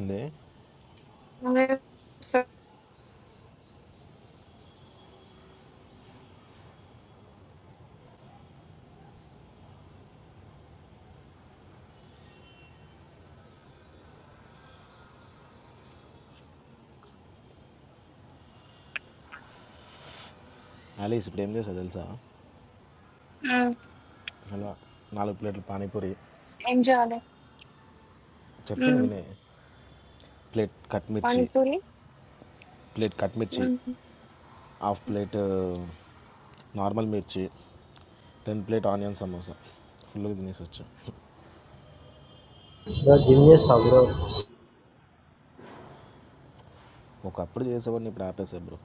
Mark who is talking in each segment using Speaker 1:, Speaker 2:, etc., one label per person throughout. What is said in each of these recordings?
Speaker 1: ఏంది
Speaker 2: అదే so
Speaker 1: Alice ఇప్పుడు ఏం చేసావు తెలుసా
Speaker 2: హ్మ్.
Speaker 1: అలా నాలుగు ప్లేట్లు పానీపూరి
Speaker 2: ఏం చేయాలి?
Speaker 1: చెప్పింది
Speaker 2: హ్మ్.
Speaker 1: వినే ప్లేట్ కట్ మిర్చి
Speaker 2: పానీపూరి?
Speaker 1: ప్లేట్ కట్ మిర్చి
Speaker 2: హ్మ్.
Speaker 1: Half plate normal mirchi ten plate onion samosa ఫుల్గా తినేసి వచ్చా
Speaker 3: బ్రో జిమ్ చేస్తావా బ్రో
Speaker 1: ఒకప్పుడు చేసేవాడిని ఇప్పుడు ఆపేసా bro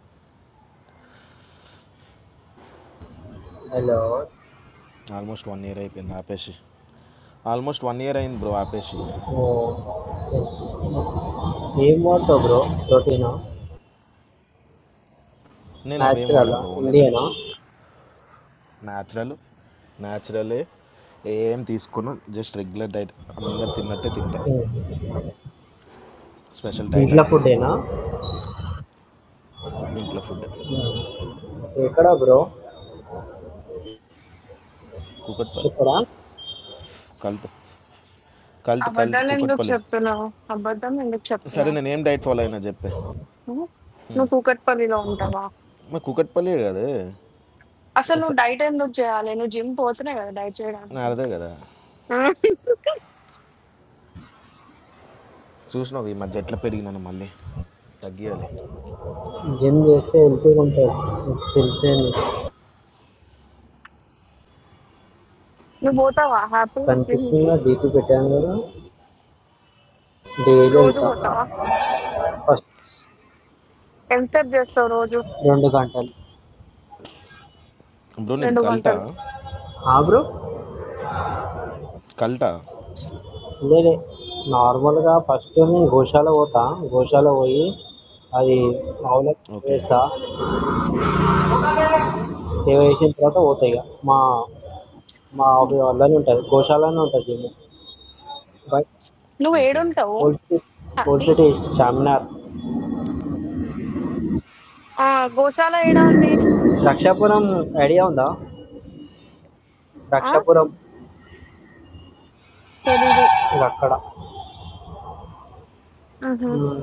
Speaker 3: hello
Speaker 1: almost one year అయిపోయింది ఆపేసి ఆల్మోస్ట్ వన్ ఇయర్ అయింది బ్రో ఆపేసి
Speaker 3: ఓ ఏం వాడతావు బ్రో ప్రోటీనా
Speaker 1: నేను అవేం వాడా
Speaker 3: న్యాచురలా
Speaker 1: బ్రో ఓన్లీ నా
Speaker 3: ఇండియనా
Speaker 1: న్యాచురల్ న్యాచురలే ఏం తీసుకున్నా జస్ట్ రెగ్యులర్ డైట్ అందరు తిన్నట్టే తింటా స్పెషల్ డైట్
Speaker 3: ఇంట్లో
Speaker 1: అంటూ ఏం
Speaker 3: ఫుడ్డేనా
Speaker 1: లేదు ఇంట్లో ఫుడ్
Speaker 3: ఎక్కడ బ్రో
Speaker 1: కుకట్పల్లి
Speaker 3: ఇక్కడ
Speaker 1: కల్ట్ కల్ట్ కల్ట్
Speaker 2: అబద్ధాలెందుకు
Speaker 1: కుకట్పల్లి
Speaker 2: చెప్తున్నావు? అబద్ధం ఎందుకు
Speaker 1: సరే
Speaker 2: చెప్తున్నావు?
Speaker 1: నేను ఏం డైట్ ఫాలో అయినా చెప్పే
Speaker 2: హ్మ్. నువ్వు కూకట్పల్లిలో ఉంటావా?
Speaker 1: మరి కుకట్పల్లి కదా
Speaker 2: అసలు నువ్వు డైట్ ఎందుకు చేయాలి? నువ్వు జిమ్ పోతున్నావు కదా డైట్ చేయడానికి.
Speaker 1: అదే కదా
Speaker 2: హ్మ్.
Speaker 1: చూసినావు ఈ మధ్య ఎట్లా పెరిగినాను మళ్ళీ తగ్గియాలి
Speaker 3: జిమ్ చేస్తే హెల్తీగా ఉంటుంది నీకు తెలిసే నీకు
Speaker 2: నువ్వు పోతావా హ్యాపీగా జిమ్‌కి?
Speaker 3: కనిపిస్తుందా డీపీ పెట్టాను కదా డైలీ
Speaker 2: రోజు
Speaker 3: వెళ్తా
Speaker 2: పోతావా?
Speaker 3: ఫస్ట్
Speaker 2: ఎంతసేపు చేస్తావు రోజు?
Speaker 3: రెండు గంటలు
Speaker 1: బ్రో నీది
Speaker 2: 2
Speaker 1: కల్టా
Speaker 2: గంటలు.
Speaker 3: ఆ బ్రో
Speaker 1: కల్టా
Speaker 3: లేదే నార్మల్గా ఫస్ట్ నేను గోశాల పోతా గోశాల పోయి అది ఆవులకు
Speaker 1: ఓకే
Speaker 3: వేసా సేవ చేసిన తర్వాత పోతాయి ఇక మా మా
Speaker 2: హ్మ్.
Speaker 3: ఆఫీస్ వాళ్ళనే ఉంటుంది గోశాలనే ఉంటుంది జిమ్ బట్
Speaker 2: నువ్వు
Speaker 1: ఓకే
Speaker 2: ఏడుంటావు?
Speaker 3: Old city old
Speaker 2: happy?
Speaker 3: City Charminar
Speaker 2: ఆ! గోశాల ఏడ ఉంది?
Speaker 3: రక్షాపురం ఐడియా ఉందా
Speaker 2: ఆ!
Speaker 3: రక్షాపురం
Speaker 2: తెలీదు.
Speaker 3: ఇది అక్కడ మ్మ్.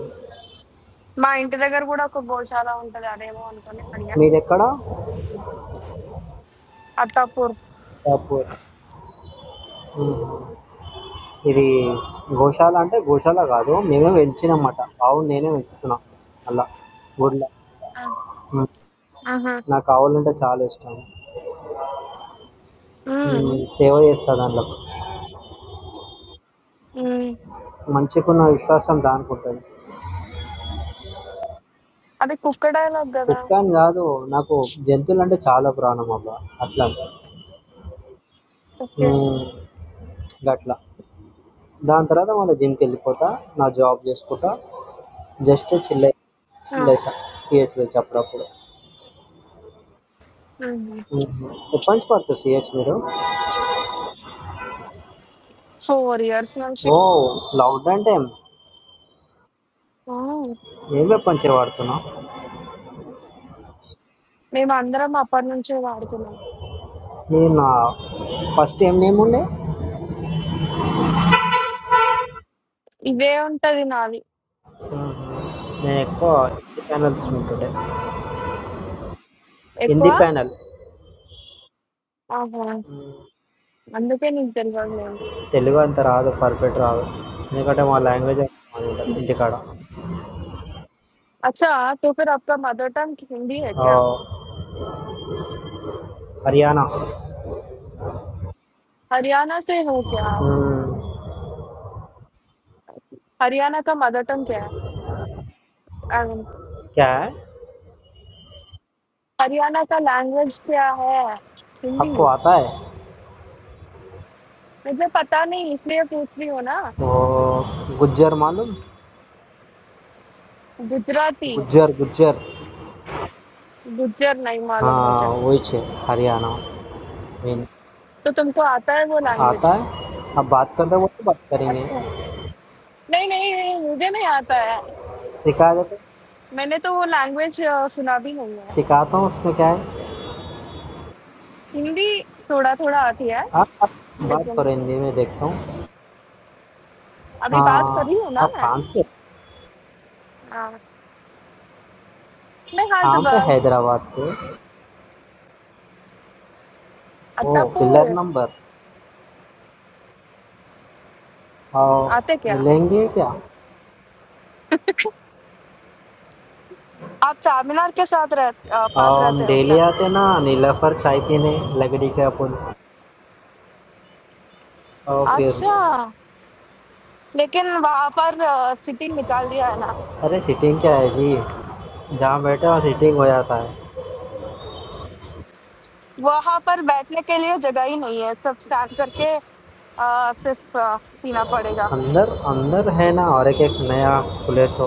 Speaker 2: మా ఇంటి దగ్గర గూడా ఒక గోశాల ఉంటది. అదేమో అనుకోని అడిగా.
Speaker 3: మీది ఎక్కడ
Speaker 2: అత్తాపూర్.
Speaker 3: షాపూర్ మ్మ్. ఇది గోశాల అంటే గోశాల కాదు మేమే పెంచినామట ఆవును నేనే పెంచుతున్నా అలా ఊర్లో
Speaker 2: ఆ! ఆహా!
Speaker 3: నాకు ఆవులంటే చాలా ఇష్టం మ్మ్.
Speaker 2: హ్మ్.
Speaker 3: సేవ చేస్తా దాంట్లోకి
Speaker 2: హ్మ్.
Speaker 3: మంచిగా ఉన్న విశ్వాసం దానికి ఉంటుంది
Speaker 2: అది కుక్క డైలాగ్ గదా!
Speaker 3: కుక్క అని కాదు నాకు జంతువులు అంటే చాలా ప్రాణం అబ్బా అట్లా
Speaker 2: ఓకే.
Speaker 3: అట్లా దాని తర్వాత మళ్ళీ జిమ్కి వెళ్ళిపోతా నా జాబ్ చేసుకుంటా జస్ట్ చిల్ అయి
Speaker 2: ఆ!
Speaker 3: చిల్ అవుతా సిహెచ్ తెచ్చి అప్పుడప్పుడు
Speaker 2: ఆహా!
Speaker 3: ఉహు. ఎప్పటి నుంచి వాడుతున్నారు సిహెచ్ మీరు
Speaker 2: 4 ఇయర్స్ నుంచి
Speaker 3: ఓ లాంగ్ అంటే ఏం
Speaker 2: ఆ!
Speaker 3: ఏం ఎప్పటి నుంచి వాడుతున్నావు
Speaker 2: మేమందరం అప్పటి నుంచే వాడుతున్నాం.
Speaker 3: నేను నా ఫస్ట్ ఏం నేమ్ ఉండే
Speaker 2: ఇదే ఉంటది నాది.
Speaker 3: ఉహు. నేను ఎక్కువ హిందీ ప్యానల్స్
Speaker 2: హ్మ్.
Speaker 3: ఉంటుండే
Speaker 2: ఎక్కువ
Speaker 3: హిందీ ప్యానల్
Speaker 2: ఆహా!
Speaker 3: ఉమ్.
Speaker 2: అందుకే నీకు తెలవదులేండి.
Speaker 3: తెలుగు అంత రాదు పర్ఫెక్ట్ రాదు ఎందుకంటే మా లాంగ్వేజ్ ఉంటుంది ఇంటికాడ
Speaker 2: अच्छा तो फिर आपका मदर टंग हिंदी है
Speaker 3: ఆ,
Speaker 2: क्या?
Speaker 3: హర్యానా
Speaker 2: हरियाणा से हो क्या आप?
Speaker 3: ఉమ్.
Speaker 2: हरियाणा का मदर टंग क्या है? आई मीन
Speaker 3: క్యా హై?
Speaker 2: हरियाणा का लैंग्वेज क्या है? हिंदी।
Speaker 3: आपको आता है
Speaker 2: मुझे पता नहीं इसलिए पूछ रही हो ना
Speaker 3: वो गुज्जर मालूम
Speaker 2: गुजराती
Speaker 3: गुज्जर गुज्जर
Speaker 2: गुज्जर नहीं मालूम
Speaker 3: हाँ
Speaker 2: मुझे
Speaker 3: वही छे हरियाणा में
Speaker 2: तो तुमको आता है वो
Speaker 3: आता
Speaker 2: लैंग्वेज
Speaker 3: है अब बात करते वक्त बात करेंगे
Speaker 2: अच्छा नहीं नहीं नहीं मुझे नहीं आता है
Speaker 3: सिखा देते
Speaker 2: मैंने तो वो लैंग्वेज सुना भी नहीं है
Speaker 3: सिखाता हूँ उसमें क्या है
Speaker 2: हिंदी थोड़ा थोड़ा आती है
Speaker 3: आप, आप बात करो
Speaker 2: लेकिन
Speaker 3: हिंदी में देखता हूँ
Speaker 2: अभी बात
Speaker 3: हाँ
Speaker 2: कर रही हूँ ना
Speaker 3: आप
Speaker 2: मैं
Speaker 3: कहाँ से
Speaker 2: हाँ मैं
Speaker 3: कहाँ पे
Speaker 2: हैदराबाद
Speaker 3: हैदराबाद पे ओ फिलर
Speaker 2: अत्तापुर
Speaker 3: नंबर
Speaker 2: आते
Speaker 3: और
Speaker 2: क्या
Speaker 3: मिलेंगे क्या
Speaker 2: आप चार मीनार के साथ रह, अ, पास
Speaker 3: और हम
Speaker 2: रहते हो
Speaker 3: डेली
Speaker 2: क्या
Speaker 3: आते ना नीलाफर चाय पीने लकड़ी के अपन और फिर
Speaker 2: अच्छा लेकिन वहां पर सिटी निकाल दिया है ना
Speaker 3: अरे सीटिंग क्या है जी जहाँ बैठे वहाँ सीटिंग हो जाता है
Speaker 2: वहां पर बैठने के लिए जगह ही नहीं है सब स्टैंड करके आ, सिर्फ आ, पीना पड़ेगा
Speaker 3: अंदर अंदर है ना और एक एक नया खुले सो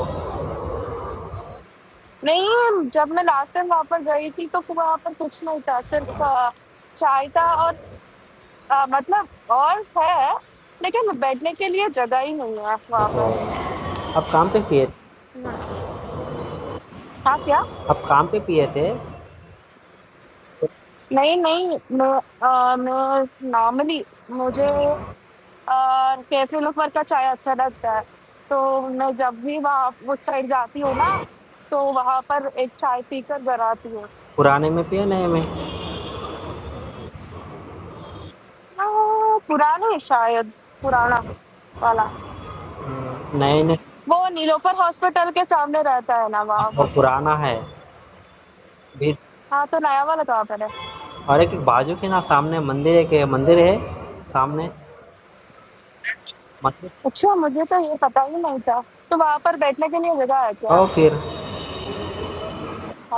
Speaker 2: नहीं जब मैं लास्ट टाइम वहां पर गई थी तो वहां पर कुछ नहीं था सिर्फ आ, चाय था और आ, मतलब और है लेकिन बैठने के लिए जगह ही नहीं है वहां पर
Speaker 3: ओ, अब काम पे पिए
Speaker 2: हम्म, हाँ क्या
Speaker 3: अब काम पे पिए थे
Speaker 2: नहीं नहीं मैं नॉर्मली मुझे अ, कैफे लोफर का चाय अच्छा लगता है। तो मैं जब भी वहाँ उस साइड जाती हूँ ना, तो वहाँ पर एक चाय पीकर घर आती हूँ। अ,
Speaker 3: पुराने में पिए नए में
Speaker 2: पुराने शायद, पुराना वाला।
Speaker 3: हम्म, नए ने
Speaker 2: वो नीलोफर हॉस्पिटल के सामने रहता है ना
Speaker 3: अब
Speaker 2: वहाँ
Speaker 3: वो
Speaker 2: वहाँ पर।
Speaker 3: पुराना है भी
Speaker 2: हाँ, तो नया वाला कहाँ पर है?
Speaker 3: और एक एक बाजू के ना सामने मंदिर है के मंदिर है सामने मंदिर
Speaker 2: अच्छा, मुझे तो ये पता ही नहीं था। तो वहाँ पर बैठने के लिए जगह है क्या?
Speaker 3: और फिर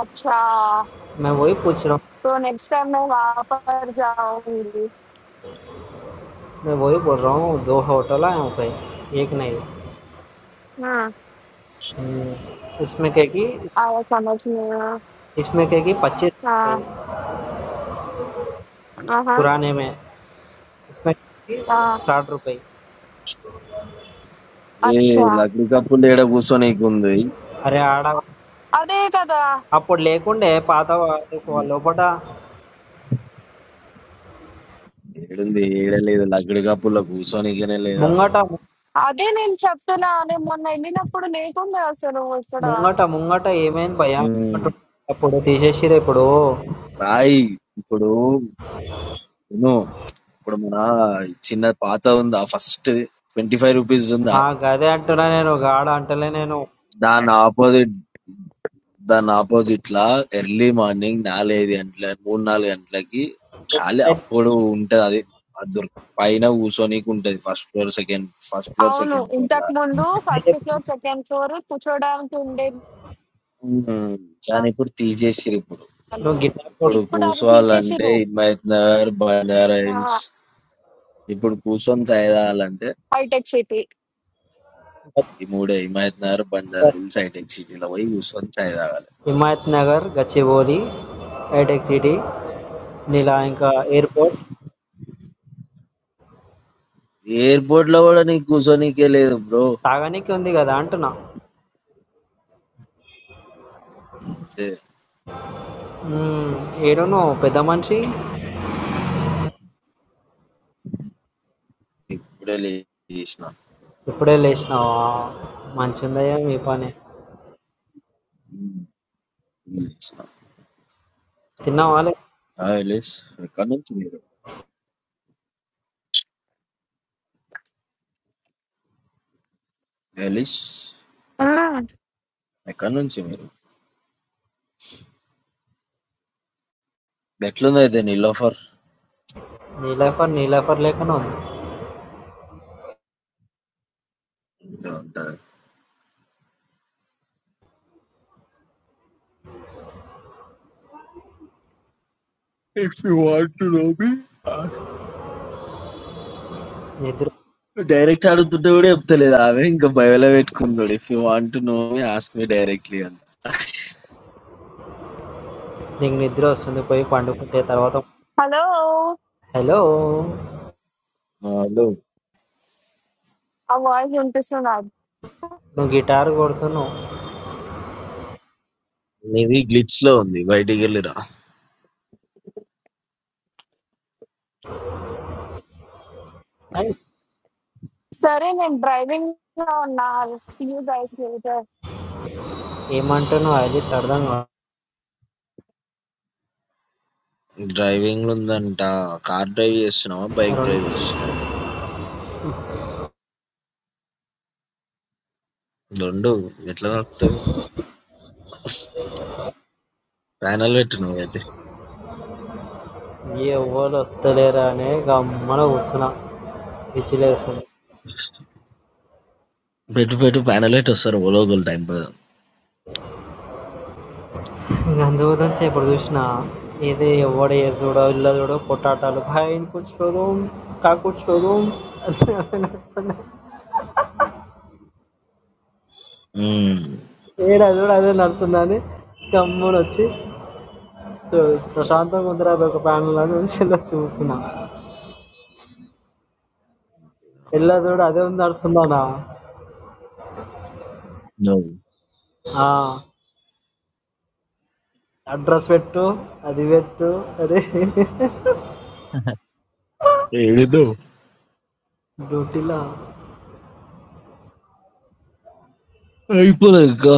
Speaker 2: अच्छा,
Speaker 3: मैं वही पूछ रहा हूँ
Speaker 2: तो नेक्स्ट टाइम मैं वहाँ पर जाऊँगी।
Speaker 3: मैं वही बोल रहा हूँ दो होटल आए वहाँ पे एक नहीं
Speaker 2: हुँ,
Speaker 3: हम्म, इसमें कहेगी
Speaker 2: आया समझ में।
Speaker 3: इसमें कहेगी
Speaker 2: हाँ।
Speaker 3: पच्चीस
Speaker 2: हाँ, हाँ।
Speaker 3: పురాణమే కృష్ణకి
Speaker 2: हाँ,
Speaker 3: సాట్ రూపాయి
Speaker 4: ఏ
Speaker 2: अच्छा।
Speaker 4: లగ్డి కప్పులు ఏడ కూర్చోనీకి ఉంది
Speaker 3: అరే ఆడ
Speaker 2: అదే కదా
Speaker 3: అప్పుడు లేకుండే పాత వా- లోపట
Speaker 4: ఏడుంది ఏడ లేదు లగ్డి కప్పుల్లో కూర్చోనీకనే లేదు
Speaker 3: ముంగట
Speaker 4: అసలు
Speaker 2: అదే నేను చెప్తున్నా నేను మొన్న వెళ్ళినప్పుడు లేకుండా అసలు ఇక్కడ
Speaker 3: ముంగట ముంగట ఏమైంది భయ
Speaker 4: ఉమ్,
Speaker 3: ముంగట అప్పుడు తీసేసిరు ఇప్పుడు
Speaker 4: బాయ్ ఇప్పుడు నేను ఇప్పుడు మన చిన్న పాత ఉందా ఫస్ట్ ట్వంటీ ఫైవ్ రూపీస్ ఉందా
Speaker 3: ఆ గదే అంటున్నా నేను గాడ అంటలే నేను
Speaker 4: దాని ఆపోజిట్ దాని ఆపోజిట్ లా ఎర్లీ మార్నింగ్ నాలుగైదు గంటల మూడు నాలుగు గంటలకి ఖాళీ అప్పుడు ఉంటది అది అది దొరుకు- పైన కూర్చోనీకి ఉంటది first floor second first floor
Speaker 2: అవును
Speaker 4: సెకండ్ ఫ్లోర్ లా
Speaker 2: ఇంతకు ముందు ఫస్ట్ ఫ్లోర్ సెకండ్ ఫ్లోర్ కూర్చోడానికి ఉండే
Speaker 4: ఉమ్, కానీ ఇప్పుడు తీసేసిరు ఇప్పుడు
Speaker 2: వాళ్ళు
Speaker 3: నువ్వు గిటార్
Speaker 4: ఇప్పుడు
Speaker 3: కొట్టు,
Speaker 2: ఇప్పుడు అది
Speaker 4: కూసోవాలంటే
Speaker 2: తీసేసిరు
Speaker 4: హిమాయత్ నగర్, బంజారా హిల్స్. ఇప్పుడు కూసొని చాయ్ తాగాలంటే
Speaker 2: హైటెక్ సిటీ
Speaker 4: ఈ మూడే హిమాయత్ నగర్, బంజారా హిల్స్, హైటెక్ సిటీలో పోయి కూసొని చాయ్ తాగాలి.
Speaker 3: హిమాయత్ నగర్ గచ్చిబౌలి హైటెక్ సిటీ ఇలా ఇంకా ఎయిర్పోర్ట్
Speaker 4: ఎయిర్‌పోర్ట్ లో కూడా నీకు కూసోనీకే లేదు బ్రో.
Speaker 3: తాగనీకి ఉంది కదా అంటున్నా
Speaker 4: అంతే.
Speaker 3: ఏడో నువ్వు పెద్ద మనిషి
Speaker 4: ఇప్పుడే లేసిన.
Speaker 3: ఇప్పుడే లేచినావా మంచిగుందయ్యా మీ పని
Speaker 4: హ్మ్. లేచిన.
Speaker 3: తిన్నావా లే
Speaker 4: హాయ్ ఎలీస్. ఎక్కడ్నుంచి మీరు? ఎలీస్ ఎక్కడ్నుంచి మీరు? ఎట్లున్నది ది నీలోఫర్?
Speaker 3: నీ లైఫర్ నీ లైఫర్ లేకుండా ఉంది
Speaker 4: ఉంటది. If you want to know me,
Speaker 3: నిద్ర
Speaker 4: డైరెక్ట్ అడుగుతుంటే కూడా చెప్తలేదు ఆమె ఇంకా బయోలో పెట్టుకున్నాడు if you want to know me ask me directly అని
Speaker 3: నీకు నిద్ర వస్తుంది పోయి పండుకుంటే తర్వాత
Speaker 2: హలో
Speaker 3: హలో
Speaker 4: హలో
Speaker 2: ఆ వాయిస్ వినిపిస్తుందా
Speaker 3: నువ్వు గిటార్ కొడుతున్నావు
Speaker 4: నీది గ్లిచ్ లో ఉంది బయటికి వెళ్ళిరా
Speaker 3: ఏయ్,
Speaker 2: సరే నేను డ్రైవింగ్ లో ఉన్నా గైస్
Speaker 3: ఏమంటున్నావు అది అర్థం కాదు
Speaker 4: డ్రైవింగ్ లో ఉందంట కార్ డ్రైవ్ చేస్తున్నావా బైక్ డ్రైవ్
Speaker 3: రెండు
Speaker 4: చేస్తున్నావు రెండు ఎట్లా నడుపుతుంది ప్యానల్ పెట్టు నువ్వు అయితే
Speaker 3: ఏ ఎవరు వస్తలేరా అనే గమ్మన కూర్చున్నా విచ్చిలేస్తుంది
Speaker 4: పెట్టు పెట్టు ప్యానల్ పెట్టి వస్తారు ఓలోగోల్ టైం పద
Speaker 3: ఇంక అందు గురించి ఎప్పుడు చూసినా ఏది ఎవడ ఏ చూడో ఇల్లు చూడో పొట్టాటాలు భయం కూర్చోదు కా కూర్చోదు అని నడుస్తున్నాయి. ఏడా చూడు అదే నడుస్తుందని గమ్మున వచ్చి సో ప్రశాంతంగా ఉందిరా అది ఒక ప్యానల్ అని వెళ్ళి చూస్తున్నా ఎల్లా చూడు అదే ఉంది నడుస్తుందానా ఆ అడ్రస్ పెట్టు అది పెట్టు అదే
Speaker 4: ఏదో
Speaker 3: డ్యూటీలా
Speaker 4: అయిపోలే ఇంకా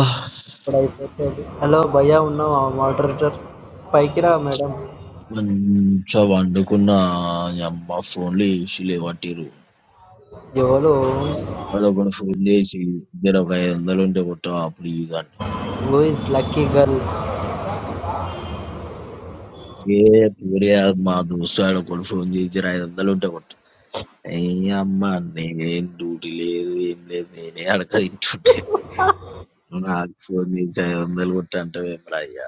Speaker 3: ఇప్పుడు అయిపోతుంది హలో భయ్యా ఉన్నావా మోడరేటర్ పైకి రా మేడం
Speaker 4: మంచిగా వండుకున్న అమ్మ ఫోన్లు వేసి లేవట్టిరు
Speaker 3: ఎవరు
Speaker 4: వాళ్ళకొని ఫుల్ చేసి జర ఒక ఐదు వందలు ఉంటే కొట్టు అప్పుడు ఇవ్వండి
Speaker 3: హూ ఇస్ లక్కీ గర్ల్
Speaker 4: ఏ పూరే మా దోస్తు ఆడ కొన్ని ఫోన్ చేసి జర ఐదు వందలు ఉంటే కొట్టు ఏ అమ్మ నేనేం డ్యూటీ లేదు ఏం లేదు నేనే అడగ తింటుంటే నువ్వు నాకు ఫోన్ చేసి ఐదు వందలు కొట్టు అంటే అయ్యా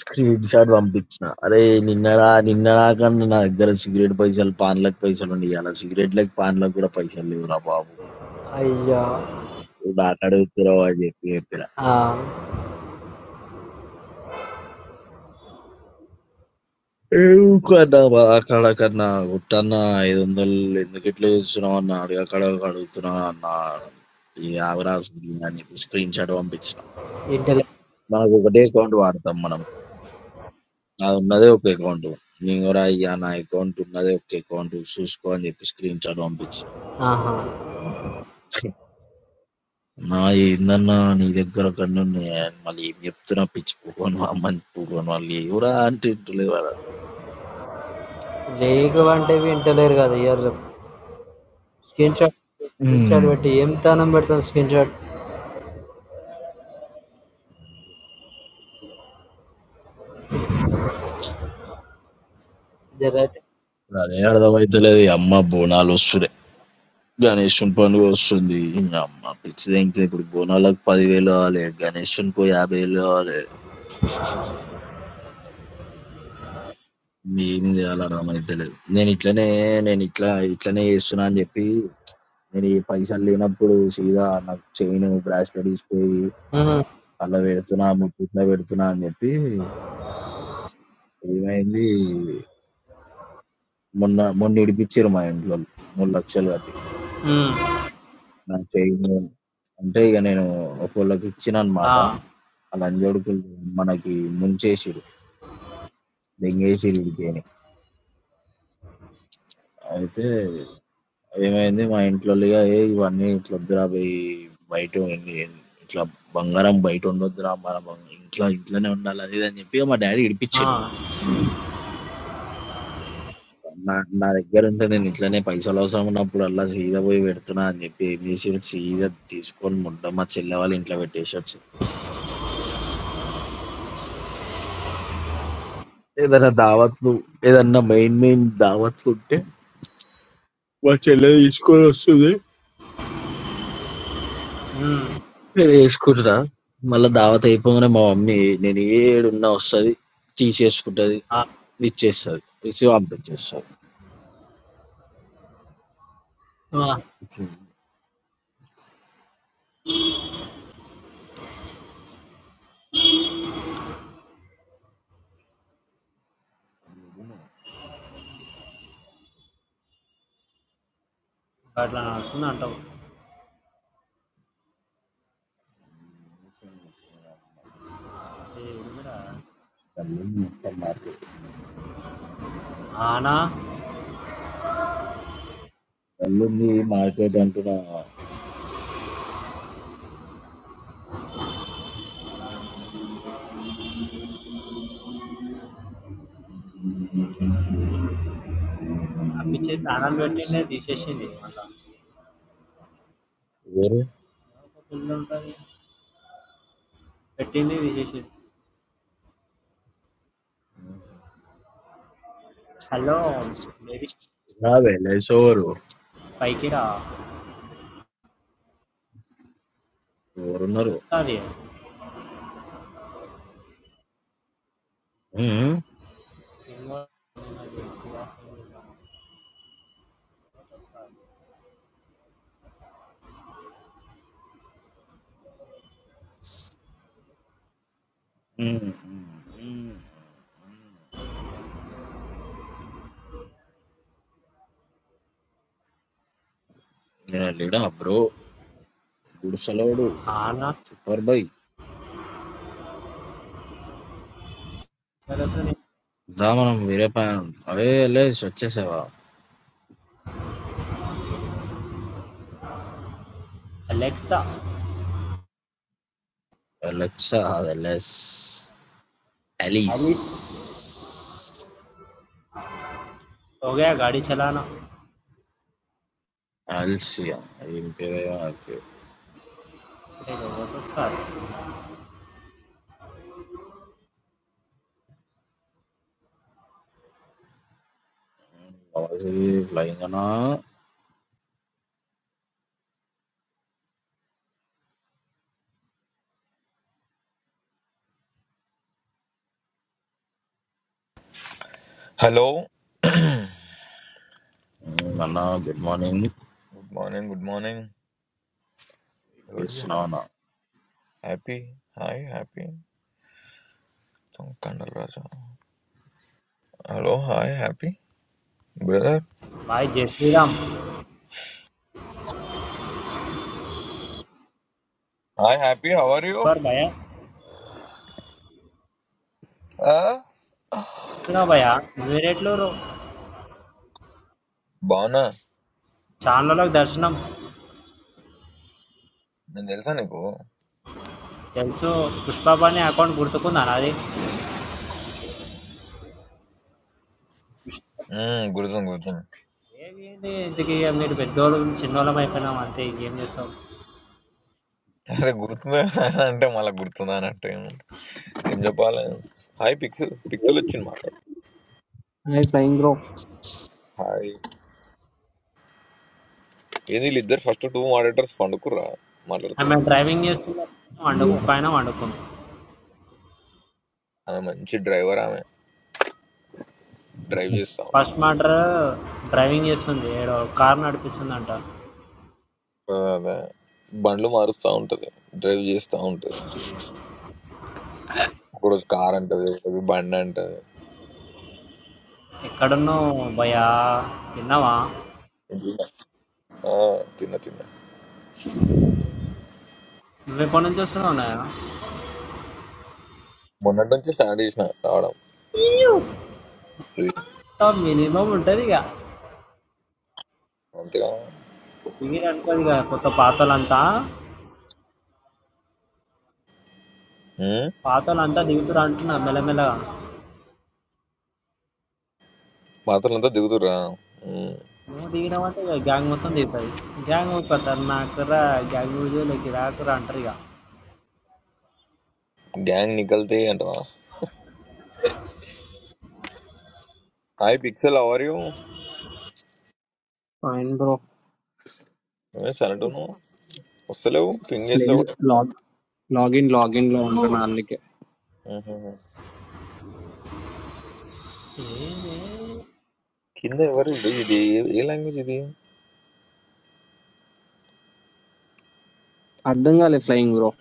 Speaker 4: స్క్రీన్ షాట్ పంపించిన అరే నిన్నడా నిన్నడా కన్నా నా దగ్గర సిగరెట్ పైసలు పాన్లకు పైసలు ఉండి అలా సిగరెట్లకు పాన్లకు కూడా పైసలు లేవురా బాబు
Speaker 3: అయ్యా
Speaker 4: నాకు అడుగుతున్నావు అని చెప్పి ఏం కన్నా మా అక్కడ కన్నా గుట్టన్న ఐదు వందలు ఎందుకు ఇట్లా చూస్తున్నావు అన్న అడిగి అక్కడ అడుగుతున్నా అన్న ఈ ఆవరాజ్ అని చెప్పి స్క్రీన్ షాట్ పంపించిన
Speaker 3: ఇంటలే
Speaker 4: మనకు ఒకటే అకౌంట్ వాడతాం మనం అది ఉన్నదే ఒక అకౌంట్ నేను కూడా అయ్యా నా అకౌంట్ ఉన్నదే ఒక అకౌంట్ చూసుకో అని చెప్పి స్క్రీన్ షాట్ పంపించిన
Speaker 3: ఆహా
Speaker 4: నా ఏందన్నా నీ దగ్గర కన్నా ఉన్నాయా అని మళ్ళీ ఏం చెప్తున్నా పిచ్చి పూకొని అమ్మని పూకొని వాళ్ళు ఎవరా అంటే ఇంటలేదు
Speaker 3: లేకు అంటే వింటలేరు కదా ఇయర్లు స్క్రీన్ షాట్ స్క్రీన్ షాట్ పెట్టి ఏం తానం పెడతాం స్క్రీన్ షాట్ రైట్
Speaker 4: అదే అర్థమైతలేదు ఈ అమ్మ బోనాలు వస్తున్నాయి గణేషుని పండుగ వస్తుంది. నీయమ్మ పిచ్చి లెంగ్త్ ఇప్పుడు బోనాలకు 10,000 కావాలె. గణేషునికో 50,000 కావాలె. ఏం చేయాలో అర్థమైతలేదు. నేను ఇట్లనే నేను ఇట్లా ఇట్లనే చేస్తున్నా అని చెప్పి నేను ఈ పైసలు లేనప్పుడు సీదా నాకు చైన్ బ్రాస్లెట్ తీసిపోయి అలా పెడుతున్నా ముట్టిట్లో పెడుతున్నా అని చెప్పి ఏమైంది మొన్న మొన్న ఇడిపించారు మా ఇంట్లో వాళ్ళు. మూడు లక్షలు కట్టి నా చైన్ అంటే ఇక నేను ఒకళ్ళకి ఇచ్చిన అనమాట ఆ లంజోడుకులు మనకి ముంచేసిరు దెంగేసి విడిపోయినాయి. అయితే ఏమైంది మా ఇంట్లోలిగా "ఏయ్! ఇవన్నీ ఇట్లా వద్దురా బయ్ బయట ఉండి ఇట్లా బంగారం బయట ఉండొద్దురా మన బంగ్ ఇంట్లో ఇంట్లోనే ఉండాలి" అది ఇది అని చెప్పి ఇక మా డాడీ ఇడిపించిండు. నా నా దగ్గర ఉంటే నేను ఇట్లనే పైసలు అవసరం ఉన్నప్పుడల్లా సీదా పోయి పెడుతున్నా అని చెప్పి ఏం చేసిండు సీదా తీసుకొని ముండ మా చెల్లె వాళ్ళ ఇంట్లో పెట్టేసి వచ్చిండు. ఏదైనా దావత్లు ఏదన్నా మెయిన్ మెయిన్ దావత్లు ఉంటే మా చెల్లె తీసుకొని వస్తది. నేను ఏసుకుంటా. మళ్ళా దావత్ అయిపోగానే మా మమ్మీ నేను ఏడున్నా వస్తది. తీసేసుకుంటది. ఇచ్చేస్తది. ఇచ్చి పంపించేస్తది.
Speaker 3: అట్లా వస్తుంది అంటావు ఇది కూడా
Speaker 4: ఎల్లుండి మార్కెట్
Speaker 3: ఆనా
Speaker 4: గల్లుంది మార్కెట్ అంటున్నా
Speaker 3: అప్పించేది ఆనాలు పెట్టిండే తీసేసింది మళ్ళా
Speaker 4: ఎవరు?
Speaker 3: పెట్టింది తీసేసింది హలో బేబీ
Speaker 4: నా వెళ్ళేసి ఎవరు?
Speaker 3: పైకి రా
Speaker 4: ఎవరున్నారు?
Speaker 3: వస్తుంది
Speaker 4: హ్మ్. హ్మ్. హ్మ్. హ్మ్. నేను వెళ్ళిడా బ్రో. గుడిసెలోడు.
Speaker 3: ఆనా
Speaker 4: సూపర్ బై. దా మనం వేరే పైన అవే వెళ్ళేసి వచ్చేసావా?
Speaker 3: अलेक्सा
Speaker 4: వెళ్ళొచ్చా? వెళ్ళేసి అలీస్.
Speaker 3: अमित हो गया गाड़ी चलाना
Speaker 4: అలిసియా ఏం పేరయ్యా నాకు వాయిస్ లైంగనా
Speaker 5: Hello.
Speaker 4: ఉమ్, అన్నా గుడ్ మార్నింగ్ ఏం
Speaker 5: Good morning. Good morning. Everybody
Speaker 4: చేస్తున్నావు
Speaker 5: ha-
Speaker 4: అన్నా.
Speaker 5: happy. Hi, happy. Some kind of Raja. Hello. Hi, happy. Brother.
Speaker 3: भाई जय Shri Ram
Speaker 5: Hi, happy. How are you?
Speaker 3: Super భయ
Speaker 5: Uh,
Speaker 3: చూస్తున్నావు భయ వేరేట్లు
Speaker 5: బాగున్నా
Speaker 3: ఛానళ్ళకి దర్శనం
Speaker 5: నేను తెలుసా నీకు
Speaker 3: తెలుసు పుష్ప అనే అకౌంట్ గుర్తుకుందా నాది
Speaker 5: మ్మ్, గుర్తుంది గుర్తుంది
Speaker 3: ఏమి ఏంది ఇంతకి మీరు పెద్దోళ్ళు చిన్నోళ్ళం అయిపోయినాం అంతే ఇంకేం చేస్తాం
Speaker 5: అరే గుర్తుందా అని అంటే మళ్ళీ గుర్తుందా అని అంటే ఏమంట- ఏం చెప్పాలి హాయ్ పిక్సెల్ పిక్సెల్ వచ్చింది మాట్లాడు
Speaker 6: Hi, flying bro.
Speaker 5: హాయ్ ఏది వీళ్ళిద్దరు ఫస్ట్ టూ మాడేటర్స్ పండుకుర్రా
Speaker 3: ఆమె
Speaker 5: మాట్లాడుతుంది
Speaker 3: డ్రైవింగ్ చేస్తున్న వండుకు
Speaker 4: ఏం-
Speaker 3: పైన వండుకుంది
Speaker 5: ఆమె మంచి డ్రైవర్ ఆమె డ్రైవ్ చేస్తా
Speaker 3: ఫస్ట్
Speaker 5: ఉంటుంది
Speaker 3: మ్యాటర్ డ్రైవింగ్ చేస్తుంది ఏడో కార్ నడిపిస్తుందంట
Speaker 5: అదే బండ్లు మారుస్తూ ఉంటుంది డ్రైవ్ చేస్తూ ఉంటుంది ఒకరోజు కార్ అంటది ఒకరోజు బండి అంటది
Speaker 3: ఎక్కడున్నావు భయా తిన్నావా
Speaker 5: ఆ, తిన్న తిన్న
Speaker 3: నువ్వు ఎప్పటి నుంచి వస్తున్నావు నాయన
Speaker 5: మొన్నటి నుంచి స్టార్ట్ చేసిన రావడం చూసి
Speaker 3: మినిమం ఉంటుంది ఇక
Speaker 5: అంతేగా
Speaker 3: దిగిరు అనుకోదు ఇక కొత్త పాతలంతా
Speaker 5: ఉమ్,
Speaker 3: పాతలంతా దిగుతురు అంటున్నా మెల్లమెల్లగా
Speaker 5: మాత్రలంతా దిగుతురా
Speaker 3: నువ్వు దిగినావు అంటే ఇక గ్యాంగ్ మొత్తం దిగుతుంది గ్యాంగ్ ఊరుకోదు సార్, నాకు రా గ్యాంగ్ వీడియోలోకి రాకురా అంటారు ఇక
Speaker 5: గ్యాంగ్ నికల్తే అంటవా హాయ్ పిక్సెల్ అవర్ యూ
Speaker 6: Fine, bro.
Speaker 5: సనటను వస్తలేవు పింగ్
Speaker 6: Please
Speaker 5: చేస్తావు
Speaker 6: log log in, log in, log on to my nick.
Speaker 5: ఉహుహు. కింద ఎవరు ఇది ఇది ఏ ఏ లాంగ్వేజ్ ఇది
Speaker 6: Add them, guys, flying bro.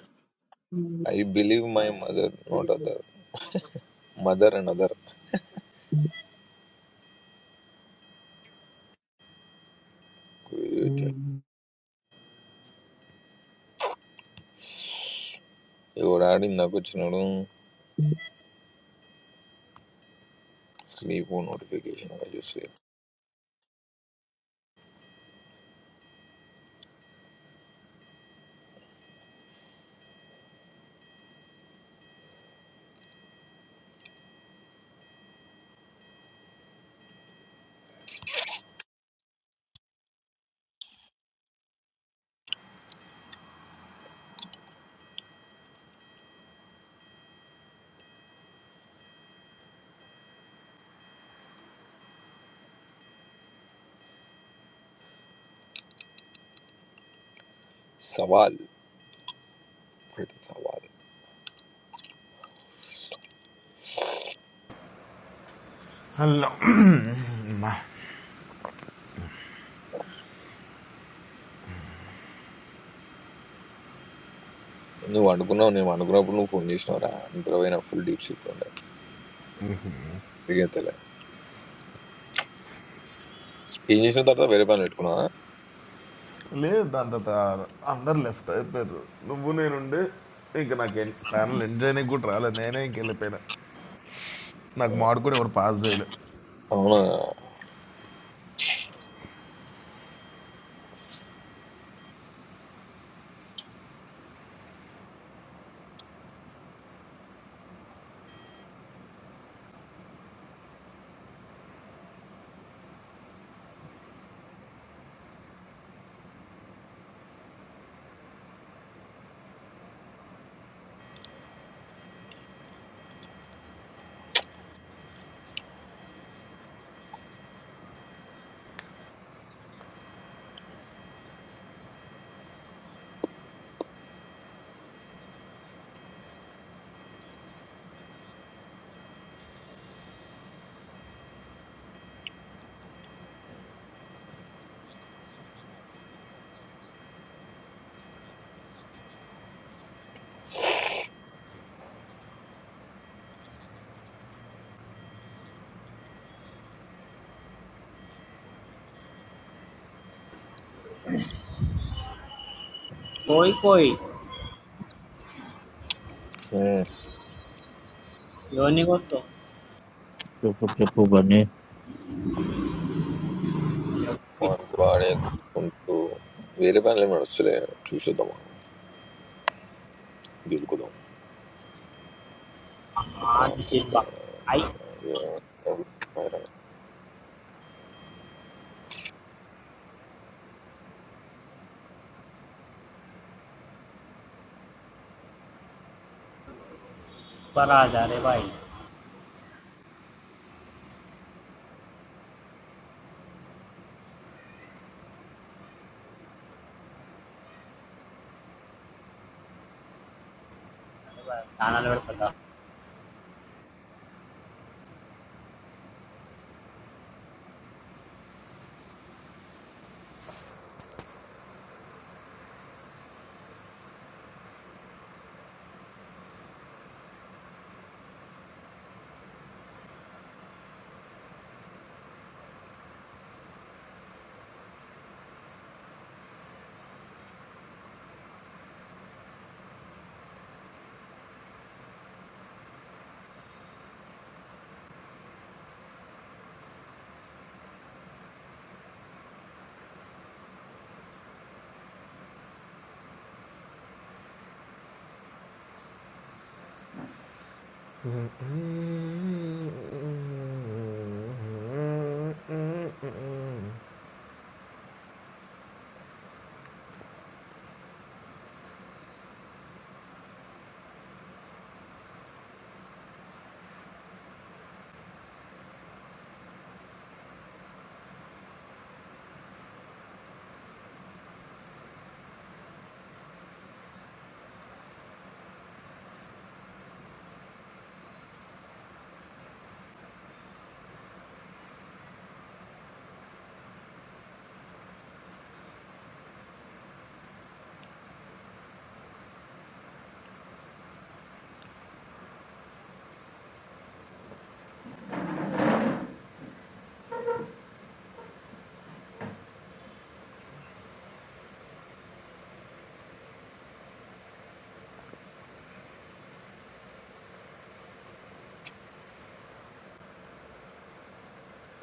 Speaker 5: I believe my mother not other mother and other ఎవడాడి నాకు వచ్చినాడు స్లీప్ నోటిఫికేషన్ చూసి సవాల్ ప్రతి సవాల్ నువ్వు అనుకున్నావు నేను అనుకున్నప్పుడు నువ్వు ఫోన్ చేసినావురా నిద్ర పోయిన ఫుల్ డీప్ స్లీప్ ఉండే దిగేతలే ఏం చేసిన తర్వాత వేరే పని పెట్టుకున్నా
Speaker 1: లేదు దాని తర్వాత అందరు లెఫ్ట్ అయిపోయారు నువ్వు నేనుండే ఇంకా నాకు ప్యానల్ ఎంజాయ్ కూడా రాలేదు నేనే ఇంక వెళ్ళిపోయినా నాకు మాడు కూడా ఎవరు పాస్ చేయలేదు
Speaker 5: అవునా
Speaker 3: పోయి పోయి
Speaker 5: ఉమ్.
Speaker 3: ఎవరిని కోసం
Speaker 4: చెప్పు చెప్పు బన్నీ
Speaker 5: వానికి వాడే కోసుకుంటూ వేరే పనులు ఏమి నడుస్తలే చూసేద్దాం గెలుకుదాం
Speaker 3: ఆటి
Speaker 5: కార్తీక
Speaker 3: జిబ్బ ఐ పరాజా రే బాయ్ నాణాలు పెడతా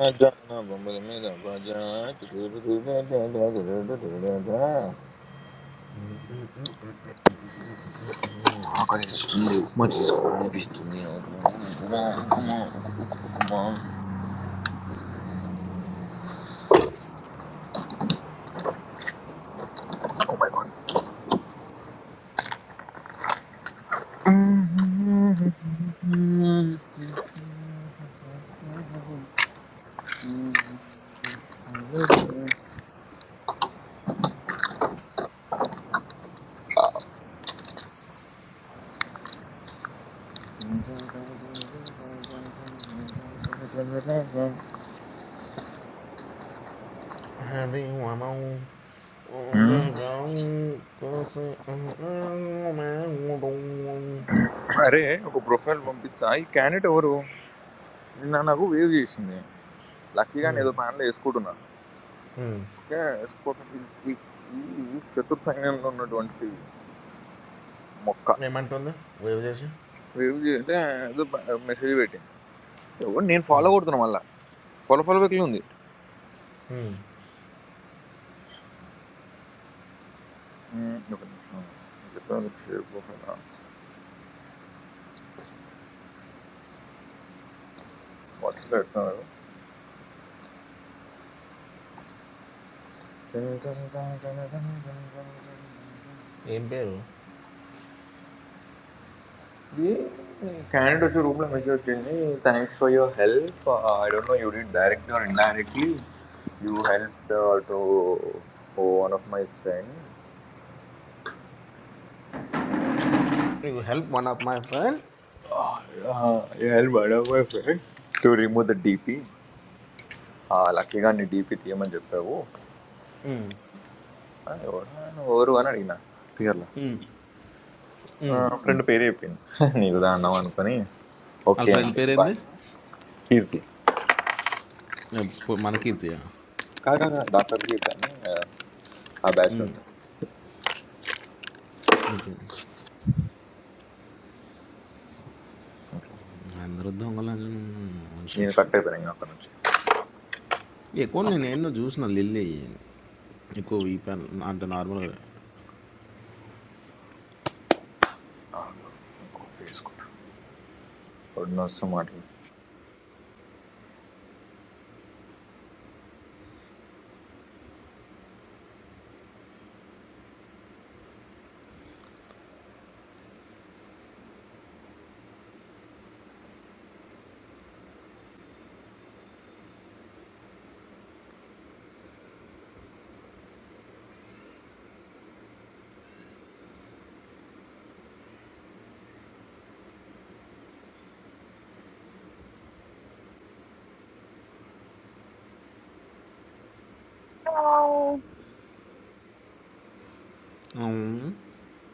Speaker 5: ఖజానా బొమ్మల మీద బజా ఆకలిస్తుంది ఉప్మా చేసుకోవాలనిపిస్తుంది నాకు. Upma, upma, upma.
Speaker 1: having uma mão. Um
Speaker 5: ఉమ్.
Speaker 1: beijão com se- um- um- um- um-
Speaker 5: అరే ఒక ప్రొఫైల్ పంపిస్తా ఈ క్యాండిడేట్ ఎవరు నిన్న నాకు వేవ్ చేసింది లక్కీగా నేను ఏదో ప్యాన్లో వేసుకుంటున్నాను
Speaker 1: um.
Speaker 5: ఓకే వేసుకోవటం ఈ ఈ- ఈ శత్రు సైన్యంలో ఉన్నటువంటి మొక్క
Speaker 1: ఏమంటుంది వేవ్ చేసి
Speaker 5: వేవ్ చేస్తే ఏదో మెసేజ్ పెట్టింది ఎవరు నేను ఫాలో కొడుతున్నా మళ్ళా ఫాలో ఫాలో బెక్లు ఉంది
Speaker 1: Hmm.
Speaker 5: ఉమ్, ఒక నిమిషం చెప్తాను షేర్ ప్రొఫైల్ వాట్సాప్లో పెడతాను
Speaker 1: ఏం పేరు
Speaker 5: క్యాండిడేట్ వచ్చి రూమ్లో మెసేజ్ వచ్చింది thanks for your help I don't know you did directly or indirectly you help to one of my friend
Speaker 1: నీకు help one of my friend
Speaker 5: you help one of my friend to remove the DP లక్కీగా నీ DP తీయమని చెప్పావు ఆ, ఎవడా ఆయన? ఎవరు అని అడిగిన క్లియర్లా ఫ్రెండ్ పేరు చెప్పింది నీకు దా అన్నావు అనుకొని
Speaker 1: వాళ్ళ
Speaker 5: ఓకే
Speaker 1: ఫ్రెండ్
Speaker 5: అండి
Speaker 1: పేరేంది
Speaker 5: బాయ్ కీర్తి
Speaker 1: ఎప్పు- మన కీర్తియా
Speaker 5: కాదు డాక్టర్ కీర్తి అని ఆ బ్యాచ్ ఉంటుంది
Speaker 1: ఉంటుంది అందరూ దొంగలు అని-
Speaker 5: నేను కట్ అయిపోయాను ఇంకా అక్కడ నుంచి.
Speaker 1: ఎక్కువ నేను ఎన్నో చూసిన లిల్లీ ఎక్కువ ఈ పెన్ అంటే నార్మల్గా
Speaker 5: కాఫీ వేసుకుంటా పొద్దున వస్తూ మాట్లాడు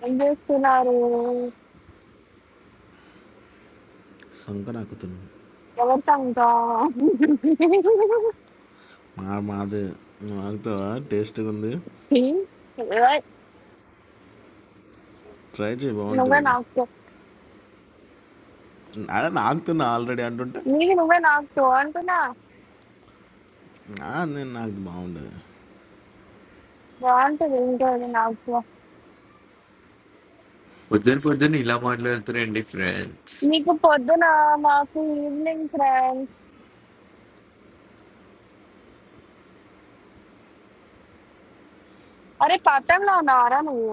Speaker 2: ఏం చేస్తున్నారు
Speaker 1: సంకర ఆకుతుంది
Speaker 2: ఎవరి సంగం
Speaker 1: మా మాది ఆకుతావా టేస్ట్గా ఉంది ట్రై చేయి
Speaker 2: నువ్వే
Speaker 1: బాగుంటుంది
Speaker 2: నాకు
Speaker 1: అదే నాకుతున్నా ఆల్రెడీ అంటుంటే
Speaker 2: నీకు నువ్వే నాకు అంటున్నా
Speaker 1: "నా, నేను నాకు బాగుండదు
Speaker 2: బాగుంటుంది ఇంకోటి నాకు
Speaker 5: పొద్దున పొద్దున్న ఇలా మాట్లాడుతున్నారండి ఫ్రెండ్స్
Speaker 2: నీకు పొద్దున మాకు ఈవినింగ్ ఫ్రెండ్స్ అరే పట్టంలో ఉన్నావారా నువ్వు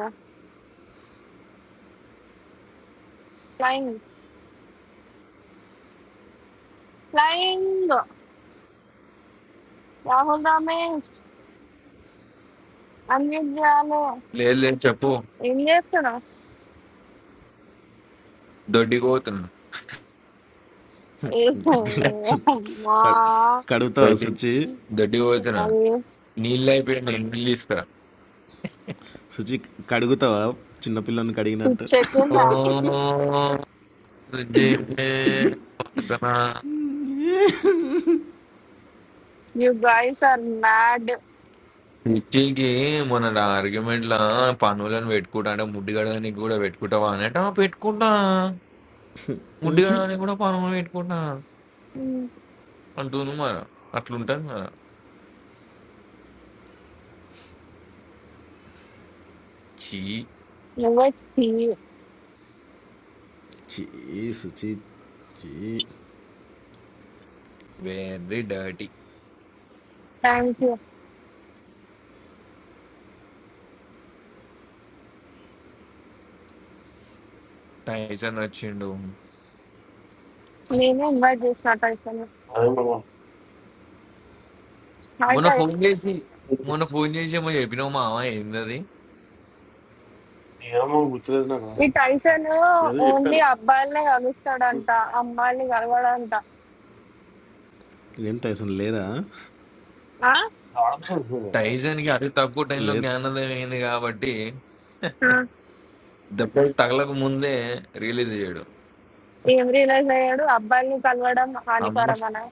Speaker 2: ఫ్లయింగ్ ఫ్లయింగ్ రాహుల్ రమేష్ అన్ని చేయాలి
Speaker 5: లేదు లేదు చెప్పు
Speaker 2: ఏం చేస్తున్నావు
Speaker 5: దొడ్డికి పోతున్నా
Speaker 2: ఏ అమ్మా.
Speaker 1: కడ్- కడుగుతావా
Speaker 5: దొడ్డి
Speaker 1: శుచి
Speaker 5: దొడ్డికి పోతున్నా
Speaker 2: అరే
Speaker 5: నీళ్ళు అయిపోయింది నీళ్ళు తీసుకురా
Speaker 1: శుచి కడుగుతావా చిన్నపిల్లని కడిగినట్టు
Speaker 5: ఓ,
Speaker 2: పిచ్చెక్కిందా
Speaker 5: సుజీతే, వాసన.
Speaker 2: యు గైస్ ఆర్ మ్యాడ్
Speaker 5: పిచ్చికి మొన్న నా argument లా పనులను పెట్టుకుంటా అంటే ముడ్డి గడవడానికి కూడా పెట్టుకుంటావా అనేట పెట్టుకుంటా ముడ్డి గడవడానికి కూడా పనులు పెట్టుకుంటా అంటుంది మరి అట్లుంటది మరి చీ
Speaker 2: నువ్వే
Speaker 1: చీ శుచి చీ
Speaker 5: very dirty
Speaker 2: thank you
Speaker 5: Tyson వచ్చిండు
Speaker 2: నేనే ఇన్వైట్ చేసినట్టు అయిపోయింది
Speaker 7: అదేమో
Speaker 5: మొన్న ఫోన్ చేసి మొన్న ఫోన్ చేసి ఏమో చెప్పినావు మామ ఏందది
Speaker 7: ఏమో గుర్తులేదు నాకు,
Speaker 2: ఈ టైసన్
Speaker 7: ఏదో
Speaker 2: ఓన్లీ
Speaker 7: చెప్పాను.
Speaker 2: అబ్బాయిలనే కలుస్తాడంట అమ్మాయిల్ని కలవడంట
Speaker 1: ఏం టైసన్ లేదా
Speaker 2: ఆ?
Speaker 5: టైసన్ కి అతి తక్కువ టైంలో
Speaker 1: లేదు
Speaker 5: జ్ఞానోదయం అయింది కాబట్టి
Speaker 2: ఆ.
Speaker 5: దెబ్బలు తగలకు ముందే రిలీజ్ చేయడు
Speaker 2: ఏం రియలైజ్ అయ్యాడు అబ్బాయిల్ని కలవడం
Speaker 5: అమ్మ
Speaker 2: హానికరం అని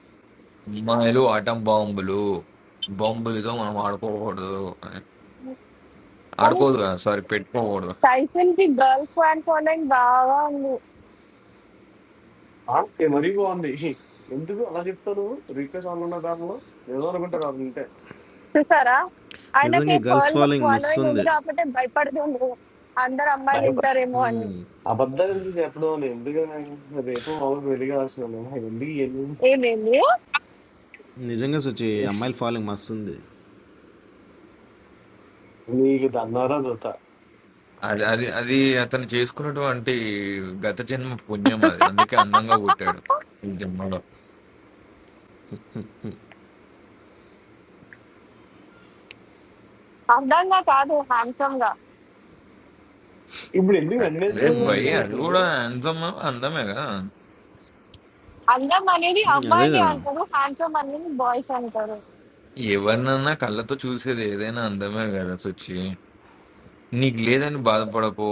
Speaker 5: అమ్మాయిలు ఆటం బాంబులు బాంబులతో మనం ఆడుకోకూడదు అని.
Speaker 2: కానీ
Speaker 5: ఆడుకోదు కదా సారీ పెట్టుకోకూడదు
Speaker 2: టైసన్ కి గర్ల్ ఫ్యాన్ ఫాలోయింగ్ బాగా ఉంది
Speaker 7: ఆ, ఏ మరీ బాగుంది. ఎందుకు అలా చెప్తాను? రీప్లేస్ ఆన్ ఉన్న దానిలో ఏదో అనుకుంటారు అది ఉంటే
Speaker 2: చూసారా ఆయనకి
Speaker 1: నిజంగా గర్ల్స్
Speaker 2: ఫర్ల్
Speaker 1: ఫాలోయింగ్ మస్తు
Speaker 2: ఫాలోయింగ్ ఉంది
Speaker 1: ఉంది
Speaker 2: కాబట్టి భయపడుతుంది అందరు అమ్మాయిలు
Speaker 7: భయపడి
Speaker 2: వింటారేమో అని
Speaker 7: అబద్ధాలు ఎందుకు చెప్పడం అని. ఎందుకని రేపు మామూలు వెలిగాల్సిన ఎందుకు ఇవన్నీ?
Speaker 2: ఏమేమి
Speaker 1: నిజంగా శుచి అమ్మాయిల ఫాలోయింగ్ మస్తు ఉంది
Speaker 7: నీకు దన్నారా దొత్త
Speaker 5: అది అది అది అతను చేసుకున్నటువంటి గత జన్మ పుణ్యం అది అందుకే అందంగా పుట్టాడు ఈ జన్మలో
Speaker 2: అందంగా కాదు హ్యాండ్సమ్ గా
Speaker 7: ఇప్పుడు ఎందుకు నన్ను
Speaker 5: అరే
Speaker 7: వేసుకుని
Speaker 5: భయ్
Speaker 1: మ్మ్.
Speaker 5: అది
Speaker 7: గెలుస్తుంది?
Speaker 5: కూడా అందం అందమే కదా
Speaker 2: అందం అనేది
Speaker 1: అదే
Speaker 2: అమ్మాయిలు
Speaker 1: కదా
Speaker 2: అంటారు హ్యాండ్సమ్ అనేది బాయ్స్ అంటారు
Speaker 5: ఎవరినన్నా కళ్ళతో చూసేది ఏదైనా అందమే కదా సొచ్చి నీకు లేదని బాధపడకు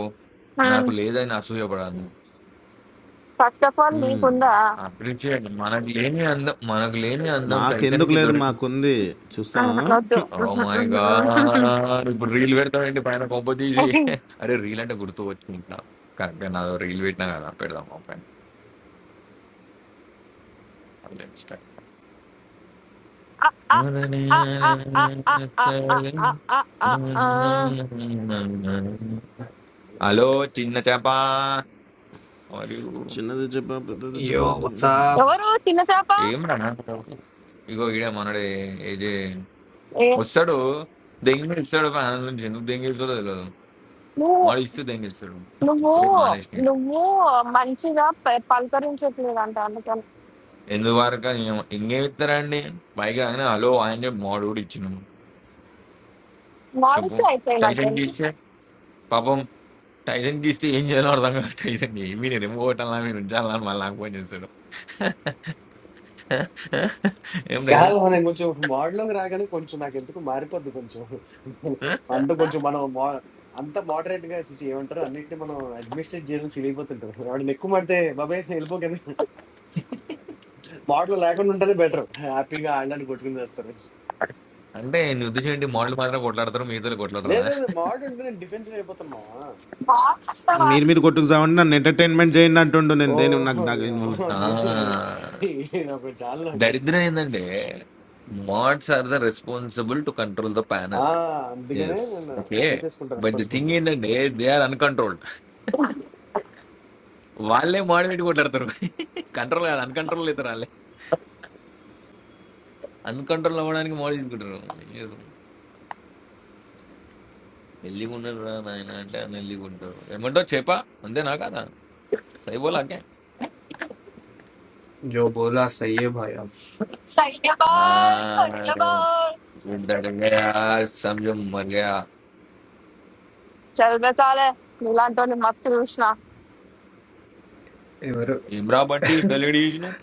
Speaker 5: నాకు లేదని అసూయపడాను
Speaker 2: ఫస్ట్ ఆఫ్ ఆల్ నీకుందా
Speaker 5: అప్రిషియేట్ మనకు లేని అందం మనకు లేని అందం
Speaker 1: మాకు ఎందుకు
Speaker 5: టైసన్కి
Speaker 1: లేదు
Speaker 5: దొరికింది
Speaker 1: మాకుంది చూస్తా
Speaker 2: ఆహా! వద్దు.
Speaker 5: ఓ మై గాడ్ ఇప్పుడు రీల్ పెడతామండి పైన కొంప తీసి అరే రీల్ అంటే గుర్తు వచ్చింది ఇంకా కరెక్ట్ గా నాదో రీల్ పెట్టినా కదా పెడదాం ఆ పైన Let's start.
Speaker 2: ఆహా! ఆహా! ఆహా! ఆ! ఆ! ఆ! ఆ! ఆ! ఆ! ఆ! ఆ! ఆ! ఆ! ఆ! ఆ!
Speaker 5: హలో చిన్న చేప
Speaker 1: చిన్నది చెప్పా పెద్దది
Speaker 8: यो
Speaker 1: చెప్పా
Speaker 8: व्हाट्सअप
Speaker 2: ఎవరు చిన్న చేప
Speaker 5: ఏం రా నా కొడుకు. ఇగో ఈడే మనడే ఏజే
Speaker 2: ఏ,
Speaker 5: వస్తాడు దెంగిలిస్తాడు ఫ్యాన్ నుంచి ఎందుకు దెంగిలిస్తాడో తెలియదు
Speaker 2: నువ్వు
Speaker 5: వాడు ఇస్తే దెంగిలిస్తాడు
Speaker 2: నువ్వు
Speaker 5: మానేసిన
Speaker 2: నువ్వు మంచిగా ప- పలకరించట్లేదు అంట అందుకని
Speaker 5: ఎందుకు వరకు ఇంకేం ఇస్తారండి పైగా ఆయన హలో ఆయన చెప్పి మోడు కూడా ఇచ్చినాము చెప్పు
Speaker 2: మాడిస్
Speaker 5: టైసన్
Speaker 2: అయిపోయినట్టేనా
Speaker 5: గీస్తే పాపం టైసన్ గీస్తే ఏం చేయాలో అర్థం కాదు టైసన్ ఏమి నేను ఏమో కొట్టాలా మీరు ఉంచాలా అని మళ్ళీ నాకు ఫోన్ చేస్తాడు ఏం
Speaker 7: కాదు
Speaker 5: టైసన్
Speaker 7: మనం కొంచెం మోడల్లోకి రాగానే కొంచెం నాకు ఎందుకు మారిపోద్ది కొంచెం అంత కొంచెం మనం మో- అంత మోడరేట్ గా చేసి ఏమంటారు అన్నిటిని మనం అడ్మినిస్ట్రేట్ చేయాలని ఫీల్ అయిపోతుంటాం వాడిని ఎక్కువ పడితే బాబాయ్ వెళ్ళిపోకండి మోడల్ లేకుండా ఉంటేనే బెటర్ హ్యాపీగా ఆడడానికి కొట్టుకుని చేస్తారు
Speaker 5: అంటే నీ ఉద్దేశం ఏంటి మోడల్ మాత్రం కొట్లాడతారు మిగతా కొట్లాడరా
Speaker 7: లేదు మోడల్ ఉంటే నేను డిఫెన్సివ్ అయిపోతాను మావా
Speaker 2: మాడిస్తావా
Speaker 1: మీరు మీరు కొట్టుకు చావండి నన్ను ఎంటర్టైన్మెంట్ చేయండి అంటుండు
Speaker 7: ఓ
Speaker 1: నేను దేని నాకు నాకు ఇన్వాల్వ్
Speaker 7: అమ్మా, నీ-
Speaker 5: ఆ
Speaker 7: నాకు చాలా నాకు
Speaker 5: దరిద్రం ఏంటంటే mods are the responsible to control the panel
Speaker 7: ఆ అందుకనే
Speaker 1: ఎస్
Speaker 7: నేను
Speaker 5: ఓకే
Speaker 7: తీసేసుకుంటా
Speaker 5: బట్ ది
Speaker 7: రెస్పాన్సిబిలిటీ
Speaker 5: థింగ్ ఏంటంటే దే ఆర్ అన్కంట్రోల్డ్ వాళ్ళే మోడ్ పెట్టి కొట్లాడతారు కంట్రోల్ కాదు అన్కంట్రోల్ అవుతారు వాళ్ళే అన్కంట్రోల్ అవ్వడానికి మోడ్ తీసుకుంటారు ఎల్లిగా ఉండరు రా నాయన అంటే అని ఎల్లిగా ఉంటారు ఏమంటో చెప్పా అంతేనా కదా సైబోలాకే
Speaker 8: जो बोला सही है भाई आप
Speaker 2: సైన్యబాయ్ సైన్యబాయ్
Speaker 5: डर गया समझो मर गया
Speaker 2: చదివేసాలే నీలాంటి వాళ్ళు మస్తు చూసిన
Speaker 8: ये मेरे
Speaker 5: ఇమ్రా బట్టి తెలియడు చూసినావు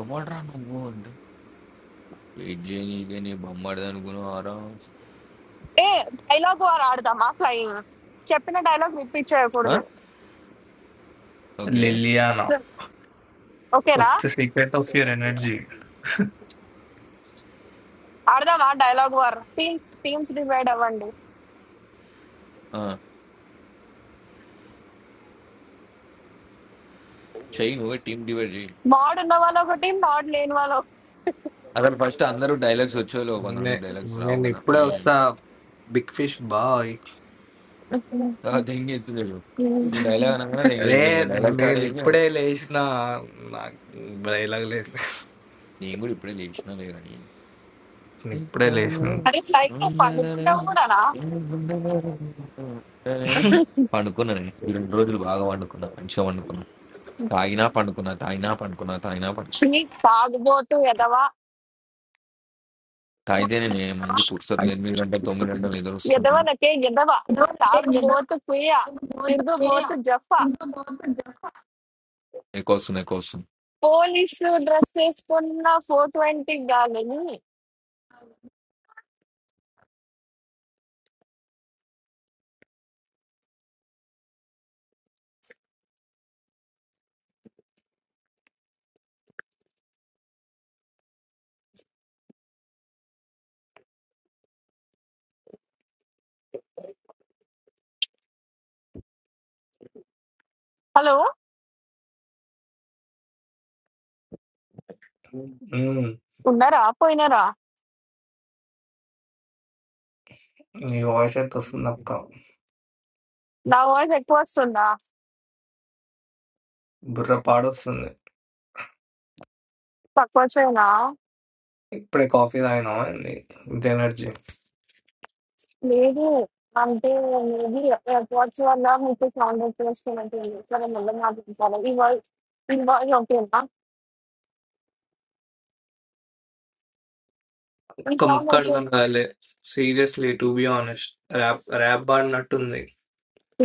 Speaker 5: ఎవడరా నువ్వు అంటే వెయిట్ చేయనీకే నీ బొమ్మడిది అనుకున్నావారా
Speaker 2: ఏ డైలాగ్ వారు ఆడదామా ఫ్లయింగ్ చెప్పిన డైలాగ్ రిపీట్ చేయకూడదు
Speaker 5: ఓకే.
Speaker 8: ले लिया ना
Speaker 2: ఓకేనా
Speaker 8: what's the secret of your energy
Speaker 2: ఆడదామా dialogue war teams teams divide అవ్వండి
Speaker 5: ఆ! చెయ్యి నువ్వే టీమ్ డివైడ్ చెయ్యి.
Speaker 2: మాడ్ ఉన్న వాళ్ళు ఒక టీం మాడ్ లేని వాళ్ళు ఒక-
Speaker 5: అసలు ఫస్ట్ అందరూ డైలాగ్స్ వచ్చేలోపు
Speaker 8: నే
Speaker 5: కొంతమందికి డైలాగ్స్ రావు
Speaker 8: నేను
Speaker 5: కదా!
Speaker 8: ఇప్పుడే
Speaker 5: మరి
Speaker 8: వస్తా బిగ్ ఫిష్ బాయ్
Speaker 5: ఆ! దెంగేస్తుంది చూడు. నువ్వు డైలాగ్ అనగానే
Speaker 8: రే
Speaker 5: దెంగేస్తుంది. నీకు డైలాగ్స్
Speaker 8: నేను
Speaker 5: రాలేదు.
Speaker 8: ఇప్పుడే లేచిన నాకు బ్రైలాగ్ లేదు
Speaker 5: నేను కూడా ఇప్పుడే లేచినాలే గాని.
Speaker 8: నేను ఇప్పుడే లేచిన
Speaker 2: అరే ఫ్లైట్ లో పండుకుంటావు కూడానా
Speaker 5: పండుకున్నాను. ఈ 2 రోజులు బాగా పండుకున్నా. మంచిగా పండుకున్నా. తాగినా పండుకున్నా, తాగినా పండుకున్నా, తాగినా పండుకున్నా.
Speaker 2: ఛీ, తాగుబోతు ఎదవ
Speaker 5: తాగితేనే నే మంచి పుర్సత్ 8 గంటలు, 9 గంటలు నిద్రొస్తుంది.
Speaker 2: ఎదవలకే ఎదవ తాగుబోతు కుయ తిరుగుబోతు జఫ
Speaker 5: ఎక్కువొస్తుంది, ఎక్కువొస్తుంది.
Speaker 2: పోలీసు డ్రెస్ వేసుకున్న ఫోర్ ట్వంటీ గాలిని హలో
Speaker 8: మ్మ్.
Speaker 2: ఉన్నారా పోయినారా
Speaker 8: నీ వాయిస్ ఎంత వస్తుంది అక్క
Speaker 2: నా వాయిస్ ఎక్కువ వస్తుందా
Speaker 8: బుర్ర పాడొస్తుంది
Speaker 2: తక్కువ వచ్చేనా
Speaker 8: ఇప్పుడే కాఫీ తాగినా ఇంత ఎనర్జీ
Speaker 2: లేదు. అంటే మేబీ ఎయిర్‌పోడ్స్ వల్ల మీకు సౌండ్ వచ్చేస్తున్నట్టుంది. సరే మళ్ళీ మాట్లాడతాను. ఈ వాయి ఈ వాయిస్ ఓకేనా? ఈ
Speaker 8: ఒక్క
Speaker 2: సౌండ్
Speaker 8: ముక్క
Speaker 2: ఓకే.
Speaker 8: అర్థం కాలే seriously to be honest rap rap పాడినట్టుంది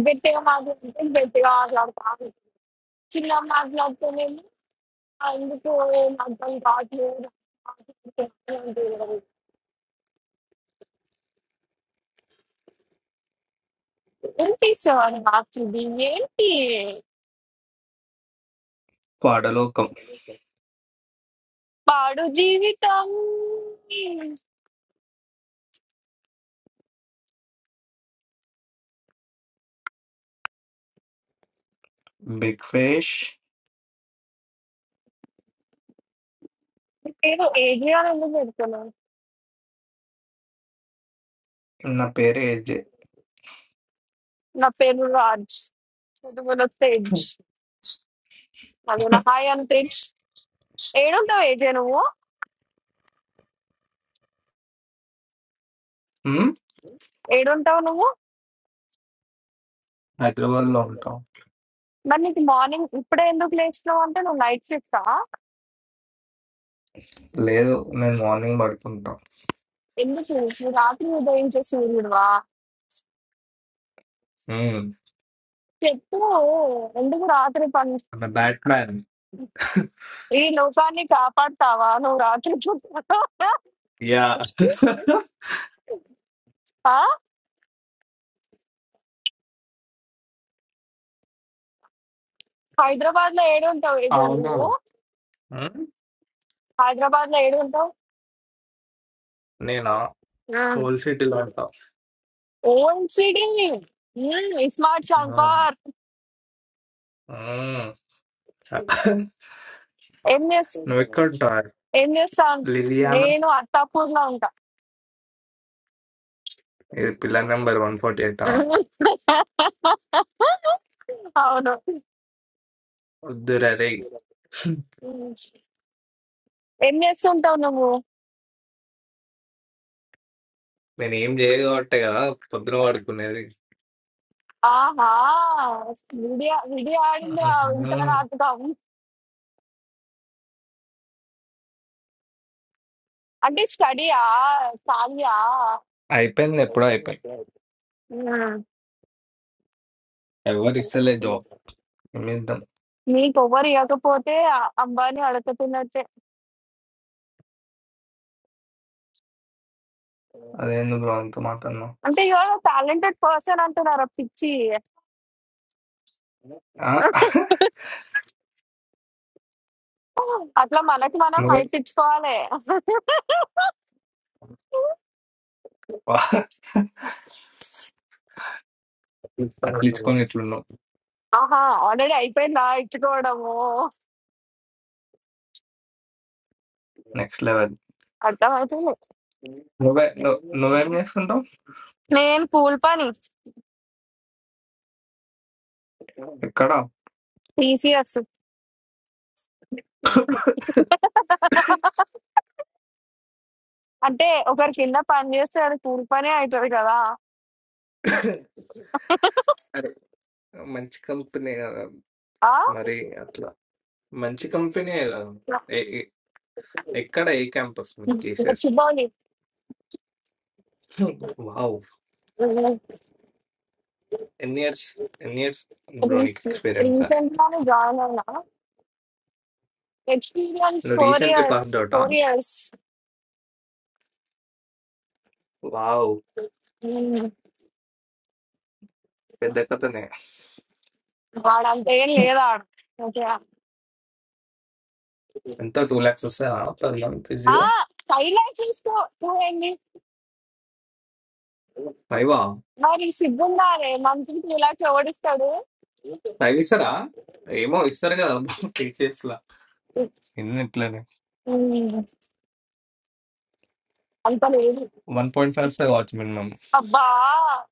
Speaker 2: గట్టిగా మాట్లాడితే గట్టిగా మాట్లాడతా ఉంటుంది. చిన్నగా మాట్లాడితేనేమో ఆహ్, ఎందుకో ఏం అర్థం కావట్లేదు. ఏంటి సార్ నాకిది? ఏంటి?
Speaker 8: పాడలోకం
Speaker 2: పాడు జీవితం.
Speaker 8: బిగ్ ఫిష్
Speaker 2: మీ పేరు ఏజే అని ఎందుకు పెడుతున్నావు?
Speaker 8: నా పేరు ఏజే
Speaker 2: నా పేరు రాజ్. తెలుగులో తేజ్. అదేనా హాయ్ అంతరిక్ష్ ఏడుంటావు ఏజే నువ్వు
Speaker 8: ఉమ్,
Speaker 2: ఏడుంటావు నువ్వు
Speaker 8: హైదరాబాద్ లో ఉంటాం
Speaker 2: మరి నీకు మార్నింగ్ ఇప్పుడే ఎందుకు లేచినావు అంటే నువ్వు నైట్ షిఫ్ట్
Speaker 8: లేదు నేను మార్నింగ్ పడుకుంటాం
Speaker 2: ఎందుకు నువ్వు రాత్రి ఉదయించే సూర్యుడువా
Speaker 8: ఉమ్,
Speaker 2: చెప్పు ఎందుకు రాత్రి పని
Speaker 8: నా బ్యాట్ మ్యాన్
Speaker 2: ఈ లోకాన్ని కాపాడతావా నువ్వు రాత్రి పూట?
Speaker 8: యా
Speaker 2: ఆ హైదరాబాద్ లో ఏడు ఉంటావు ఏజే
Speaker 8: అవును
Speaker 2: నువ్వు
Speaker 8: ఉమ్,
Speaker 2: హైదరాబాద్ లో ఏడు ఉంటావు
Speaker 8: నేనా హోల్ సిటీలో ఉంటా
Speaker 2: ఓఎన్సిడి స్మార్ట్
Speaker 8: ఆ,
Speaker 2: షాంపర్
Speaker 8: ఉమ్.
Speaker 2: ఏం
Speaker 8: నువ్వు
Speaker 2: చేస్తుంది
Speaker 8: ఎక్కడ ఉంటావు
Speaker 2: ఏం చేస్తాను
Speaker 8: లిలియానా
Speaker 2: నేను అత్తాపూర్లో ఉంటా
Speaker 8: ఇది pillar number one forty eight
Speaker 2: అవును
Speaker 8: వద్దురా రే
Speaker 2: ఉమ్. ఏం చేస్తుంటావు నువ్వు
Speaker 8: నేను ఏం చేయగబట్టే కదా పొద్దున పడుకునేది
Speaker 2: ఆహా విడియా విడియా ఆడింది వింటా
Speaker 8: ఉహుం.
Speaker 2: నాటకం అంటే స్టడీయా సాలియా
Speaker 8: అయిపోయింది ఎప్పుడో అయిపోయింది
Speaker 2: ఉమ్.
Speaker 8: ఎవరు ఇస్తలే జాబ్ నిమిద్దం.
Speaker 2: నీకు ఎవరు ఇవ్వకపోతే అ- అంబానీ అడగతున్నట్టే
Speaker 8: అదేంది బ్రో అంత మాట అన్నావు?
Speaker 2: అంటే యువర్ టాలెంటెడ్ పర్సన్ అంటున్నారు పిచ్చి
Speaker 8: ఆ!
Speaker 2: అట్లా మనకి మనం హై
Speaker 8: నువ్వే
Speaker 2: తెచ్చుకోవాలి
Speaker 8: వా! అట్లిచ్చుకొని ఇట్లున్నావు.
Speaker 2: ఆహా! ఆల్రెడీ అయిపోయిందా ఇచ్చుకోవడము?
Speaker 8: Next level.
Speaker 2: అర్థమయితుంది.
Speaker 8: నువ్వే నువ్వు నువ్వేం చేసుకుంటావు?
Speaker 2: నేను కూలి పని.
Speaker 8: ఎక్కడ?
Speaker 2: టీసీఎస్. అంటే ఒకరి కింద పని చేస్తే అది కూలి పనే అయితది కదా!
Speaker 8: అరే మంచి కంపెనీ కదా!
Speaker 2: ఆ!
Speaker 8: మరి అట్లా మంచి కంపెనీ కదా! ఏ- ఏ- ఎక్కడ ఏ క్యాంపస్ జీసస్
Speaker 2: గచ్చిబౌలి.
Speaker 8: వావ్ ఎన్ని ఇయర్స్ ఎన్ని ఇయర్స్ బ్రో నీకు
Speaker 2: రీస్-
Speaker 8: ఎక్స్పీరియన్స్
Speaker 2: రీసెంట్ గానే జాయిన్ అయినా. ఎక్స్పీరియన్స్
Speaker 8: నువ్వు
Speaker 2: ఫోర్
Speaker 8: రీసెంట్లీ
Speaker 2: ఇయర్స్.
Speaker 8: పాస్డ్ అవుటా
Speaker 2: ఫోర్ ఇయర్స్.
Speaker 8: వావ్ పెద్ద కథనే
Speaker 2: వాడంత ఏం లేదా? ఓకే.
Speaker 8: ఎంత టూ లాక్స్ వస్తాయా పర్ మంత్
Speaker 2: ఆ!
Speaker 8: ఈజీగా
Speaker 2: హైలైట్ తీసుకో. నువ్వేంది?
Speaker 8: పైవా
Speaker 2: మరి సిగ్గుండాలి మంత్రికి ఇలా చెవడిస్తాడు
Speaker 8: ఫైవ్ ఇస్తారా ఏమో ఇస్తారు కదా టీచర్స్ లా ఎన్ని ఇట్లానే
Speaker 2: ఉమ్, అంత లేదు
Speaker 8: వన్ పాయింట్ ఫైవ్ ఇస్తారు కావచ్చు మినిమం
Speaker 2: అబ్బా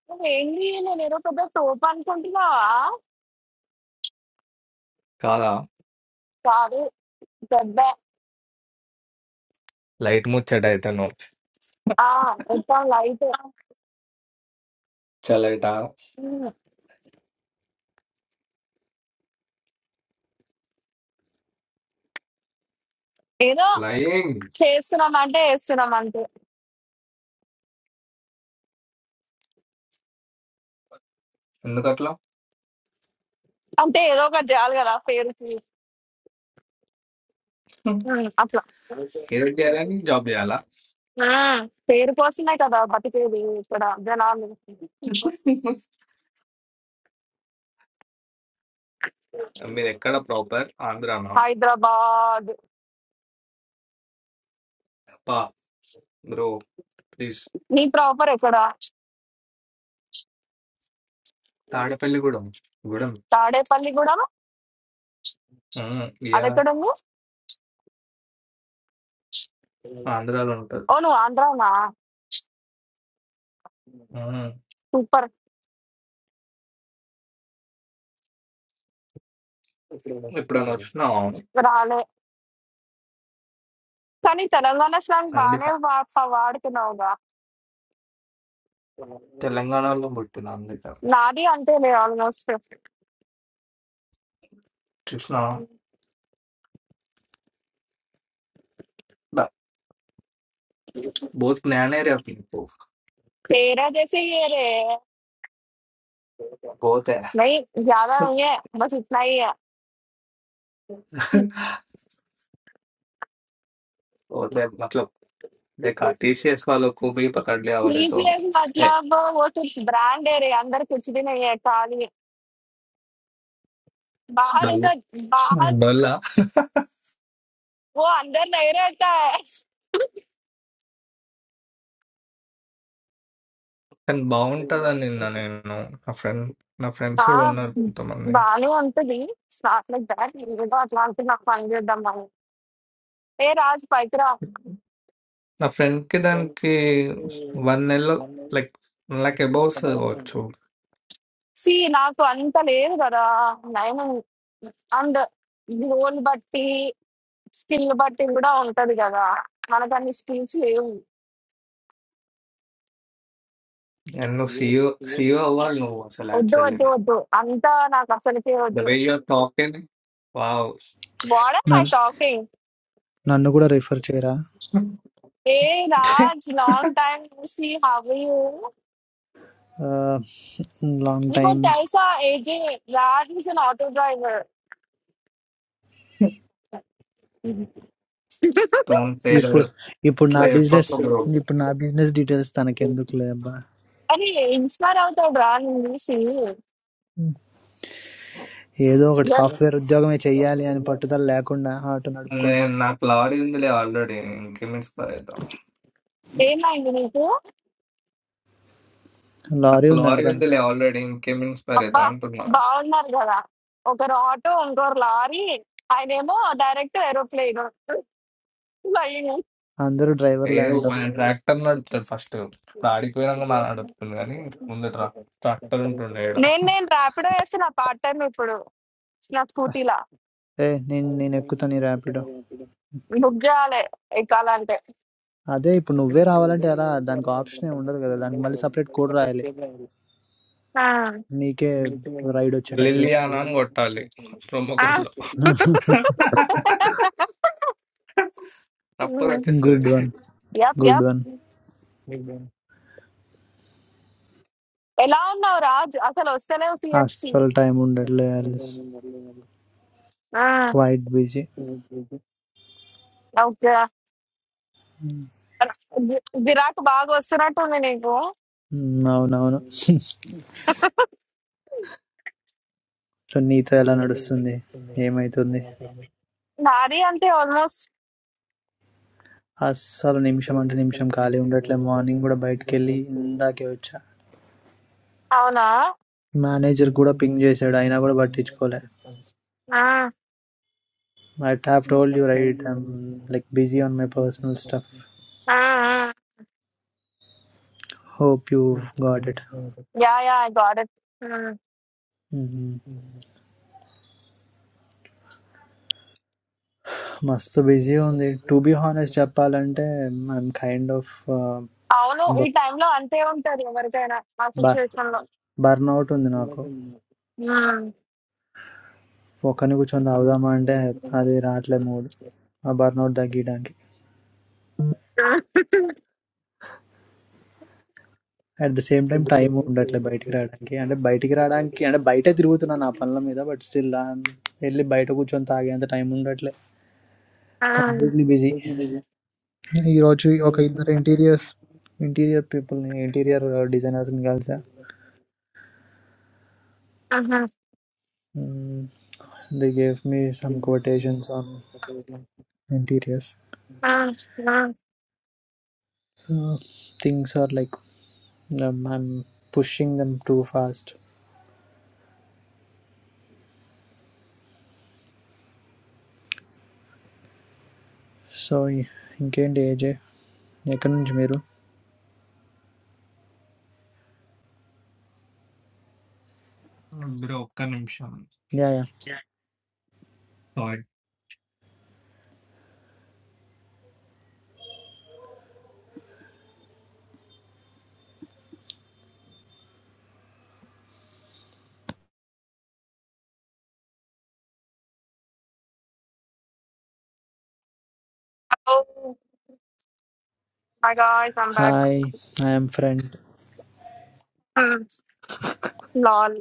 Speaker 2: నువ్వేంటి నేను ఏదో పెద్ద తోపు అనుకుంటున్నావా
Speaker 8: కాదా
Speaker 2: కాదు పెద్ద
Speaker 8: లైట్ ముచ్చట అయితేను
Speaker 2: ఆ మొత్తం లైట్
Speaker 8: చలైట
Speaker 2: ఉమ్, ఏదో
Speaker 8: లైంగ్
Speaker 2: చేస్తున్నాం అంటే వేస్తున్నాం అంతే
Speaker 8: ఎందుకట్లా
Speaker 2: అంటే ఏదో ఒకటి చేయాలి కదా పేరుకి ఉమ్, అట్లా
Speaker 8: ఏదో చేయాలని జాబ్ చేయాలా
Speaker 2: ఉమ్, పేరు కోసమే కదా బతికేది ఇక్కడ జనాలు
Speaker 8: మీరు ఎక్కడ ప్రాపర్ ఆంధ్రానా
Speaker 2: హైదరాబాద్
Speaker 8: పా బ్రో ప్లీజ్
Speaker 2: నీ ప్రాపర్ ఎక్కడ
Speaker 8: తాడపల్లి గూడెం గూడెం
Speaker 2: తాడేపల్లి కూడా
Speaker 8: ఉమ్, యా
Speaker 2: అదెక్కడ ఉంది
Speaker 8: ఆంధ్రాలో ఉంటుంది
Speaker 2: ఓ నువ్వు ఆంధ్రానా
Speaker 8: ఉమ్,
Speaker 2: సూపర్
Speaker 8: ఎప్పుడైనా వచ్చినా
Speaker 2: రాలే కానీ తెలంగాణ స్లాంగ్
Speaker 8: ఖండిత
Speaker 2: బాగానే వా- ప- వాడుతున్నావుగా
Speaker 8: తెలంగాణలో పుట్టిన అందుకే
Speaker 2: నాది అంతేలే ఆల్మోస్ట్
Speaker 8: చూసిన బోత్ జ్ఞాన ఏరియా
Speaker 2: తేరా చేసి ఏరే
Speaker 8: बहुत है
Speaker 2: నై ज्यादा नहीं है बस इतना ही है
Speaker 8: और मैं मतलब देखा टीसीएस वालों को भी पकड़ लिया बोले तो
Speaker 2: टीसीएस
Speaker 8: है
Speaker 2: मतलब वो सिर्फ ब्रांड है रे अंदर कुछ भी नहीं है खाली बाहर
Speaker 8: डल
Speaker 2: ऐसा बाहर
Speaker 8: డొల్లా
Speaker 2: वो अंदर नहीं रहता है
Speaker 8: కానీ బాగుంటదని నిన్న నేను నా ఫ్రెండ్ నా ఫ్రెండ్స్ కూడా
Speaker 2: हाँ
Speaker 8: ఉన్నారు కొంతమంది
Speaker 2: బాగానే ఉంటది నాట్ లైక్ దాట్ ఏదో అట్లా అంటే నాకు పని చేద్దాం మనం ఏ రాజు పైకి రా
Speaker 8: నా ఫ్రెండ్ కి దానికి వన్ నెలలో లైక్ లైక్ అబౌవ్ వస్తుంది కావచ్చు
Speaker 2: సి నాకు అంత లేదు కదా నైన్ అండ్ గోల్ బట్టి స్కిల్ బట్టి కూడా ఉంటది కదా మనకు అన్ని స్కిల్స్ లేవు
Speaker 8: అండ్ నువ్వు సీఈఓ సీఈఓ అవ్వాలి నువ్వు అసలు
Speaker 2: వద్దు
Speaker 8: యాక్చువల్లీ
Speaker 2: వద్దు వద్దు అంతా నాకు అసలుకే
Speaker 8: ద
Speaker 2: వద్దు
Speaker 8: way you're talking wow
Speaker 2: what are my
Speaker 9: నన్
Speaker 2: టాకింగ్
Speaker 9: నన్ను కూడా రిఫర్ చేయరా
Speaker 2: ఏ Raj long time see have you
Speaker 9: long
Speaker 2: నీకు
Speaker 9: టైం
Speaker 2: ఒకటి తెలుసా AJ Raj is an auto driver
Speaker 8: don't say
Speaker 9: ఇప్పుడు
Speaker 8: ఇట్లా
Speaker 9: ఇప్పుడు నా బిజినెస్
Speaker 8: చెప్పక్క బ్రో
Speaker 9: ఇప్పుడు నా బిజినెస్ డీటెయిల్స్ తనకెందుకులే అబ్బా
Speaker 2: అని ఇన్స్పైర్ అవుతాడు రా నేను చూసి
Speaker 9: ఉమ్. ఏదో ఒకటి సాఫ్ట్వేర్ ఉద్యోగమే చెయ్యాలి అని పట్టుదల లేకుండా ఆటో
Speaker 8: నేను
Speaker 9: నడుపుకుంటున్నా
Speaker 8: నాకు లారీ ఉందిలే ఆల్రెడీ ఇంకేం ఇన్స్పైర్ అవుతాం
Speaker 2: ఏమైంది నీకు
Speaker 9: లారీ
Speaker 8: నాకు
Speaker 9: ఉందంట
Speaker 8: లారీ
Speaker 9: తనకి
Speaker 8: ఉందిలే ఆల్రెడీ ఇంకేం ఇన్స్పైర్ అవుతాం
Speaker 2: అబ్బా
Speaker 8: అంటున్నాను
Speaker 2: బాగున్నారు కదా ఒకరు ఆటో ఇంకోరు లారీ ఆయనేమో డైరెక్ట్ ఏరోప్లేన్ ఫ్లయింగ్
Speaker 9: అందరూ డ్రైవర్లే
Speaker 8: ఏదో
Speaker 9: అంటావు
Speaker 8: ట్రాక్టర్ నడుపుతాడు ఫస్ట్ ఇప్పుడు ఆడిపోయినాక మా నడుపుతుంది కానీ ముందట రా ట్రాక్టర్ ఉంటుండే ఈడ
Speaker 2: నేను నేను ర్యాపిడో వేస్తే నా పార్ట్ టైం ఇప్పుడు నా స్కూటీలా
Speaker 9: ఏ నేను నేను ఎక్కుతాను ఈ ర్యాపిడో
Speaker 2: బుక్ చేయాలి ఎక్కాలంటే
Speaker 9: అదే ఇప్పుడు నువ్వే రావాలంటే అలా దానికి ఆప్షన్ ఏమి ఉండదు కదా దానికి మళ్ళీ సపరేట్ కోడ్ రాయాలి
Speaker 2: ఆ,
Speaker 9: నీకే రైడ్ వచ్చేటట్లుగా
Speaker 8: లిలియానా అని కొట్టాలి ప్రొమో
Speaker 2: ఆ.
Speaker 8: కోడ్ లో తప్పని
Speaker 2: ఉమ్,
Speaker 8: వచ్చేస్తుంది
Speaker 9: good one
Speaker 2: yup
Speaker 9: good
Speaker 2: yup
Speaker 9: one
Speaker 2: ఎలా ఉన్నావు రాజ్ అసలు వస్తలేవు సిహెచ్కి
Speaker 9: అస్సలు టైం ఉండట్లే క్వైట్ బిజీ
Speaker 2: ఓకే విరాట్ బాగా వస్తున్నట్టుంది నీకు
Speaker 9: No, no, no. So, you too are not understood. Same I too.
Speaker 2: నాది అంతే almost
Speaker 9: I am always morning or night. Kelly, I got a call.
Speaker 2: అవునా
Speaker 9: Manager, good ping. Just said I got a message call.
Speaker 2: ఆ,
Speaker 9: I have told you, I am like busy on my personal stuff.
Speaker 2: ఆ, ఆ.
Speaker 9: Hope you've got it.
Speaker 2: Yeah yeah I got it
Speaker 9: Hmm. Must be busy. Honestly, I am kind of
Speaker 2: అవును ఈ time లో అంతే ఉంటది ఎవరికైనా ఆ
Speaker 9: burnout.
Speaker 2: Situation లో
Speaker 9: Burnout. I hope you understand. Because I am not in a good mood. I am burnout. At the same time, time wonder like bite Kerala. I am bite Kerala. I am bite a difficult. I am not a problem. But still, I am. If I talk about time wonder, completely busy. I recently okay. There interiors, interior people, interior designers. They gave me some quotations on interiors. So things are like I am pushing them too fast. So he. In case, I am. I can't remember.
Speaker 8: Bro ఒక్క నిమిషం
Speaker 9: Yeah, yeah.
Speaker 2: My guys I'm back
Speaker 9: Hi, I am friend.
Speaker 2: లాల్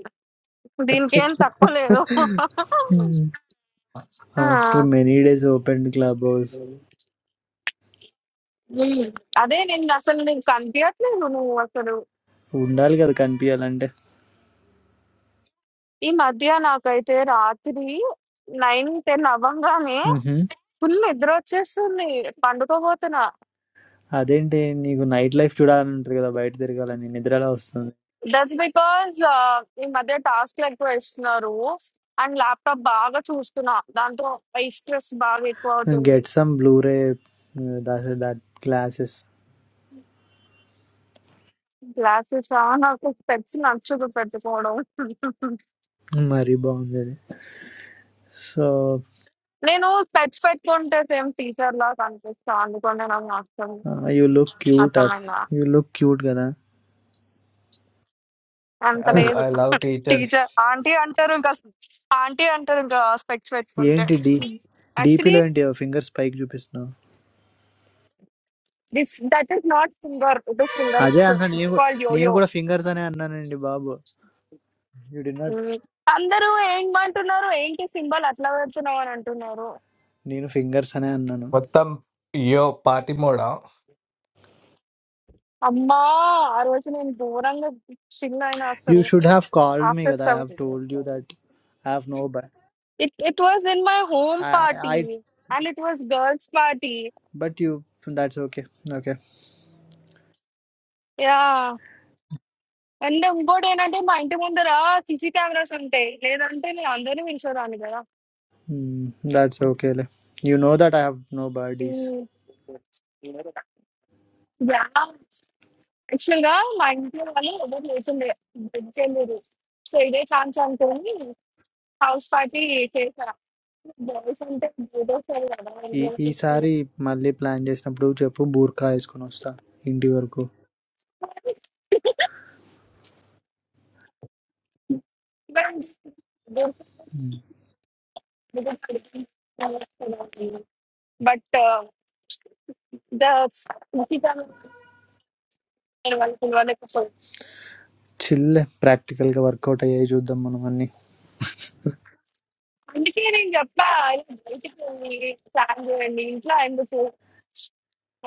Speaker 2: దీనికి ఏం తక్కువ లేదు Ah,
Speaker 9: After many days, open the clubs.
Speaker 2: mm. అదే నేను అసలు నీకు కనిపించట్లేదు నువ్వు అసలు
Speaker 9: Undalga the can be alone.
Speaker 2: ఈ మధ్య నాకైతే రాత్రి నైన్ టెన్ అవ్వంగానే
Speaker 9: Uh-huh.
Speaker 2: ఫుల్ నిద్ర వచ్చేస్తుంది పండుకోబోతున్నా
Speaker 9: That's why you go night life. To that, you get a white there. You go. You need that also.
Speaker 2: That's because ఈ మధ్య టాస్క్లు ఎక్కువ ఇస్తున్నారు అండ్ ల్యాప్టాప్ బాగా చూస్తున్నా దాంతో ఐ స్ట్రెస్ బాగా ఎక్కువ అవుతుంది
Speaker 9: Get some blue ray. That that glasses.
Speaker 2: Glasses నాకు పెట్స్ నచ్చదు పెట్టుకోవడం
Speaker 9: My rebound. So
Speaker 2: నేను పెట్స్ పెట్టుకుంటే సేమ్ టీచర్ లా కనిపిస్తా అందుకనే నాకు నచ్చదు
Speaker 9: you look cute. Us,
Speaker 2: అర్థమైందా
Speaker 9: you look cute. That.
Speaker 2: అంత లేదు
Speaker 8: I love teachers
Speaker 2: teacher aunty అంటారు ఇంకా ఆంటీ అంటారు ఇంకా స్పెక్స్
Speaker 9: You
Speaker 2: పెట్టుకుంటే
Speaker 9: need deep.
Speaker 2: Actually
Speaker 9: Deepylo need your fingers spike. You know.
Speaker 2: This that is not finger it is
Speaker 9: I say,
Speaker 2: fingers
Speaker 9: I say, you
Speaker 2: it's
Speaker 9: go.
Speaker 2: Called
Speaker 9: You
Speaker 2: yo yo
Speaker 9: go. Your fingers are not. You did not.
Speaker 2: Um, అందరూ ఏమంటున్నారు ఏంటి symbol అట్లా పెడుతున్నావు అని అంటున్నారు
Speaker 9: Your fingers are not.
Speaker 8: మొత్తం యో party మోడా
Speaker 2: అమ్మా ఆ రోజు నేను దూరంగా చిల్ అయినా
Speaker 9: You
Speaker 2: అసలు
Speaker 9: should have called me,
Speaker 2: after
Speaker 9: guy. I
Speaker 2: saw
Speaker 9: have told you that I have nobody.
Speaker 2: It it was in my home
Speaker 9: I,
Speaker 2: party
Speaker 9: I,
Speaker 2: and it was girls party
Speaker 9: but you. That's okay. Okay.
Speaker 2: Yeah and ఇంకోటి ఏంటంటే మా ఇంటి ముందర CC cameras ఉంటాయి లేదంటే నేను అందరినీ పిలిచేదాన్ని కదా
Speaker 9: Hmm. That's okay, le. You know that I have no buddies.
Speaker 2: Um, yeah actual గా మా ఇంట్లో వాళ్ళు ఎవరు లేకుండే బెడ్ చేయలేదు సో ఇదే ఛాన్స్ అనుకోని హౌస్ పార్టీ చేసా బాయ్స్ అంటే దూదోసారు కదా ఇంట్లో
Speaker 9: These, these, sorry, monthly plans. Just now, bro, just a poor case, Konusta. Indi worko.
Speaker 2: వాళ్ళకి. But
Speaker 9: Hmm.
Speaker 2: బట్ వాళ్ళకి వాళ్ళకపోయి
Speaker 9: Chill le. Practical ka worko ta hi jodham manmani.
Speaker 2: అందుకే నేను చెప్పా ఇలా బయటికి వెళ్ళి ప్లాన్ చేయండి ఇంట్లో ఎందుకు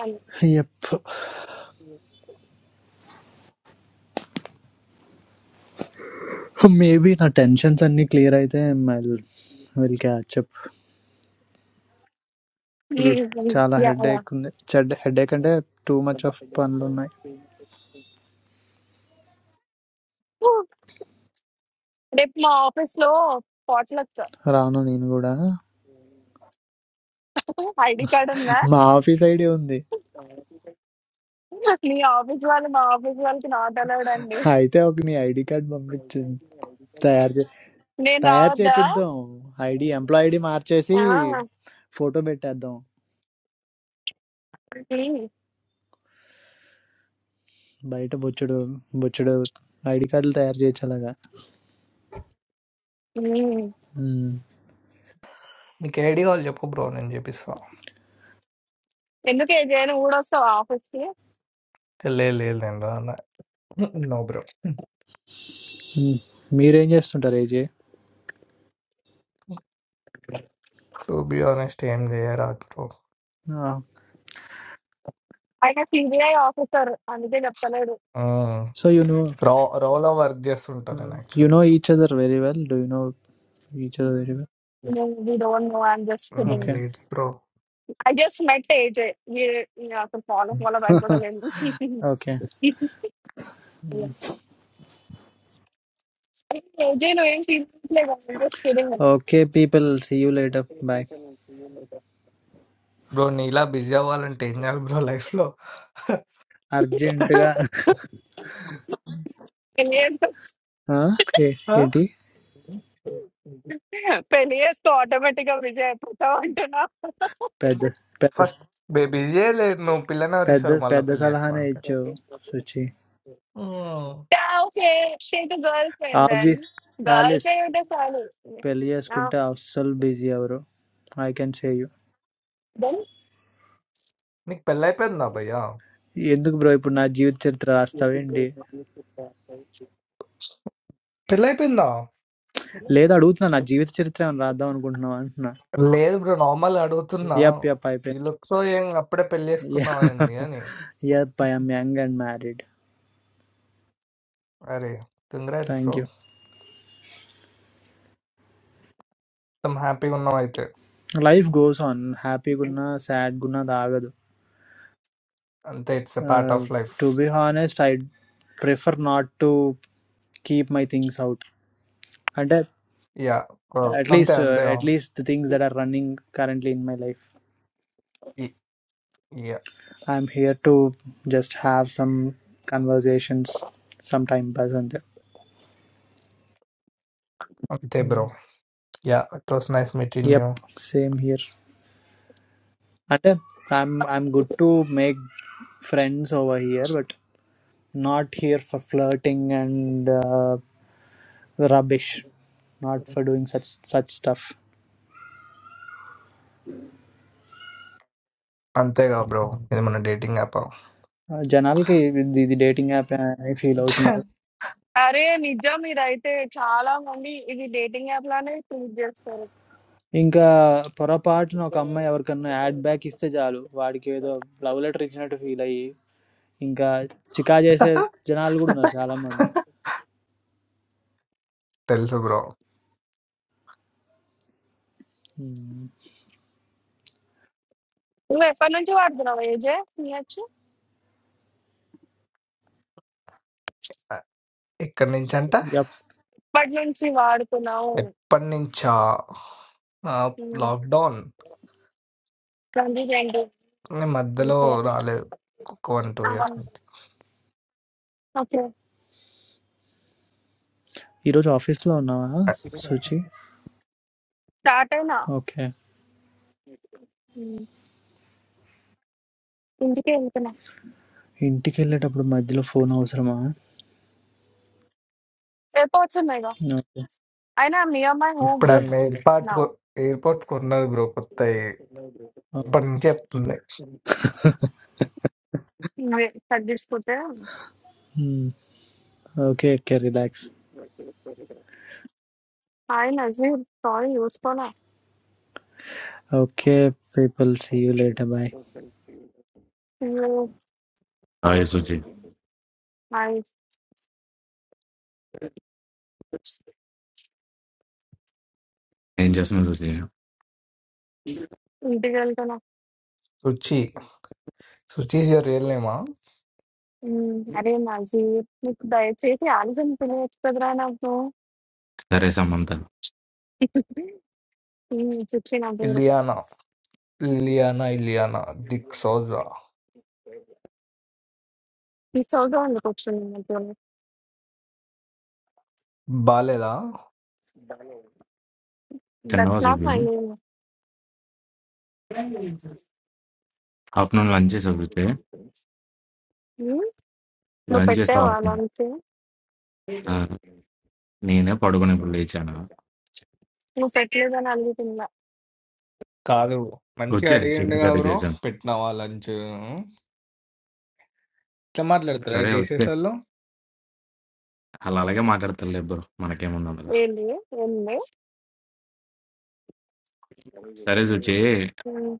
Speaker 2: అని.
Speaker 9: Hi, bro. Maybe na tensions ani clear idhen. Well, well, kya chup.
Speaker 2: Um,
Speaker 9: Chala
Speaker 2: yeah,
Speaker 9: head
Speaker 2: yeah.
Speaker 9: day kunde. Chal head day kande. Too much of panlo nae.
Speaker 2: ఊ, రేపు మా ఆఫీస్ లో పాట్లకు
Speaker 9: రాను నేను కూడా
Speaker 2: ఐడి కార్డ్ ఉందా
Speaker 9: మా office ID ఉంది
Speaker 2: మీ ఆఫీస్ వాళ్ళు మా ఆఫీస్ వాళ్ళకి నాట్ అలౌడ్ అండి.
Speaker 9: అయితే ఒక నీ ఐడి కార్డ్ పంపించు తయారు చే
Speaker 2: నేను
Speaker 9: తయారు
Speaker 2: రావద్దా
Speaker 9: చేపిద్దాం ఐడి ఎంప్లాయ్ ఐడి మార్చేసి
Speaker 2: ఆ,
Speaker 9: ఫోటో పెట్టేద్దాం
Speaker 2: ఉమ్,
Speaker 9: బయట బొచ్చుడు బొచ్చుడు ఐడి కార్డులు తయారు చేయొచ్చు అలాగా
Speaker 2: ఉమ్.
Speaker 9: మ్మ్.
Speaker 8: మీకు ఐడి కావాలి చెప్పు బ్రో నేను చెప్పిస్తా
Speaker 2: ఎందుకు ఏ జయన్ కూడా వస్తావా ఆఫీస్ కి
Speaker 8: లే లే నేను రాను. నో బ్రో
Speaker 9: మ్మ్. మీరేం చేస్తుంటారు ఏజే
Speaker 8: టు బి ఆనెస్ట్ ఏం చేయరాదు బ్రో
Speaker 2: ఆయన సిబిఐ ఆఫీసర్ అందుకే చెప్తలేడు
Speaker 9: సో యు నో
Speaker 8: రా రాలో వర్క్ చేస్తుంటా నేను
Speaker 9: you know each other very well do you know each other very well
Speaker 2: we don't know I'm just
Speaker 8: actually
Speaker 2: kidding
Speaker 9: okay
Speaker 8: లేదు bro
Speaker 2: I just met AJ అసలు follow follow భయపడలేదు
Speaker 9: okay
Speaker 2: AJ నువ్వేం తీసులేదు just kidding
Speaker 9: okay people see you later bye
Speaker 8: bro నీ ఇలా busy అవ్వాలంటే ఏం చేయాలి బ్రో లైఫ్లో
Speaker 9: అర్జెంటుగా
Speaker 2: పెళ్లి చేసుకో
Speaker 9: ఆ? ఏ- ఏంటి
Speaker 2: పెళ్లి చేసుకో ఆటోమేటిక్ గా విజయ్ అయిపోతావు అంటున్నా
Speaker 9: Peda, peda,
Speaker 8: ఫస్ట్ బిజీ లేదు నువ్వు పిల్లని ఎవరిస్తారు
Speaker 9: peda,
Speaker 8: మళ్ళీ
Speaker 9: peda.
Speaker 8: పెళ్లి చేసుకో
Speaker 9: Salahan hai
Speaker 8: అంటే
Speaker 9: chhu, sochi.
Speaker 8: మ్మ్.
Speaker 2: ఓకే షేక్ girlfriend then
Speaker 9: I've
Speaker 2: girl
Speaker 9: Alice.
Speaker 2: Friend ఉంటే
Speaker 9: Peliyas kunte
Speaker 2: చాలు
Speaker 9: I'm so busy abro. I can say you.
Speaker 8: నీకు పెళ్ళి అయిపోయిందా భయ్యా
Speaker 9: Yenduk broi purna jivit chire trarastha bendi.
Speaker 8: పెళ్ళి అయిపోయిందా
Speaker 9: Le da duut na na jivit chire traman rada un gundhawan na.
Speaker 8: లేదు bro normal అడుగుతున్నా
Speaker 9: Yeah, yeah,
Speaker 8: ఈ
Speaker 9: pipe.
Speaker 8: Looks ఏం అప్పుడే పెళ్లి
Speaker 9: Yeah,
Speaker 8: చేసుకున్నావు అయింది అని
Speaker 9: yeah, I'm young and married.
Speaker 8: అరే కంగ్రాట్స్ బ్రో
Speaker 9: Thank you.
Speaker 8: మొత్తం హ్యాపీగా ఉన్నావు అయితే
Speaker 9: Life goes on. Happy guna, sad guna da
Speaker 8: అంతే it's a part of
Speaker 9: agado.
Speaker 8: Life
Speaker 9: To be honest, I'd prefer not to keep my things out. And.
Speaker 8: Yeah bro
Speaker 9: at
Speaker 8: అంతే
Speaker 9: least uh,
Speaker 8: అంతే
Speaker 9: at least the things that are running currently in my life
Speaker 8: yeah
Speaker 9: i'm here to just have some conversations some sometime buzz and
Speaker 8: అంతే bro yeah it was nice meeting
Speaker 9: yep
Speaker 8: you
Speaker 9: same here and uh, i'm i'm good to make friends over here but not here for flirting and uh, rubbish not for doing such such stuff
Speaker 8: అంతేగా bro ఇది మన dating app
Speaker 9: uh, జనాలకి ఇది ఇది dating app అని feel అవుతున్నారు
Speaker 2: అరే నిజం ఇదైతే చాలా మంది ఇది డేటింగ్ యాప్ లానే ట్రీట్ చేస్తారు
Speaker 9: ఇంకా పొరపాటున ఒక అమ్మాయి ఎవరికన్నా యాడ్ బ్యాక్ ఇస్తే చాలు వాడికి ఏదో లవ్ లెటర్ ఇచ్చినట్టు ఫీల్ అయ్యి ఇంకా చికా చేసే జనాలు కూడా ఉన్నారు చాలా మంది
Speaker 8: తెలుసు బ్రో
Speaker 9: ఉమ్.
Speaker 2: నువ్వు ఎప్పటి నుంచి వాడుతున్నావు ఏజే తీయచ్చు
Speaker 8: ఇక్కడి నుంచి అంట
Speaker 9: యప్.
Speaker 2: ఎప్పటి నుంచి వాడుతున్నావు
Speaker 8: ఎప్పటి నుంచా లాక్డౌన్
Speaker 2: ట్వంటీ ట్వంటీ
Speaker 8: మధ్యలో రాలేదు ఒక వన్ టూ ఇయర్స్ నుంచి
Speaker 2: ఓకే
Speaker 9: ఈరోజు ఆఫీస్ లో ఉన్నావా సుచి
Speaker 2: స్టార్ట్ అయినా
Speaker 9: ఓకే
Speaker 2: ఉమ్, ఇంటికే వెళ్తున్నా
Speaker 9: ఇంటికి వెళ్ళేటప్పుడు మధ్యలో ఫోన్ అవసరమా
Speaker 2: ఎయిర్పోర్ట్స్ ఉన్నాయి ఇక
Speaker 9: ఓకే
Speaker 2: అయినా నియర్ మై హోమ్
Speaker 8: ఇప్పుడు
Speaker 9: దట్
Speaker 8: ఆమె ఎయిర్పార్ట్
Speaker 2: నా
Speaker 8: ఎయిర్పోర్ట్ కొన్నది బ్రో కొత్త ఇప్పటి నుంచి చెప్తుంది
Speaker 2: తగ్గించుకుంటే
Speaker 9: ఓకే ఓకే రిలాక్స్
Speaker 2: ఆయన నజీర్ సారీ చూసుకోనా
Speaker 9: okay people see you later bye
Speaker 2: నువ్వు
Speaker 10: హాయ్ సుజి
Speaker 2: మా
Speaker 10: ఏం చేస్తున్నావు సుజి
Speaker 2: ఇంటికి వెళ్తున్నా
Speaker 8: Suchi Suchi is your real నేమా
Speaker 2: ఉమ్, అరే నజీర్ నీకు దయచేసి ఆలస్యం పిలియచ్చు కదరా నాకు
Speaker 10: సరే సమంత
Speaker 2: హ్మ్. చిచ్చి,నాకు
Speaker 8: ఇలియానా లియానా ఇలియానా దిక్ సోజా
Speaker 2: మిస్ అవుతూ ఎందుకొచ్చింది నాతోని?
Speaker 8: బాలేదా
Speaker 10: తిన్నావా
Speaker 2: that's not
Speaker 10: Suji
Speaker 2: my name.
Speaker 10: Afternoon lunch చేసావు సుజి
Speaker 2: హ్మ్. నువ్వు
Speaker 10: లంచ్ చేస్తా
Speaker 2: పెట్టావా
Speaker 10: ఆఫ్టర్నూన్
Speaker 2: లంచ్?
Speaker 10: ఆ, నేనే పడుకుని ఇప్పుడు లేచాను
Speaker 2: నువ్వు పెట్టలేదని అడుగుతున్నా.
Speaker 8: కాదు మంచిగా
Speaker 10: వచ్చే చికెన్
Speaker 8: అడిగిండుగా
Speaker 10: కర్రీ
Speaker 8: బ్రో
Speaker 10: చేశాను
Speaker 8: పెట్టినావా లంచ్ ఇట్లా మాట్లాడతారా
Speaker 10: సరే వచ్చే
Speaker 8: టీసీఎస్ వాళ్ళు
Speaker 10: అలా అలాగే మాట్లాడతారు ఇద్దరు మనకేముంది అందులో
Speaker 2: ఏంది? ఏంది?
Speaker 10: సరే సుజి
Speaker 2: హ్మ్.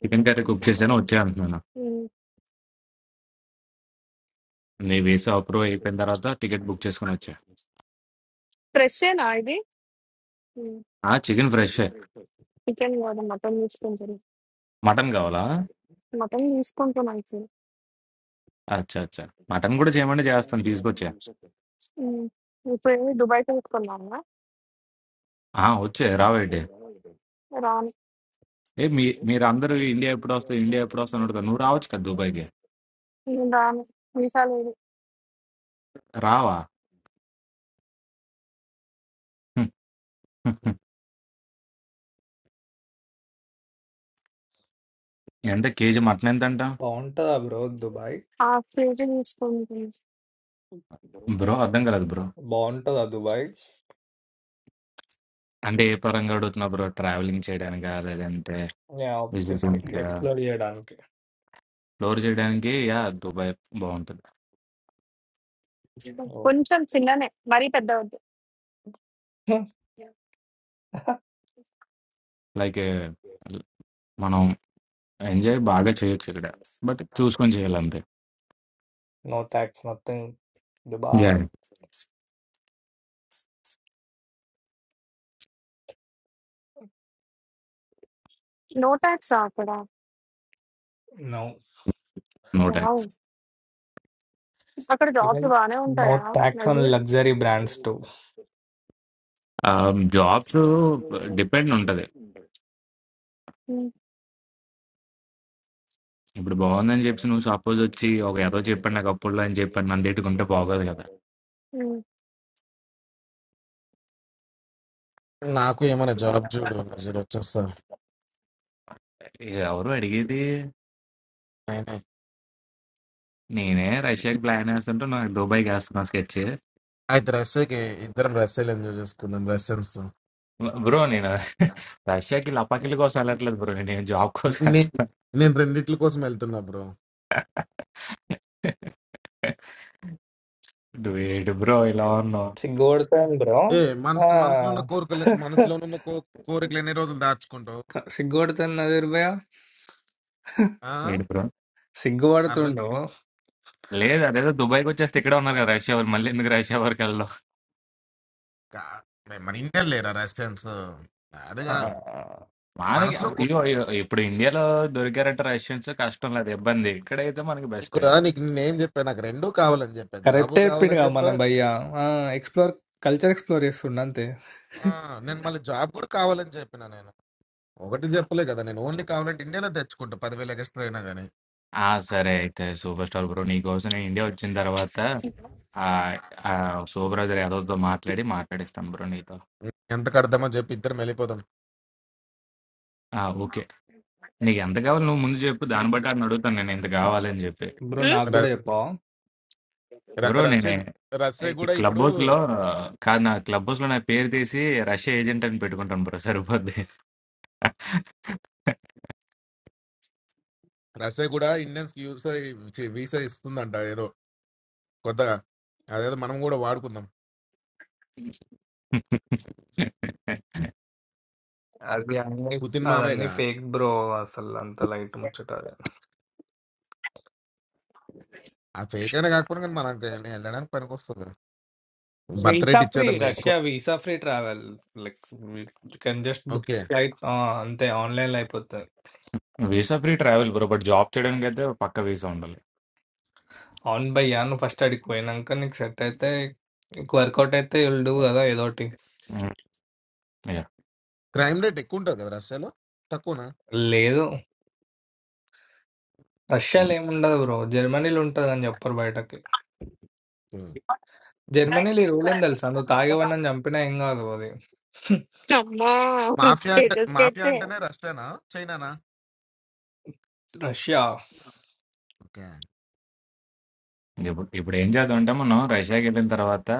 Speaker 10: చికెన్ కర్రీ కుక్ చేశాను వచ్చే అంటున్నాను
Speaker 2: హ్మ్.
Speaker 10: నీ వేసి అప్రూవ్ అయిపోయిన తర్వాత టికెట్ బుక్ చేసుకుని వచ్చా
Speaker 2: ఫ్రెషేనా ఇది? హ్మ్.
Speaker 10: ఆ చికెన్ ఫ్రెష్
Speaker 2: చికెన్ కాదు మటన్ తీసుకుంటున్నా.
Speaker 10: మటన్ కావాలా
Speaker 2: మటన్ తీసుకుంటున్నా యాక్చువల్లీ.
Speaker 10: అచ్చా అచ్చా మటన్ కూడా చేయమంటే చేస్తాను తీసుకొచ్చా
Speaker 2: హ్మ్. ఇప్పుడేంది దుబాయ్‌కి తీసుకున్నావా?
Speaker 10: ఆ వచ్చే రావేటి
Speaker 2: రాను.
Speaker 10: ఏ మీ మీరు అందరూ ఇండియా ఎప్పుడు వస్తావు ఇండియా ఎప్పుడు వస్తావు అని అడుగుతారు నువ్వు రావచ్చు కదా దుబాయ్కి
Speaker 2: నేను రాను. వీసా లేదు.
Speaker 10: రావా హ్మ్, హ్మ్, హ్మ్. ఎంత కేజీ మటన్ ఎంత అంట
Speaker 8: బాగుంటుందా బ్రో దుబాయ్
Speaker 2: ఆ! కేజీ తీసుకుంటున్నా.
Speaker 10: బ్రో అర్థం కాలేదు బ్రో
Speaker 8: బాగుంటుందా దుబాయ్
Speaker 10: అంటే ఏ పరంగా అడుగుతున్నా బ్రో ట్రావెలింగ్ చేయడానికా లేదంటే
Speaker 8: ఆబ్వియస్లీ
Speaker 10: విజిటింగ్
Speaker 8: ఎక్స్ప్లోర్ చేయడానికి
Speaker 10: ఫ్లోర్ చేయడానికి యా దుబాయ్ బాగుంటుంది
Speaker 8: ఓ
Speaker 2: కొంచెం చిన్ననే. మరీ పెద్ద వద్దు.
Speaker 10: లైక్ మనం ఎంజాయ్ బాగా చేయొచ్చు ఇక్కడ బట్ చూసుకొని చేయాలంతే
Speaker 8: no tax nothing
Speaker 10: yeah
Speaker 8: Dubai
Speaker 2: no టాక్సా అక్కడ?
Speaker 8: No
Speaker 10: no
Speaker 2: wow!
Speaker 10: ట్యాక్స్
Speaker 2: అక్కడ జాబ్స్
Speaker 8: ఈవెన్
Speaker 2: బానే
Speaker 8: నో
Speaker 2: ఉంటాయా?
Speaker 8: ట్యాక్స్ ఆన్
Speaker 2: నగ్లీస్?
Speaker 8: Luxury brands too
Speaker 10: jobs depend ఉంటది
Speaker 2: హ్మ్.
Speaker 10: ఇప్పుడు బాగుందని చెప్పి నువ్వు సపోజ్ వచ్చి ఒక ఏదో చెప్పండి నాకు అప్పుడు అని చెప్పండి నన్ను తిట్టుకుంటే బాగోదు కదా
Speaker 2: హ్మ్.
Speaker 1: నాకు ఏమైనా జాబ్ చూడు నజీర్ వచ్చేస్తా
Speaker 10: ఎవరు అడిగేది నేనే రష్యాకి ప్లాన్ వేస్తుంటే నాకు దుబాయ్ వేస్తున్నా స్కెచ్
Speaker 1: అయితే రష్యాకి ఇద్దరం రష్యాలో ఎంజాయ్ చేసుకుందాం రష్యన్స్ తో.
Speaker 10: బ్రో నేను రష్యాకి లపాకిల కోసం వెళ్ళట్లేదు బ్రో నేను జాబ్ కోసం
Speaker 1: నే-
Speaker 10: వెళ్తున్నా
Speaker 1: నేను రెండిట్ల కోసం వెళ్తున్నా బ్రో
Speaker 10: నువ్వు ఏడు బ్రో ఇలా ఉన్నావు
Speaker 8: సిగ్గుపడుతుంది బ్రో
Speaker 1: ఏ మనసు
Speaker 8: ఆ.
Speaker 1: మనసులో ఉన్న కోరికలు మనసులో ఉన్న కో- కోరికలు ఎన్ని రోజులు దాచుకుంటావు
Speaker 8: సిగ్గుపడుతుంది నదిర్ భయ
Speaker 1: ఆ?
Speaker 10: ఏడు బ్రో
Speaker 1: అర్థం
Speaker 8: సిగ్గుపడుతుండు
Speaker 10: లేదు అదేదో దుబాయ్కి వచ్చేస్తే ఇక్కడ ఉన్నారు కదా రష్యా వాళ్ళు మళ్ళీ ఎందుకు రష్యా వరకు వెళ్ళడం
Speaker 1: కా మరి మన ఇండియన్ లేరా రష్యన్స్ అది కాదు
Speaker 10: మనకి
Speaker 1: మనసులో
Speaker 10: అబ్బ- ఇగో ఇగో ఇప్పుడు ఇండియాలో దొరికారంటే రష్యన్స్ కష్టం లేదు ఇబ్బంది ఇక్కడైతే మనకి బెస్ట్
Speaker 1: ఇక్కడ నీకు నేనేం చెప్పా నాకు రెండూ కావాలని చెప్పా జాబ్
Speaker 8: కరెక్ట్
Speaker 1: కావాలని
Speaker 8: చెప్పిండుగా
Speaker 1: చెప్పా
Speaker 8: మనం భయ్య ఎక్స్ప్లోర్ కల్చర్ ఎక్స్ప్లోర్ చేస్తుండ అంతే
Speaker 1: ఆ, నేను మళ్ళీ జాబ్ కూడా కావాలని చెప్పిన నేను ఒకటి చెప్పలే కదా నేను ఓన్లీ కావాలంటే ఇండియాలో తెచ్చుకుంటా పదివేలు ఎక్స్ట్రా అయినా కానీ
Speaker 10: ఆ! సరే అయితే సూపర్ స్టార్ బ్రో. నీకోసం నేను ఇండియా వచ్చిన తర్వాత ఆహ్, ఆహ్, శోభరాజర్ యాదవ్‌తో మాట్లాడి మాట్లాడిస్తాను బ్రో నీతో.
Speaker 1: ఎంత కడదామో చెప్పి ఇద్దరం వెళ్ళిపోదాం
Speaker 10: ఆ! ఓకే. నీకెంత కావాలో నువ్వు ముందు చెప్పు. దాన్ని బట్టి ఆడిని అడుగుతాను నేను ఇంత కావాలని చెప్పి.
Speaker 8: బ్రో
Speaker 2: హ్మ్?
Speaker 8: నాకు కూడా
Speaker 1: ర-
Speaker 8: చెప్పావు
Speaker 1: ర-
Speaker 10: బ్రో
Speaker 1: రష్యా
Speaker 10: నేనే
Speaker 1: గు- రష్యా
Speaker 10: ఈ
Speaker 1: కూడా
Speaker 10: క్లబ్
Speaker 1: ఇప్పుడు
Speaker 10: హౌస్‌లో కాదు నా క్లబ్ హౌస్‌లో నా పేరు తీసి రష్యా ఏజెంట్ అని పెట్టుకుంటాను బ్రో సరిపోద్ది.
Speaker 1: రష్యా కూడా ఇండియన్స్ కి యూస్ వీసా ఇస్తుందంట ఏదో కొత్తగా అదేదో మనం కూడా వాడుకుందాం
Speaker 8: అది అన్ని
Speaker 1: పుతిన్
Speaker 8: అదన్నీ
Speaker 1: మామేగా
Speaker 8: ఫేక్ బ్రో అసలు అంత లైట్ ముచ్చట
Speaker 1: ఆ ఫేక్ అయినా కాకపోయినా కానీ మనకి వెళ్ళడానికి పనికి వస్తుంది బర్త్
Speaker 8: వీసా
Speaker 1: రేట్
Speaker 8: ఫ్రీ
Speaker 1: ఇచ్చేద్దాం ఇక ఎక్కువ
Speaker 8: Russia visa free travel like you can just book
Speaker 1: okay
Speaker 8: flight అంతే ఆన్లైన్ అయిపోతుంది
Speaker 10: visa free travel bro. But job చేయడానికైతే పక్కా వీసా ఉండాలి.
Speaker 8: అవును భయ్యా నువ్వు ఫస్ట్ అడిగి పోయినాక నీకు సెట్ అయితే నీకు వర్కౌట్ అయితే విల్ డూ కదా ఏదోటి
Speaker 10: హ్మ్. యాహ్!
Speaker 1: క్రైమ్ రేట్ ఎక్కువ ఉంటుంది కదా రష్యాలో తక్కువనా
Speaker 8: లేదు
Speaker 10: హ్మ్.
Speaker 8: రష్యాలో ఏముండదు బ్రో జర్మనీలో ఉంటుంది అని చెప్పరు బయటకి
Speaker 1: ఉమ్.
Speaker 8: జర్మనీలో ఈ రూల్ ఏం తెలుసా నువ్వు తాగేవన్నీ చంపినా ఏం కాదు అది
Speaker 2: అమ్మా!
Speaker 1: మాఫియా అంటే
Speaker 2: ఏదో
Speaker 1: మాఫియా
Speaker 2: స్కెచ్చే.
Speaker 1: అంటేనే రష్యానా చైనానా
Speaker 8: రష్యా
Speaker 1: ఓకే
Speaker 10: ఇప్పుడు ఇప్పుడు ఏం చేద్దామంటే మనం రష్యాకి వెళ్ళిన తర్వాత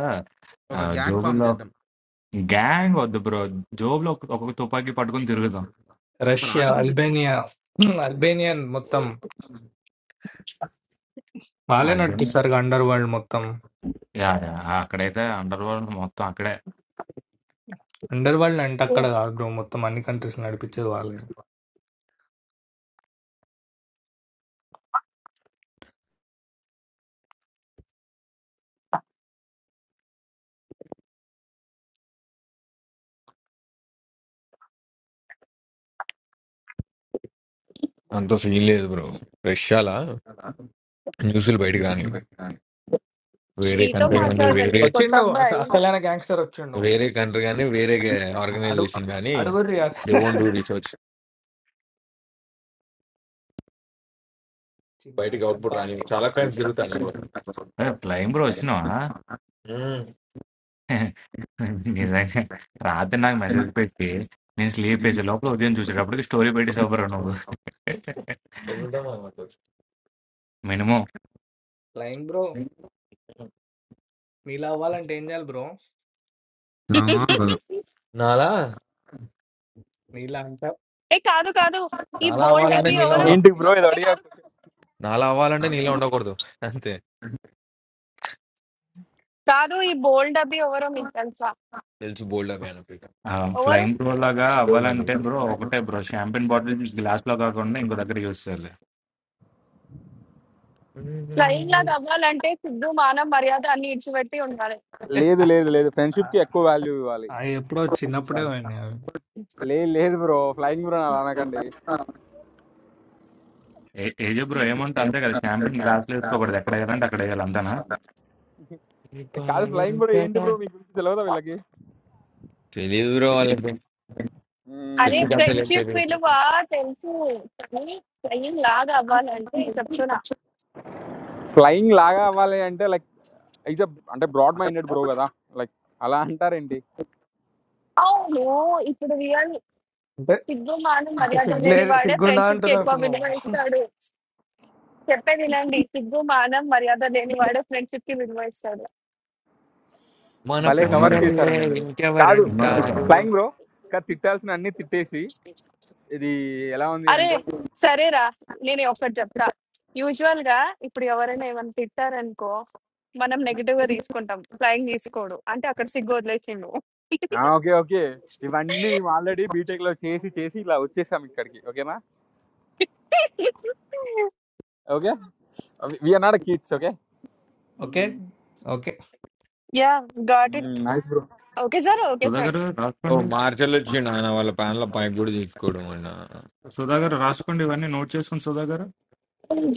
Speaker 10: ఆ,
Speaker 1: ఒక గ్యాంగ్ ఫామ్
Speaker 10: జోబుల్లో
Speaker 1: చేద్దాం
Speaker 10: గ్యాంగ్ వద్దు బ్రో జోబులో ఒక ఒక్కొక్క తుపాకీ పట్టుకుని
Speaker 1: మరి
Speaker 10: తిరుగుదాం
Speaker 8: రష్యా
Speaker 1: automatic.
Speaker 8: అల్బేనియా హ్మ్, అల్బేనియా మొత్తం వాళ్ళే
Speaker 10: హస్బెండ్
Speaker 8: నడిపిస్తారు అండర్ వరల్డ్ మొత్తం
Speaker 10: యా యా, అక్కడైతే అండర్ వరల్డ్ మొత్తం అక్కడే
Speaker 8: అండర్ వరల్డ్ అంటే
Speaker 2: ఓ!
Speaker 8: అక్కడ కాదు బ్రో మొత్తం అన్ని కంట్రీస్ నడిపించేది వాళ్ళే
Speaker 5: అంత సీన్ లేదు బ్రో. రష్యాలా న్యూస్లు బయటకు రాని వేరే
Speaker 2: శ్రీతో
Speaker 5: కంట్రీ
Speaker 8: ఉమ్.
Speaker 5: కానీ
Speaker 2: మాట్లాడండి
Speaker 5: వేరే
Speaker 2: కొత్త
Speaker 8: వచ్చిండు అస-
Speaker 2: అబ్బాయి.
Speaker 8: అసలైన గ్యాంగ్స్టర్ వచ్చిండు
Speaker 5: వేరే కంట్రీ కానీ వేరే
Speaker 8: అడు
Speaker 5: ఆర్గనైజేషన్ కానీ
Speaker 8: అడుగుర్రి అస-
Speaker 5: దే ఓన్ డూ రీసెర్చ్
Speaker 8: చిన్న
Speaker 5: బయటకు
Speaker 8: చెప్ప
Speaker 5: అవుట్పుట్ రాని చాలా టైమ్స్ జరుగుతాయి అలా కూడా.
Speaker 10: ఫ్లైమ్ బ్రో వచ్చినావా
Speaker 5: మ్మ్.
Speaker 10: నిజంగా రాత్రి నాకు మెసేజ్ పెట్టి నేను స్లీప్ వేసే లోపల ఉదయం చూసేటప్పటికి స్టోరీ పెట్టేసావు బ్రో నువ్వు
Speaker 5: ఎదురుదామా అన్నమాట.
Speaker 10: మినిమం
Speaker 8: లైన్ బ్రో మీలా అవ్వాలంటే ఏం చేయాలి బ్రో
Speaker 1: ఆ, గలు.
Speaker 5: నాలా
Speaker 8: మీలా అంటే
Speaker 2: ఏ కాదు కాదు. ఈ
Speaker 5: నాలా
Speaker 2: బోల్డ్
Speaker 5: అవ్వాలంటే
Speaker 2: అబ్బి
Speaker 5: నీలా
Speaker 2: ఎవరు?
Speaker 5: ఉండ
Speaker 11: ఏంటి బ్రో ఇది అడిగా
Speaker 5: నాలా అవ్వాలంటే నీలా ఉండకూడదు అంతే
Speaker 2: కాదు ఈ బోల్డ్ అబ్బి ఎవరో మీకు తెలుసా?
Speaker 5: తెలిసి బోల్డ్ అవి అనుకో
Speaker 2: ఎవరు?
Speaker 10: ఫ్లైమ్ బ్రో లాగా
Speaker 5: బోల్డ్ అవి
Speaker 10: అవ్వాలంటే బ్రో ఒకటే బ్రో షాంపెన్ బాటిల్ గ్లాస్ లో కాకుండా ఇంకో దగ్గర యూస్ చేయాలి
Speaker 2: ఫ్లయింగ్ లాగా అవ్వాలంటే సిగ్గు, మానం, మర్యాద అన్ని ఇడిచిపెట్టి ఉండాలి.
Speaker 11: లేదు లేదు లేదు ఫ్రెండ్షిప్
Speaker 8: ఆ-
Speaker 11: కి ఎక్కువ వాల్యూ ఇవ్వాలి
Speaker 8: ఆ ఎప్పుడో చిన్నప్పుడే పోయినాయి అవి.
Speaker 11: లేదు లేదు బ్రో ఫ్లయింగ్ బ్రో అలా అనకండి
Speaker 10: ఏ- ఏజే బ్రో ఏమంటే అంతే కదా షాంపెన్ గ్లాస్ లో వేసుకోకూడదు ఎక్కడ వేయాలంటే అక్కడ వేయాలి అంతేనా
Speaker 11: ఏ, కాదు ఫ్లయింగ్ బ్రో ఏంటి బ్రో మీకు గురించి తెలియదా వీళ్ళకి
Speaker 5: తెలియదు బ్రో వాళ్ళకి
Speaker 2: అరే
Speaker 5: శశి కాకలేం
Speaker 2: ఫ్రెండ్షిప్
Speaker 5: తెలియదు
Speaker 2: విలువ తెలుసు. కానీ ఫ్లయింగ్ లాగా అవ్వాలంటే చెప్తున్నా
Speaker 11: ఫ్లయింగ్ లాగా అవ్వాలి అంటే లైక్ ఈజ్ అంటే బ్రాడ్ మైండెడ్ బ్రో కదా లైక్ అలా అంటారేంటి
Speaker 2: అవును ఇప్పుడు రియల్
Speaker 8: అంటే
Speaker 2: సిగ్గు మానం
Speaker 8: అంటే
Speaker 2: మర్యాద
Speaker 8: సిగ్గులే
Speaker 2: లేనివాడే
Speaker 8: సిగ్గుండా
Speaker 2: ఫ్రెండ్షిప్ కి
Speaker 8: అంటున్నావు
Speaker 2: ఎక్కువ
Speaker 8: ఇప్పుడు
Speaker 2: విలువ
Speaker 8: నువ్వు
Speaker 2: ఇస్తాడు చెప్పే వినండి సిగ్గు మానం మర్యాద లేనివాడే ఫ్రెండ్షిప్ కి విలువ ఇస్తాడు
Speaker 5: మన
Speaker 11: భలే
Speaker 10: ఉన్నోడు
Speaker 5: ఫ్రెండ్
Speaker 11: కవర్
Speaker 10: ఎవడు
Speaker 11: చేశారండి మీరు కాదు
Speaker 10: ఉన్నోడు ఎవడా
Speaker 5: ఇంకెవరుంటారు
Speaker 11: ఫ్లయింగ్ బ్రో కాదు తిట్టాల్సిన అన్ని తిట్టేసి ఇది ఎలా ఉంది
Speaker 2: అరే
Speaker 11: అంటే
Speaker 2: సరేరా నేను ఒకటి చెప్తా యూజువల్ గా ఇప్పుడు ఎవరైనా ఏమైనా తిట్టారనుకో మనం నెగిటివ్ గా తీసుకుంటాం ఫ్లయింగ్ తీసుకోడు అంటే అక్కడ సిగ్గు వదిలేసిండు
Speaker 11: ఆ, ఓకే ఓకే ఇవన్నీ మేము ఆల్రెడీ బీటెక్ లో చేసి చేసి ఇలా వచ్చేసాం ఇక్కడికి ఓకేనా okay we're not kids okay
Speaker 8: okay
Speaker 11: హ్మ్.
Speaker 8: ఓకే
Speaker 2: యా గాట్
Speaker 11: హ్మ్.
Speaker 2: It
Speaker 11: nice bro.
Speaker 2: Okay sir okay sir
Speaker 10: Sudhakar
Speaker 5: ఓ
Speaker 10: రాసుకోండి
Speaker 5: మార్చల్ వచ్చిండు ఆయన వాళ్ళ ప్యాన్ లో పైకి కూడా తీసుకోవడం అన్న
Speaker 10: సుధాగర్ రాసుకోండి ఇవన్నీ నోట్ చేసుకోండి సుధాగర్
Speaker 2: ఉమ్,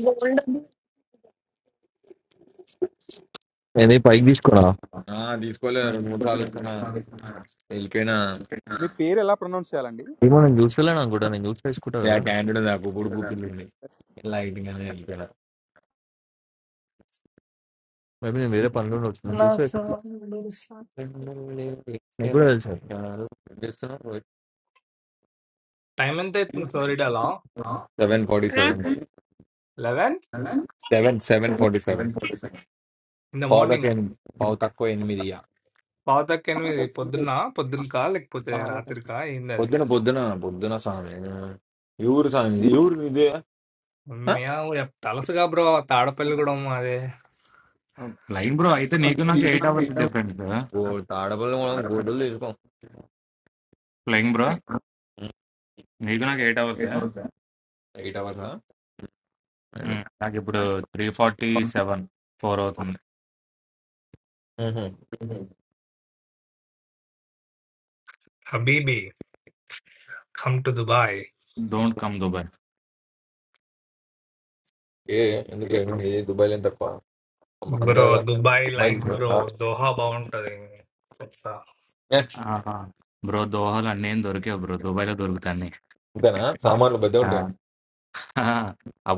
Speaker 12: I need bike discorna.
Speaker 5: ఆ, తీసుకోలే రెండు మూడు సార్లు వచ్చిన వెళ్ళిపోయినా
Speaker 11: మీ పేరు ఎలా ప్రొనౌన్స్ చేయాలండి?
Speaker 12: You mean juice? Lala, I am good at juice. Juice is good,
Speaker 5: ఆ
Speaker 12: right?
Speaker 5: క్యాండిడేట్ నాకు ఇప్పుడు పుట్టింది లైటింగ్ అని వెళ్ళిపోయినా
Speaker 12: Maybe I
Speaker 8: నా సాగు
Speaker 12: will make a plan.
Speaker 8: Time ఎంత అవుతుంది ఫ్లోరిడాలో
Speaker 5: seven forty seven
Speaker 8: eleven
Speaker 5: seven seven forty seven
Speaker 8: in the
Speaker 5: పావు తక్కువ
Speaker 8: మార్నింగ్
Speaker 5: ఎనిమిది పావు తక్కువ ఎనిమిది ఇయ్య.
Speaker 8: పావుతక్క ఎనిమిది పొద్దున్న పొద్దునకా లేకపోతే రాత్రికా ఏంది అది
Speaker 5: పొద్దున పొద్దున పొద్దున స్వామి ఈ ఊరు స్వామి ఇది, ఈ ఊరు ఇదే ఆ?
Speaker 8: మేము తలసుగా బ్రో తాడపల్లి కూడా అదే
Speaker 10: ఫ్లయింగ్ బ్రో అయితే నీకు నాకు ఎయిట్ అవర్స్ డిఫరెన్స్
Speaker 5: ఓ తాడపల్లి మనం గుడ్డలు తీసుకోం
Speaker 10: ఫ్లయింగ్ బ్రో నీకు నాకు ఎయిట్ అవర్స్
Speaker 5: ఎయిట్ అవర్స్
Speaker 10: నాకు ఇప్పుడు త్రీ ఫార్టీ సెవెన్ ఫోర్ అవుతుంది
Speaker 8: హబీబీ come to Dubai
Speaker 10: don't come Dubai
Speaker 5: ఏ ఎందుకు ఏం- ఏ దుబాయ్ లేని తక్కువ
Speaker 8: బ్రో
Speaker 5: అందరూ
Speaker 8: దుబాయ్ లైట్
Speaker 5: అమ్మాయిలు
Speaker 8: బ్రో
Speaker 5: ఉంటారు.
Speaker 8: దోహా బాగుంటది చెప్తా.
Speaker 5: ఏ,
Speaker 10: ఆహా. బ్రో దోహాలు అన్నీ ఏం దొరికావు బ్రో దుబాయ్లో దొరుకుతాయి అన్నీ.
Speaker 5: ఇంతేనా సామాన్లు పెద్ద
Speaker 10: ఆ,
Speaker 5: ఉంటాయి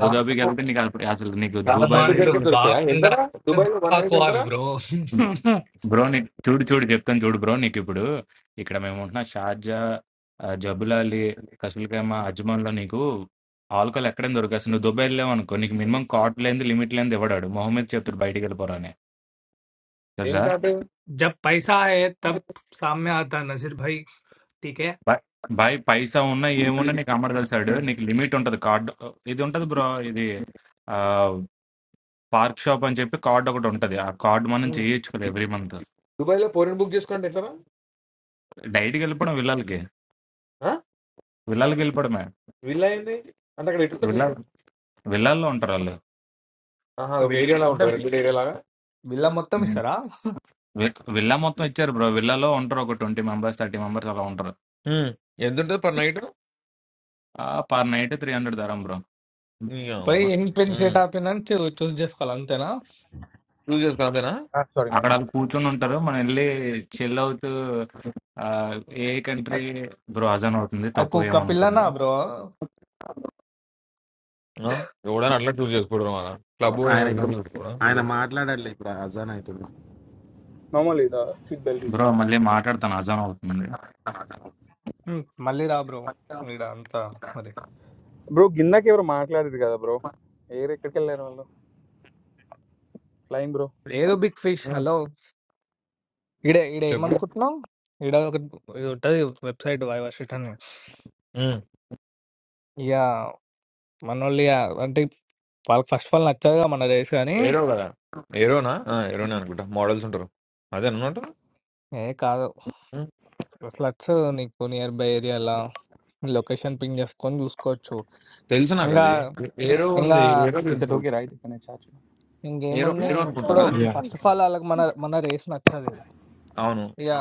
Speaker 5: చాలా తక్కువ
Speaker 10: వెళ్తే నీకు అసలు అసలు నీకు
Speaker 5: చాలా
Speaker 10: దుబాయ్
Speaker 5: తక్కువ
Speaker 8: సామాన్లు
Speaker 5: ధరకే
Speaker 10: వైపు
Speaker 5: దొరుకుతాయా ఎంతరా
Speaker 8: బాగుండాలి
Speaker 5: దుబాయ్ లో వన్ నైట్
Speaker 8: దోహాకోవాలి
Speaker 5: ఎంతరా
Speaker 8: బ్రో
Speaker 10: బ్రో నీకు చూడు చూడు చెప్తాను చూడు బ్రో నీకు ఇప్పుడు ఇక్కడ మేము ఉంటున్న షార్జా ఆ, జబులాలి కసల్కేమ అజ్మాన్లో నీకు ఆల్కహాల్ ఎక్కడైనా దొరకాల్సి నువ్వు దుబాయ్ వెళ్ళావు అనుకో నీకు మినిమం కాట్ లేని లిమిట్ లేని ఇవ్వడాడు మొహమ్మద్ చెప్తాడు బయటికి వెళ్ళిపోరా అని
Speaker 5: ఏం
Speaker 10: తెలుసా
Speaker 5: కాదు
Speaker 8: జబ్ పైసా హే తబ్ సామ్య ఆతా నసీర్ భాయ్ ఠీకే
Speaker 10: బా- బాయ్ పైసా ఉన్నా ఏమున్నా
Speaker 1: ఆయ-
Speaker 10: నీకు అమ్మడు కలిసాడు నీకు లిమిట్ ఉంటుంది కార్డ్ ఇది ఉంటుంది బ్రో ఇది పార్క్ షాప్ అని చెప్పి కార్డ్ ఒకటి ఉంటుంది ఆ కార్డ్ మనం చేయించుకోలేదు ఎవ్రీ మంత్
Speaker 5: దుబాయ్ లో పోరిని బుక్ చేసుకోండి ఎట్లరా
Speaker 10: డైట్కి వెళ్ళిపోవడం విల్లాలకి
Speaker 5: ఆ?
Speaker 10: విల్లాలకి వెళ్ళిపోవడమే
Speaker 5: విల్లా ఏంది అంటే అక్కడ ఎట్లుంటుంది
Speaker 10: విల్లా
Speaker 5: సిస్టమ్
Speaker 10: విల్లాల్లో ఉంటారు వాళ్ళు
Speaker 5: ఆహా ఒక
Speaker 8: విన్-
Speaker 5: ఏరియా లాగా
Speaker 8: అంటే
Speaker 5: ఉంటుంది రెండు ఏరియా లాగా
Speaker 8: బిల్ల మొత్తం ఇస్తారా
Speaker 10: వి- విల్లా మొత్తం ఇచ్చారు బ్రో విల్లాలో ఉంటారు ఒక ట్వంటీ మెంబర్స్ థర్టీ మెంబర్స్ అలా ఉంటారు
Speaker 5: ఉమ్. ఎంత ఉంటుంది per night
Speaker 10: per night three hundred dirham bro
Speaker 5: నీ
Speaker 8: పై
Speaker 5: అమ్మ
Speaker 8: ఎంగ్ పెన్ సెట్ ఆపినని చూస్ చేసుకోవాలి అంతేనా
Speaker 5: చూస్ చేసుకో అంతేనా
Speaker 11: ఆ! సారీ
Speaker 10: అక్కడ
Speaker 11: మ్యాన్.
Speaker 10: వాళ్ళు కూర్చొని ఉంటారు మనం వెళ్ళి చిల్ అవుతూ ఆ, ఏ కంట్రీ బ్రో అజాన్ అవుతుంది
Speaker 8: అక్కు
Speaker 10: తప్పుగా
Speaker 8: ఒక్క పిల్లనా
Speaker 10: ఏమనుకోద్దు
Speaker 8: బ్రో
Speaker 5: ఆ? ఎవడైనా అట్లా చూస్ చేసుకోవడం అలా క్లబ్
Speaker 1: ఆయన
Speaker 5: చేసుకోవడం
Speaker 11: normally the seat belt is
Speaker 10: bro
Speaker 11: not
Speaker 10: మళ్ళీ మాట్లాడతాను అజాన్ అవుతుంది
Speaker 8: మళ్ళీ రా బ్రో ఈడ అంతా మరి
Speaker 11: బ్రో ఇందాక ఎవరో మాట్లాడారు కదా బ్రో! ఎయిర్ ఎక్కడికెళ్లారు వాళ్ళు? Flying bro.
Speaker 8: ఏదో బిగ్ ఫిష్ హలో ఈడ ఈడ
Speaker 5: చెప్పు
Speaker 8: ఏమనుకుంటున్నావు ఈడ ఒక ఇది ఉంటుంది వెబ్సైట్ వైవర్సిట్ అని
Speaker 5: ఉమ్.
Speaker 8: ఇక మనోళ్ళు ఇక అంటే వాళ్ళకి ఫస్ట్ ఆఫ్ ఆల్ నచ్చదుగా మన రేస్ కానీ
Speaker 5: ఏడో కదా ఏడో
Speaker 8: ఏ కాదు
Speaker 5: అదే
Speaker 8: అసలు నచ్చదు నీకు నియర్ బై ఏరియాలో లొకేషన్ పింగ్ చేసుకొని చూసుకోవచ్చు
Speaker 5: తెలుసు నాకు
Speaker 8: ఇంకా
Speaker 5: అది ఏ- ఏరో
Speaker 8: ఇంకా
Speaker 5: ఉంది ఏరో
Speaker 11: ఈస్ దట్
Speaker 5: తెలుసు
Speaker 11: okay right? Can I charge?
Speaker 5: ఏరో
Speaker 8: ఇంకేముంది
Speaker 5: ఏరో అనుకుంటా
Speaker 8: ఇప్పుడు
Speaker 5: కదా
Speaker 8: ఫస్ట్ ఆఫ్ ఆల్ వాళ్ళకి మన మన రేస్ నచ్చదు
Speaker 5: అవును
Speaker 8: ఇక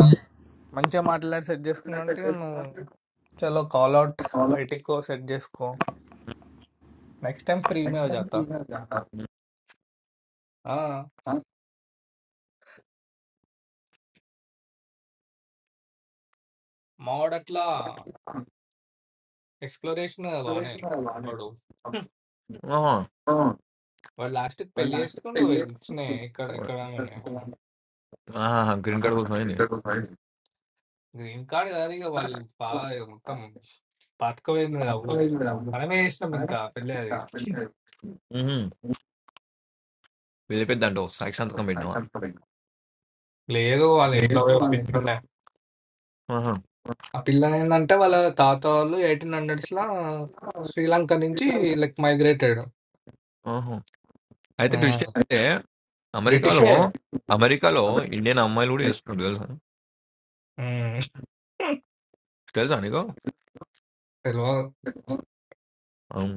Speaker 8: మంచిగా మాట్లాడి సెట్ చేసుకున్నంటే నువ్వు చలో కాల్ అవుట్ బయటికి సెట్ చేసుకో నెక్స్ట్ టైం ఫ్రీ మీద చేస్తా ఆ, మావాడు అట్లా ఎక్స్ప్లోరేషన్ బాగానే వాడు హ్మ్.
Speaker 5: ఆహా.
Speaker 8: వాడు లాస్ట్ పెళ్లి చేసుకుని నువ్వు వెళ్ళిచ్చినాయి ఇక్కడ ఇక్కడ
Speaker 5: ఆహా, గ్రీన్ కార్డ్ కోసం అయింది
Speaker 8: గ్రీన్ కార్డ్ కాదు ఇక వాళ్ళు బాగా ఇక మొత్తం పాతకపోయింది అవ్వు మనమే చేసినాం ఇంకా పెళ్ళి అది
Speaker 5: మ్మ్. పెద్ద పెద్ద అంటూ సాక్షి సంతకం పెట్టినావా
Speaker 8: లేదు వాళ్ళ ఇంట్లో పోయి ఒప్పించుకుంటే
Speaker 5: ఆహా,
Speaker 8: ఆ పిల్ల ఏంటంటే వాళ్ళ తాత వాళ్ళు ఎయిటీన్ హండ్రెడ్స్ లో శ్రీలంక నుంచి లైక్ మైగ్రేట్ అయ్యాడు
Speaker 5: ఆహా. అయితే
Speaker 8: ఆ,
Speaker 5: ట్విస్ట్ ఏంటంటే అమెరికాలో
Speaker 8: బ్రిటిషే
Speaker 5: అమెరికాలో ఇండియన్ అమ్మాయిలు కూడా చేస్తున్నారు తెలుసా
Speaker 8: ఉమ్.
Speaker 5: తెలుసా నీకు
Speaker 8: తెలియదు
Speaker 5: అవును,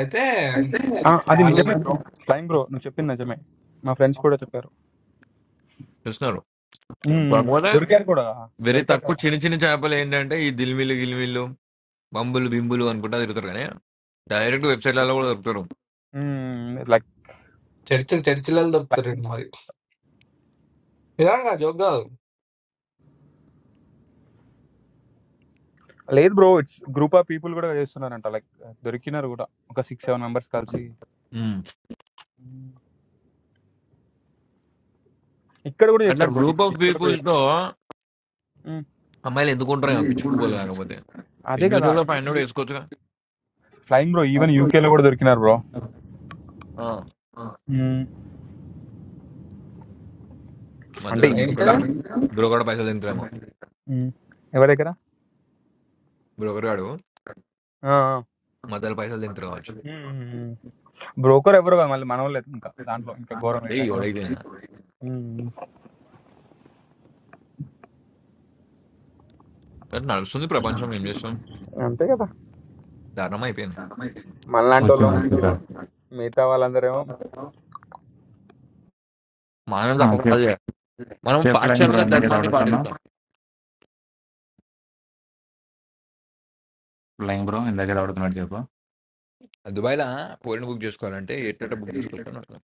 Speaker 8: అయితే
Speaker 1: అయితే
Speaker 11: ఆ! అది
Speaker 8: వాళ్ళు
Speaker 11: నిజమే బ్రో. ఫ్లయింగ్ బ్రో నువ్వు చెప్పింది నిజమే. మా ఫ్రెండ్స్ కూడా చెప్పారు.
Speaker 5: చేస్తున్నారు
Speaker 11: హ్మ్. హ్మ్.
Speaker 5: కాకపోతే
Speaker 11: దొరికారు కూడా.
Speaker 5: వెరీ
Speaker 11: దొరికారు
Speaker 5: తక్కువ
Speaker 11: కదా!
Speaker 5: చిన్న చిన్న చేపలు ఏంటంటే ఈ దిల్మిల్లు గిల్మిల్లు బంబులు బింబులు అనుకుంటా తిరుగుతారు కానీ డైరెక్ట్ వెబ్సైట్లలో కూడా దొరుకుతారు
Speaker 11: హ్మ్. లైక్
Speaker 8: చర్చ్ చర్చిలలో దొరుకుతారు
Speaker 11: ఫ్లయింగ్
Speaker 8: మరి నిజంగా జోక్ కాదు
Speaker 11: లేదు bro. It's group of people కూడా చేస్తున్నారంట. లైక్ దొరికినారు కూడా. ఒక 6, 7 మెంబర్స్ కలిసి.
Speaker 5: మ్మ్.
Speaker 11: హ్మ్. ఇక్కడ కూడా
Speaker 5: అట్లా
Speaker 11: చేస్తారు బ్రో.
Speaker 5: గ్రూప్ ఆఫ్
Speaker 11: యూకేలో కూడా
Speaker 5: పీపుల్
Speaker 11: చేస్తారు.
Speaker 5: తో
Speaker 11: హ్మ్.
Speaker 5: అమ్మాయిలు ఎందుకు ఉంటారు ఏమో పిచ్చి పువ్వులు కాకపోతే
Speaker 11: అదే కదా!
Speaker 5: ఇండివిజువల్ గా ఫైవ్ హండ్రెడ్ వేసుకోవచ్చుగా
Speaker 11: ఫ్లయింగ్ బ్రో ఈవెన్ యూకే లో కూడా దొరికినారు బ్రో
Speaker 5: ఆ,
Speaker 1: అది
Speaker 11: అంటే
Speaker 5: మధ్యలో
Speaker 11: ఈ-
Speaker 8: ఏంటి
Speaker 5: బ్రోకర్
Speaker 1: Thank
Speaker 5: గాడు బ్రోకర్ పైసలు తింటారేమో
Speaker 11: ఎవరి దగ్గర
Speaker 5: బ్రోకర్ గాడు మధ్యలో పైసలు తింటారు కావచ్చు
Speaker 11: బ్రోకర్ ఎవరు కాదు మళ్ళీ మనవాళ్ళు ఇంకా దాంట్లో ఇంకా ఘోరం
Speaker 5: అదే
Speaker 11: ఏంటంటే
Speaker 5: ఎవడైతే
Speaker 11: ఉమ్,
Speaker 5: అట్లా నడుస్తుంది ప్రపంచం ఏం చేస్తాం
Speaker 11: అంతే కదా
Speaker 5: ధర్మం అయిపోయింది
Speaker 11: మనలాంటి
Speaker 10: వచ్చిన
Speaker 11: వాళ్ళం
Speaker 10: వచ్చిందా
Speaker 11: పింగిలు మిగతా వాళ్ళందరేమో
Speaker 5: మనం తక్కువ కాదు చేయాలి. మనం
Speaker 10: చెప్పు లైన్ బ్రో
Speaker 5: పాఠశాలగా
Speaker 10: ఇందాక
Speaker 5: ధర్మాన్ని
Speaker 10: అడుగుతాను
Speaker 5: పాటిస్తాం
Speaker 10: లైన్ బ్రో ఇందాక అడుగుతున్నాడు చెప్పు
Speaker 5: దుబాయ్లో పోరిని బుక్ చేసుకోవాలంటే ఎట్ట బుక్ చేసుకోవచ్చు అని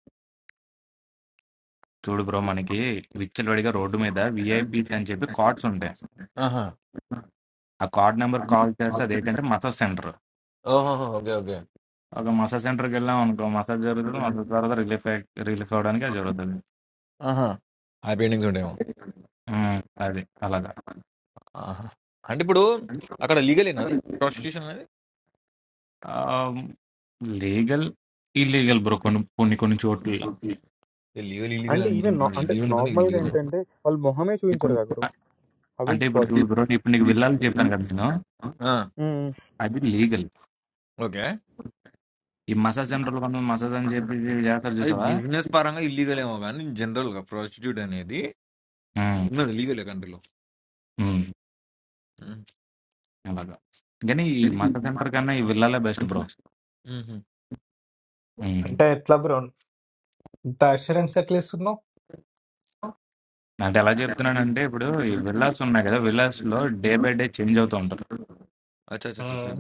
Speaker 10: చూడు బ్రో మనకి విచ్చలవాడిగా రోడ్డు మీద విఐపీస్ అని చెప్పి కార్డ్స్ ఉంటాయి
Speaker 5: ఆహా
Speaker 10: ఆ కార్డ్ నెంబర్ కాల్ చేస్తే అదేంటంటే మసాజ్ సెంటర్
Speaker 5: ఓహో ఓకే ఓకే
Speaker 10: ఒక మసాజ్ సెంటర్‌కి వెళ్ళాం అనుకో, మసాజ్ జరుగుతది. మసాజ్ తర్వాత రిలీఫ్ అయి రిలీఫ్ అవ్వడానికి అది జరుగుతది.
Speaker 5: ఆహా ఆ పెయింటింగ్స్ ఉంటాయేమో
Speaker 10: హ్మ్. అది. అలాగా.
Speaker 5: ఆహా అంటే ఇప్పుడు అక్కడ లీగల్ ఏనా అది ప్రాస్టిట్యూషన్ అనేది
Speaker 10: ఆహ్, లీగల్, ఇల్లీగల్ బ్రో కొన్ని కొన్ని కొన్ని చోట్ల.
Speaker 5: లీగల్ ఇల్లీగల్
Speaker 11: అంటే
Speaker 5: అని
Speaker 11: ఈవెన్ అంటే
Speaker 5: ఇల్లీగల్ ఉన్నది
Speaker 11: నార్మల్ గా
Speaker 5: ఇల్లీగల్
Speaker 11: ఏంటంటే వాళ్ళు మొహమే చూపించారు
Speaker 10: కొన్ని
Speaker 11: కదా గురు
Speaker 10: అ
Speaker 11: అవి
Speaker 10: అంటే ఇప్పుడు చూడు
Speaker 11: పాసిబుల్
Speaker 10: బ్రో, ఇప్పుడు నీకు విల్లాలని చెప్పాను కదా నేను. అది లీగల్.
Speaker 5: ఓకే
Speaker 10: ఈ మసాజ్ సెంటర్‌లో కొంతమంది మసాజ్ అని చెప్పి ఇవి చేస్తారు
Speaker 5: అది
Speaker 10: చూసావా?
Speaker 5: బిజినెస్ పరంగా ఇల్లీగల్ ఏమో కానీ జనరల్ గా ప్రాస్టిట్యూట్ అనేది
Speaker 10: హ్మ్.
Speaker 5: ఉన్నది లీగల్ కంట్రీలో
Speaker 10: హ్మ్. అలాగా. కానీ ఈ మసాజ్ సెంటర్ కన్నా ఈ విల్లాలే బెస్ట్ బ్రో. హ్మ్.
Speaker 8: అంటే ఎట్లా బ్రో ఇంత అష్యూరెన్స్ ఎట్లా ఇస్తున్నావు
Speaker 10: అంటే ఎలా చెప్తున్నానంటే ఇప్పుడు ఈ విల్లాస్ ఉన్నాయి కదా! విల్లాస్‌లో డే బై డే చేంజ్ అవుతూ ఉంటారు.
Speaker 5: అచ్చా అచ్చా అచ్చా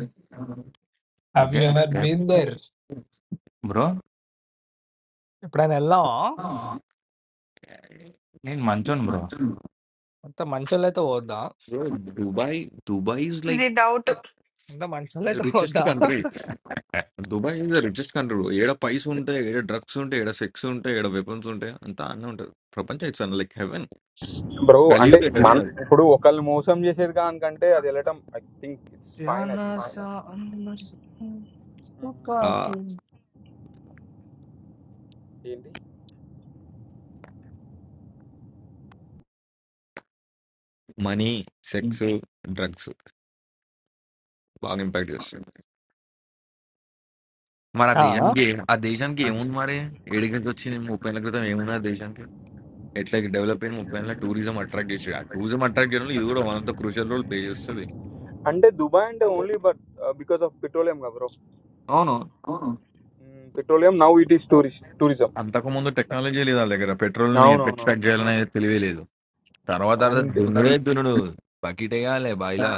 Speaker 8: have you
Speaker 10: okay.
Speaker 8: Ever
Speaker 10: they
Speaker 8: been there
Speaker 10: bro?
Speaker 8: ఎప్పుడైనా వెళ్ళావా
Speaker 10: నేను మంచోను బ్రో
Speaker 8: అంత మంచోళ్ళు అయితే పోద్దా
Speaker 5: bro Dubai Dubai is like
Speaker 2: ఇది డౌట్
Speaker 8: అంత మంచోళ్ళు అయితే
Speaker 5: రిచెస్ట్
Speaker 8: పోద్దా
Speaker 5: country Dubai is the richest country ఏడ పైస్ ఉంటాయి ఏడ డ్రగ్స్ ఉంటాయి ఏడ సెక్స్ ఉంటాయి ఏడ వెపన్స్ ఉంటాయి అంతా అన్నీ ఉంటుంది ప్రపంచం ఇట్స్ లైక్ హెవెన్
Speaker 11: బ్రో అంటే
Speaker 5: కలియుగ
Speaker 11: మన
Speaker 5: హెవెన్ అది
Speaker 11: ఇప్పుడు ఒకళ్ళు మోసం చేసేది కానికంటే అది వెళ్ళటం I think it's fine I think so
Speaker 8: జానస అందరి
Speaker 5: ఆ
Speaker 11: ఏంటి
Speaker 5: మనీ సెక్స్ డ్రగ్స్ బాగా ఇంపాక్ట్ చేస్తాయి మరి ఆ
Speaker 8: ఆ,
Speaker 5: దేశానికి ఆ దేశానికి ఏముంది మరి ఏడికి వచ్చింది ముప్పై ఏళ్ళ క్రితం ఏమున్నది ఆ దేశానికి ఎట్లా డెవలప్ అయింది ముప్పై ఏళ్ళ టూరిజం అట్రాక్ట్ చేసేది ఆ టూరిజం అట్రాక్ట్ చేయడంలో ఇది కూడా one of the crucial role play చేస్తుంది
Speaker 11: అంటే దుబాయ్ అంటే only but because of petroleum కదా బ్రో
Speaker 5: అవును
Speaker 11: హ్మ్. Petroleum now it is tourist tourism.
Speaker 5: అంతకుముందు టెక్నాలజీ లేదు వాళ్ళ దగ్గర పెట్రోల్ ని ఎట్లా
Speaker 11: అవునవునవును.
Speaker 5: ఎక్స్ట్రాక్ట్
Speaker 11: ఆ!
Speaker 5: చేయాలనే తెలివే లేదు తర్వాత తర్వాత
Speaker 11: అండ్
Speaker 5: దున్నుడే దున్నుడు బకెట్ వేయాలి బాయిలా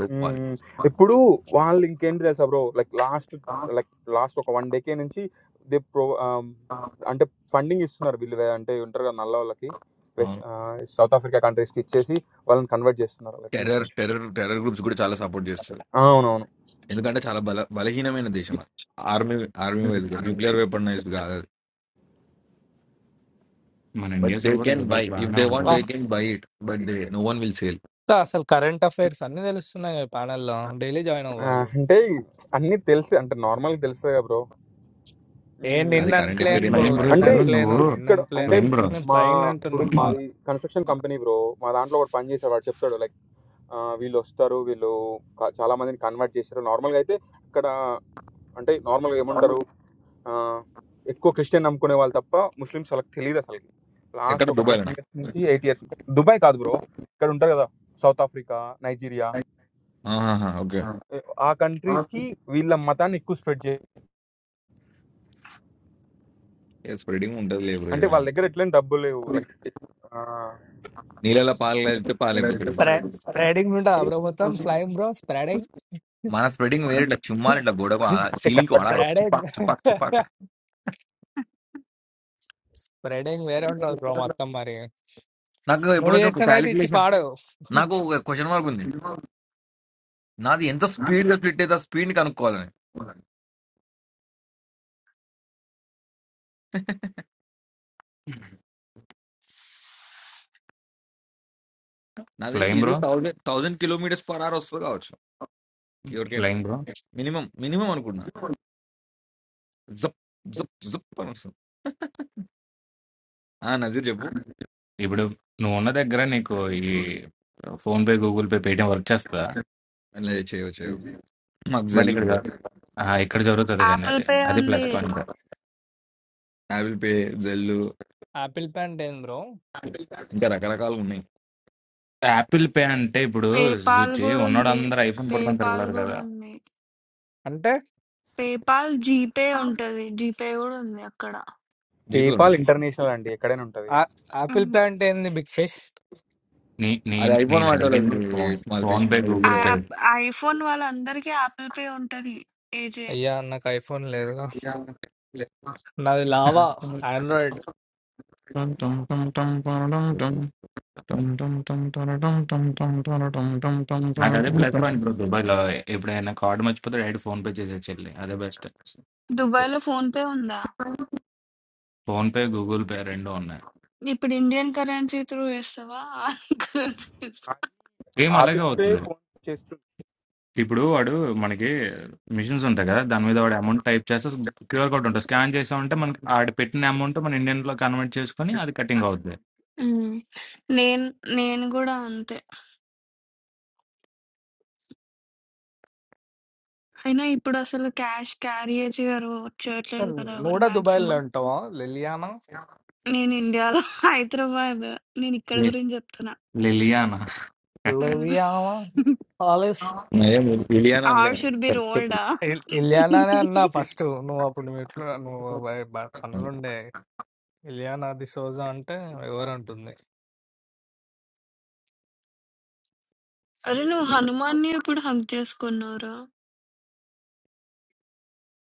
Speaker 5: తోపాలి
Speaker 11: హ్మ్. ఇప్పుడు వాళ్ళు ఇంకేంటి తెలుసా bro like last like last ఒక 1 డేకే నుంచి దే ప్రొ ఆహ్, అంటే ఫండింగ్ ఇస్తున్నారు వీళ్ళు వే అంటే ఉంటారు కదా! నల్లోళ్ళకి. వెస్ట్
Speaker 5: అవును
Speaker 11: ఆహ్, సౌత్ ఆఫ్రికా కంట్రీస్‌కి ఇచ్చేసి వాళ్ళని కన్వర్ట్ చేస్తున్నారు like
Speaker 5: terror
Speaker 11: Muslims.
Speaker 5: Terror terror groups కూడా చాలా సపోర్ట్ చేస్తుంది
Speaker 11: అవునవును.
Speaker 5: ఎందుకంటే చాలా బల బలహీనమైన దేశం అది army army wise nuclear weaponised కాదు అది
Speaker 10: మన
Speaker 5: but
Speaker 10: India
Speaker 5: they
Speaker 10: support
Speaker 5: can
Speaker 10: Dubai
Speaker 5: buy if
Speaker 10: బాగానే
Speaker 5: దే వాంట్ దే
Speaker 10: ఉంటుంది
Speaker 8: వస్తా
Speaker 5: can buy it but they no one will sale
Speaker 8: అసలు కరెంట్ అఫైర్స్ అన్ని తెలుస్తున్నాయి ఈ panel లో డైలీ జాయిన్
Speaker 11: ఆ!
Speaker 8: అవ్వాలి
Speaker 11: అంటే అన్నీ తెలుసు అంటే నార్మల్‌గా తెలుస్తది కదా బ్రో!
Speaker 8: ఏ
Speaker 11: హ్మ్.
Speaker 8: నిన్న
Speaker 5: అది కరెంట్
Speaker 10: కాదు
Speaker 8: అన్ప్లేన్
Speaker 5: ఎఫైర్ ఏంది
Speaker 8: బ్రో
Speaker 10: ఫ్లయింగ్
Speaker 5: బాబా
Speaker 10: బ్రో
Speaker 8: నిన్న
Speaker 11: అంటే
Speaker 10: ఇప్పుడు నువ్వు
Speaker 8: అన్ప్లేను
Speaker 11: ఇ
Speaker 8: నిన్న
Speaker 11: ఇక్కడ అంటే
Speaker 8: అన్ప్లేను
Speaker 10: ఫ్లయింగ్ బ్రో
Speaker 11: మ్-
Speaker 8: నేను
Speaker 11: మా
Speaker 8: ఫ్లైన్
Speaker 11: ఇప్పుడు
Speaker 8: అంటున్నా కాల్
Speaker 11: మాది కన్‌స్ట్రక్షన్ కంపెనీ బ్రో. మా దాంట్లో ఒకడు పని చేసాడు. వాడు చెప్తాడు లైక్ ఆహ్, వీళ్ళొస్తారు. వీళ్ళు క చాలా మందిని కన్వర్ట్ చేశారు. నార్మల్‌గా అయితే ఇక్కడ అంటే నార్మల్‌గా ఏమంటారు ఆహ్, ఎక్కువ క్రిస్టియన్ నమ్ముకునే వాళ్ళు తప్ప ముస్లిమ్స్ వాళ్ళకి తెలీదసలకి. లాస్ట్
Speaker 5: ఎక్కడ
Speaker 11: ఒక
Speaker 5: దుబాయ్
Speaker 11: 10 ఇయర్స్ నుంచి, 8 ఇయర్స్ దుబాయ్ కాదు బ్రో. ఇక్కడుంటారు గదా! సౌత్ ఆఫ్రికా, నైజీరియా
Speaker 5: ఆహా ఓకే
Speaker 11: ఎ ఆ కంట్రీస్‌కి వీళ్ళ మతాన్ని ఎక్కువ స్ప్రెడ్ జే
Speaker 5: స్ప్రెడింగ్ ఉంటుంది లేబర్
Speaker 11: అంటే వాళ్ళ దగ్గర
Speaker 5: అనుకున్నాను.
Speaker 11: ఎట్లైనా డబ్బులు లేవు. లైక్ ఆ!
Speaker 5: నీళ్ళలో పాలు కలిపితే పాలైపోతుంది
Speaker 8: స్ప్రే స్ప్రెడింగ్ ఉంటా బ్రో మొత్తం
Speaker 1: you.
Speaker 8: ఫ్లైన్ బ్రో స్ప్రెడింగ్
Speaker 1: ఉమ్,
Speaker 5: మన స్ప్రెడింగ్ వేరే ఇట్లా చుమ్మాలి ఇట్లా గోడకు
Speaker 11: అంటే
Speaker 5: సీలింగ్ కి
Speaker 11: కన్వర్ట్
Speaker 5: వాడాలి
Speaker 11: బ్రో.
Speaker 8: స్ప్రెడింగ్
Speaker 5: చుపాక్ చుపాక్ చుపాక్
Speaker 8: స్ప్రెడింగ్ వేరే ఉంటుంది బ్రో మొత్తం మరి
Speaker 5: నాకు ఎప్పుడు
Speaker 8: నువ్వు
Speaker 5: నుంచి ఒక
Speaker 8: చేస్తానైతే ఇచ్చి
Speaker 5: క్యాలిక్యులేషన్
Speaker 8: పాడు
Speaker 5: నాకు ఒక క్వశ్చన్ మార్క్ ఉంది నాది ఎంత స్పీడ్ గా స్ప్లిట్ అయితే ఆ స్పీడ్ కనుక్కోవాలని నాకు తెలిసి
Speaker 10: flying
Speaker 5: easy
Speaker 10: bro
Speaker 5: thousand thousand kilometres per hour వస్తుంది కావచ్చు ఎవరికైనా
Speaker 10: ఫ్లయింగ్ బ్రో
Speaker 5: మినిమం మినిమం అనుకున్నా జప్ జప్ జప్ అని వస్తుంది ఆ నజీర్ చెప్పు
Speaker 10: ఇప్పుడు నువ్వు ఉన్న దగ్గర నీకు ఈ phone pay Google Pay Paytm work చేస్తుందా
Speaker 5: లే, చేయవు చేయవు మాకు
Speaker 10: బట్
Speaker 5: జెల్
Speaker 10: ఇక్కడ కాదు.
Speaker 5: ఉంటుంది
Speaker 10: ఆ, ఇక్కడ జరుగుతుంది కానీ
Speaker 2: యాపిల్
Speaker 10: అది
Speaker 2: పే
Speaker 10: అది
Speaker 2: ఉంది
Speaker 10: ప్లస్ పాయింట్
Speaker 5: యాపిల్ పే జెల్
Speaker 8: ఆపిల్ ప్యాంట్ ఏంది బ్రో
Speaker 5: ఇంకా రకరకాలు ఉన్నాయి
Speaker 10: యాపిల్ పే అంటే ఇప్పుడు
Speaker 2: పేపాల్
Speaker 10: చూచి
Speaker 2: కూడా
Speaker 10: ఉన్నోడు
Speaker 2: ఉంది
Speaker 10: అందరు ఐఫోన్ పట్టుకొని
Speaker 2: పేపాల్
Speaker 10: తిరగలేరు
Speaker 2: కూడా
Speaker 10: కదా
Speaker 2: ఉంది
Speaker 8: అంటే
Speaker 2: పేపాల్ జీపే ఉంటది జీపే కూడా ఉంది అక్కడ
Speaker 11: పేపాల్
Speaker 5: జీపే
Speaker 11: ఇంటర్నేషనల్ అండి. ఎక్కడైనా ఉంటది.
Speaker 8: ఆ- ఆపిల్
Speaker 2: ఉమ్,
Speaker 8: ప్యాంట్ ఏంది బిగ్ ఫిష్
Speaker 10: నీ నీ
Speaker 5: అది అయిపోయిన
Speaker 10: నేను
Speaker 5: వాటిలో
Speaker 10: అడిగింది phone
Speaker 5: small
Speaker 10: phone
Speaker 5: fish
Speaker 10: pay
Speaker 5: మరి
Speaker 2: ఆ
Speaker 10: గూగుల్ పే
Speaker 5: వెళ్ళేవాడిని
Speaker 2: యాప్- ఐఫోన్ వాళ్ళందరికీ యాపిల్ పే ఉంటది ఏజే
Speaker 8: అయ్యా నాకు ఐఫోన్ లేదుగా నాది లావా ఆండ్రాయిడ్
Speaker 10: నాకు అదే ప్లస్ పాయింట్ బ్రో దుబాయ్లో ఎప్పుడైనా కార్డు మర్చిపోతే డైరెక్ట్ ఫోన్ పే చేసేది చెల్లి అదే బెస్ట్
Speaker 2: దుబాయ్ లో ఫోన్ పే ఉందా
Speaker 10: ఫోన్ పే గూగుల్ పే రెండు ఉన్నాయి
Speaker 2: ఇప్పుడు ఇండియన్ కరెన్సీ త్రూ వేస్తావా కరెన్సీ
Speaker 10: సేమ్ అలాగే
Speaker 11: ఆపిల్ పే,
Speaker 10: అవుతుంది
Speaker 11: ఫోన్‌పే చేస్తూ
Speaker 10: ఇప్పుడు వాడు మనకి మిషన్స్ ఉంటాయి కదా దాని మీద వాడు అమౌంట్ టైప్ చేస్తే క్యూఆర్ కోడ్ ఉంటుంది స్కాన్ చేసామంటే మనకి ఆడ పెట్టిన అమౌంట్ మన ఇండియన్ లో కన్వర్ట్ చేసుకొని అది కటింగ్ అవుతుంది
Speaker 2: నేను నేను కూడా అంతే అయినా ఇప్పుడసలు క్యాష్ క్యారియే చేయరు. చేయట్లేదు కదా
Speaker 8: నువ్వు
Speaker 2: ఎవరు
Speaker 8: కూడా దుబాయ్లో
Speaker 2: మాక్సిమం.
Speaker 8: ఉంటావా లిలియానా
Speaker 2: నేను ఇండియాలో హైదరాబాద్. నేనిక్కడ
Speaker 10: లి-
Speaker 2: గురించి జెప్తున్నా.
Speaker 10: లిలియానా
Speaker 2: హ్మ్.
Speaker 8: లిలియానా ఆలిస్
Speaker 5: ఇలియానా అనలే
Speaker 2: ఆల్ షుడ్ బి రోల్డా.
Speaker 8: ఇల్- ఇలియానానే అన్నా ఫస్ట్ నువ్వు అప్పుడు మీట్లో నువ్వు బ- బ- పనులుండే ఇలియానా దిసోజా అంటే ఎవరంటుంది
Speaker 2: అరే! నువ్వు హనుమాన్‌ని ఎప్పుడు హగ్ జేసుకున్నావురా?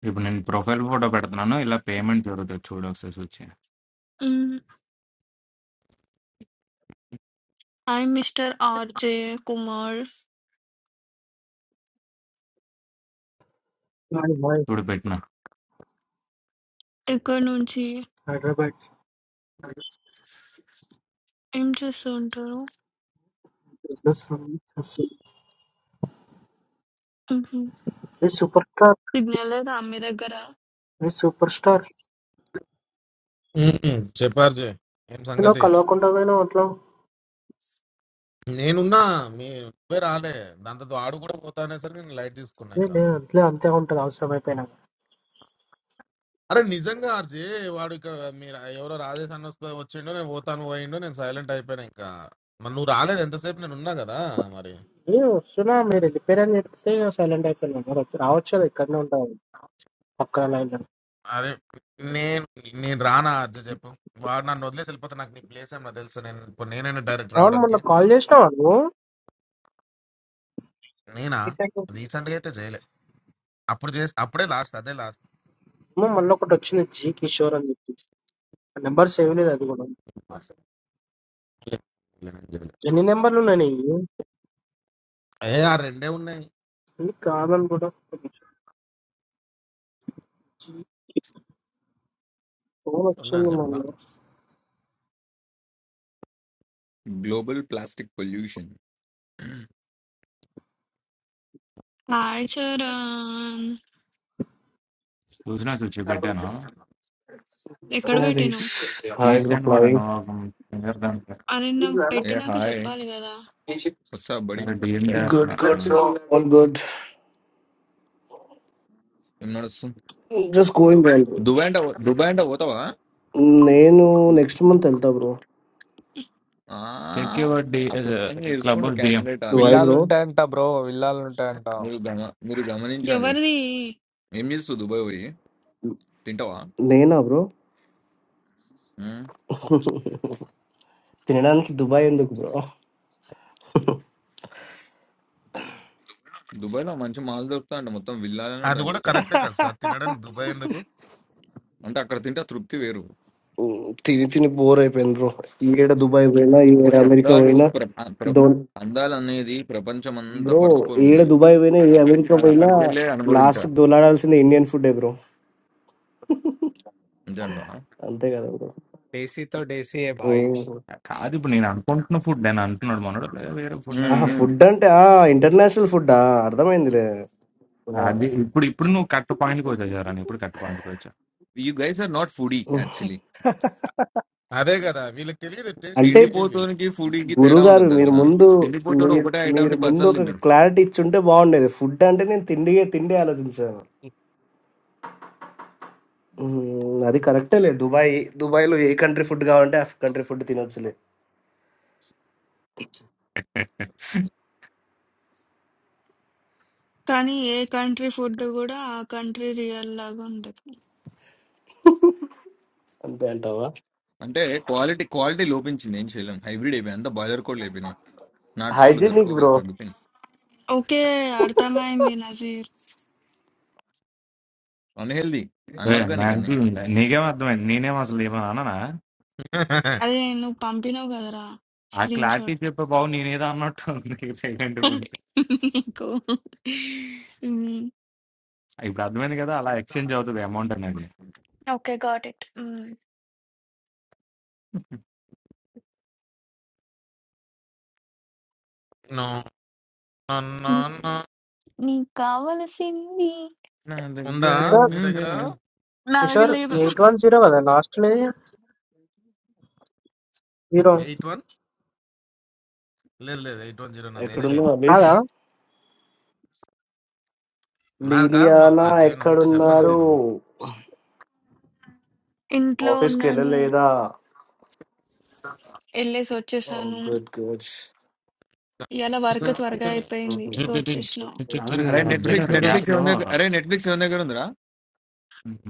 Speaker 10: ఇప్పుడు నేను ప్రొఫైల్ ఫోటో పెడుతున్నాను ఇలా పేమెంట్ జరుగుతుంది చూడు ఒకసారి వచ్చి
Speaker 2: హ్మ్. I mister RJ Kumar.
Speaker 13: My my
Speaker 10: చూడు పెట్టిన
Speaker 2: ఇక్కడి నుంచి
Speaker 13: Hyderabad,
Speaker 2: ఏం చేస్తూ ఉంటారు?
Speaker 13: this this
Speaker 2: హుహు.
Speaker 13: this superstar,
Speaker 2: సిగ్నల్ లేదా మీ దగ్గర?
Speaker 13: this superstar.
Speaker 1: చెప్పారు జే ఏం
Speaker 13: So now
Speaker 1: సంగతి
Speaker 13: call out on that guy now, that's
Speaker 1: నేనున్నా మీ నువ్వే రాలే దాంతో ఆడు కూడా పోతానేసరికి నేను లైట్ తీసుకున్నా
Speaker 13: why I
Speaker 1: ఇంకా
Speaker 13: didn't call out on that house. My penang.
Speaker 1: అరే నిజంగా ఆర్జే వాడు ఇక మీరు ఎవరో రాజేష్ అన్న వస్తే వచ్చిండో నేను పోతాను పోయిండో నేను సైలెంట్ అయిపోయినా ఇంకా మరి నువ్వు రాలేదు ఎంతసేపు నేను ఉన్నా కదా మరి
Speaker 13: Hey, so now my reply. I didn't say I'm silent. I said I'm not. I was just like, I'm not on that. What kind of island?
Speaker 1: అరే నేను నేను రానా ఆర్జే చెప్పు వాడు నన్ను వదిలేసి వెళ్ళిపోతే నాకు నీ ప్లేస్ ఏమన్నా తెలుసు నేను ఇప్పుడు నేనైనా డైరెక్ట్
Speaker 13: I'm on the
Speaker 1: రావడానికి
Speaker 13: college now. Who?
Speaker 1: నేనా
Speaker 13: This is
Speaker 1: రీసెంట్ గా అయితే చేయలే అప్పుడు చేసి అప్పుడే లాస్ట్ అదే last
Speaker 13: my malla production. Jee ki showan iti number seven. Did I do it? Any number one? No, I'm.
Speaker 1: ఏ ఆ రెండే ఉన్నాయి
Speaker 13: I'm a little bit. Production
Speaker 1: ఉన్నాయని చెప్పనా
Speaker 13: number.
Speaker 5: Global plastic pollution
Speaker 2: hi Charan.
Speaker 10: చూసినా చూచి పెట్టాను
Speaker 2: ఎక్కడ పెట్టినవు?
Speaker 10: తీసాను కూడా ఫింగర్ దాంట్లో
Speaker 2: అరే! నాకు
Speaker 5: ఏ
Speaker 2: పెట్టినాక
Speaker 5: హాయ్
Speaker 2: చెప్పాలి గదా!
Speaker 5: వస్తా బడి
Speaker 10: డిఎం
Speaker 5: సరే
Speaker 14: గుడ్
Speaker 10: చేస్తున్నాను
Speaker 14: గుడ్
Speaker 10: చూడు
Speaker 14: బ్రో ఆల్ గుడ్
Speaker 5: ఏం నడుస్తుంది
Speaker 14: జస్ట్ గోయింగ్ వెల్
Speaker 5: దుబాయ్ అంటే దుబాయ్ అంటే పోతావా
Speaker 14: నేను నెక్స్ట్ మంత్ వెళ్తా బ్రో
Speaker 5: ఆ,
Speaker 10: చెక్ యువర్ డి
Speaker 5: ఆ ప్లాన్
Speaker 10: క్లబ్
Speaker 5: చేసుకుంటూ
Speaker 10: డిఎం
Speaker 5: క్యాండిడేట్
Speaker 14: దుబాయ్
Speaker 5: ఆల్రెడీ
Speaker 8: విల్లాలు
Speaker 14: బ్రో
Speaker 8: ఉంటాయంట బ్రో విల్లాలు ఉంటాయంట
Speaker 5: మీరు గమ మీరు గమనించాలి
Speaker 2: ఎవరిది?
Speaker 5: ఏం చేస్తావు దుబాయ్ పోయి తింటావా
Speaker 14: నేనా బ్రో
Speaker 5: ఉమ్,
Speaker 14: తినడానికి దుబాయ్ ఎందుకు బ్రో
Speaker 5: దుబాయ్లో మంచి మాల్ దొరుకుతా అంటే మొత్తం విల్లాలనే
Speaker 1: అది కూడా
Speaker 5: ఉంటాను
Speaker 1: కరెక్టే కదా సార్ తినడానికి దుబాయ్ ఎందుకు
Speaker 5: అంటే అక్కడ తింటే ఆ తృప్తి వేరు
Speaker 14: ఉమ్, తిని తిని బోర్ అయిపోయింది బ్రో ఏడ దుబాయ్ పోయినా ఏడ
Speaker 5: కొన్ని
Speaker 14: అమెరికా
Speaker 5: అందాలు
Speaker 14: పోయినా
Speaker 5: ప్ర ఆ ప్ర-
Speaker 14: డోన్
Speaker 5: అందాలు అనేది ప్రపంచం అంతా
Speaker 14: బ్రో
Speaker 5: పరుచుకొని
Speaker 14: ఏడ
Speaker 5: ఉన్నాయి
Speaker 14: దుబాయ్ పోయినా ఏ అమెరికా
Speaker 5: అది
Speaker 14: పోయినా
Speaker 5: అక్కడికి వెళ్ళే
Speaker 14: లాస్ట్
Speaker 5: అనుభవించాలి
Speaker 14: దొలాడాల్సింది ఇండియన్ ఫుడ్ బ్రో
Speaker 5: నిజంగా
Speaker 14: అంతే కదా బ్రో
Speaker 8: డేసీతో డేసీ ఏ
Speaker 14: ఓ.
Speaker 8: భాయ్
Speaker 10: కాదు ఇప్పుడు నేను అనుకుంటున్న ఫుడ్ అని అంటున్నాడు మనోడు "లే, వేరే ఫుడ్
Speaker 5: ఉమ్,
Speaker 14: ఆహా
Speaker 10: అని
Speaker 5: ఉమ్.
Speaker 14: ఫుడ్ అంటే ఆ ఇంటర్నేషనల్ ఫుడ్ అర్థమైందిలే
Speaker 10: అది ఇప్పుడు ఇప్పుడు నువ్వు కట్ట పాయింట్కి వచ్చావు జరా ఇప్పుడు కట్ట పాయింట్కి వచ్చావు
Speaker 5: you guys are not foodie actually
Speaker 1: అదే కదా వీళ్ళకి తెలియదు టేస్ట్
Speaker 14: అంటే
Speaker 1: తెలియదు వీళ్ళకి
Speaker 5: తిండిపోతానికి ఫుడీకి తేడా
Speaker 14: గురుగారు
Speaker 5: ఉంటుంది
Speaker 14: మీరు
Speaker 5: తెలుసా
Speaker 14: ముందు
Speaker 5: తిండిపోతాడు
Speaker 14: మీరు
Speaker 5: ఒకటే ఐటమ్
Speaker 14: మీరు
Speaker 5: ని
Speaker 14: ముందు
Speaker 5: పచ్చలు
Speaker 14: ఒక
Speaker 5: తింటాడు
Speaker 14: క్లారిటీ ఇచ్చుంటే బాగుండేది ఫుడ్ అంటే నేను తిండి తిండి ఆలోచించాను ఉమ్, అది కరెక్టే లేదు దుబాయ్ దుబాయ్లో ఏ కంట్రీ ఫుడ్ కావాలంటే ఆ కంట్రీ ఫుడ్ తినొచ్చులే
Speaker 2: కానీ ఏ కంట్రీ ఫుడ్ కూడా ఆ కంట్రీ రియల్ లాగా ఉండదు
Speaker 14: అంతే అంటావా
Speaker 5: అంటే క్వాలిటీ క్వాలిటీ లోపించింది ఏం చేయలేం హైబ్రిడ్ అయిపోయి అంతా బాయిలర్ కోడ్లు అయిపోయినాయి నాటుకోళ్ళు
Speaker 14: హైజీనిక్
Speaker 5: దొరకవు కదా,
Speaker 14: బ్రో
Speaker 5: తగ్గిపోయినాయి
Speaker 2: ఓకే అర్థమైంది నజీర్
Speaker 5: అన్హెల్దీ
Speaker 10: ఏ, నా
Speaker 5: అనార్గానిక్ అని
Speaker 10: అంటే నీకేం అర్థమైంది నేనేం అసలు ఏమని అన్నానా
Speaker 2: అరే నేను పంపినావు కదరా
Speaker 10: ఆ
Speaker 2: స్క్రీన్
Speaker 10: క్లారిటీ
Speaker 2: షాట్
Speaker 10: చెప్పే బాబు నేనేదో అన్నట్టు ఉంది సైలెంట్ ఉంటే
Speaker 2: నీకు
Speaker 10: ఇప్పుడు అర్థమైంది కదా అలా ఎక్స్చేంజ్ అవుతుంది అమౌంట్ అనేది
Speaker 2: okay got it
Speaker 1: No, no, no, no.
Speaker 2: నీకు కావలసింది
Speaker 5: నా
Speaker 1: ఉందా
Speaker 5: దగ్గర
Speaker 13: This
Speaker 1: నీ
Speaker 5: ఉంది.
Speaker 1: దగ్గర
Speaker 13: is
Speaker 2: నా
Speaker 13: this
Speaker 2: దగ్గర
Speaker 13: is
Speaker 2: లేదు
Speaker 13: eight one zero. What is last name? Zero.
Speaker 1: Eight one లేదు లేదు ఎయిట్ వన్ జీరో నాది ఏది లేదు
Speaker 14: ఎక్కడున్నావు అలీష్
Speaker 13: Hello.
Speaker 1: నాది కాదు మా-
Speaker 14: లీలియానా
Speaker 1: ఆ జైన్ ఉంటే చెప్పానా
Speaker 14: ఎక్కడున్నారు
Speaker 1: నేను
Speaker 13: Okay.
Speaker 2: ఇంట్లో
Speaker 14: ఆఫీస్కి
Speaker 2: ఉన్నాను
Speaker 14: వెళ్ళలేదా
Speaker 2: వెళ్ళేసి వచ్చేసాను
Speaker 14: గుడ్ గుడ్
Speaker 2: ఇలా వర్క్ త్వరగా అయిపోయింది సో వచ్చేసిన
Speaker 10: కాదు
Speaker 5: అరే
Speaker 10: కదా ఇప్పుడే
Speaker 5: నెట్ఫ్లిక్స్
Speaker 10: కదా గ్యాప్
Speaker 5: నెట్ఫ్లిక్స్
Speaker 10: లో
Speaker 5: ఎవరి దగ్గర అరే నెట్ఫ్లిక్స్ ఎవరి దగ్గర ఉందిరా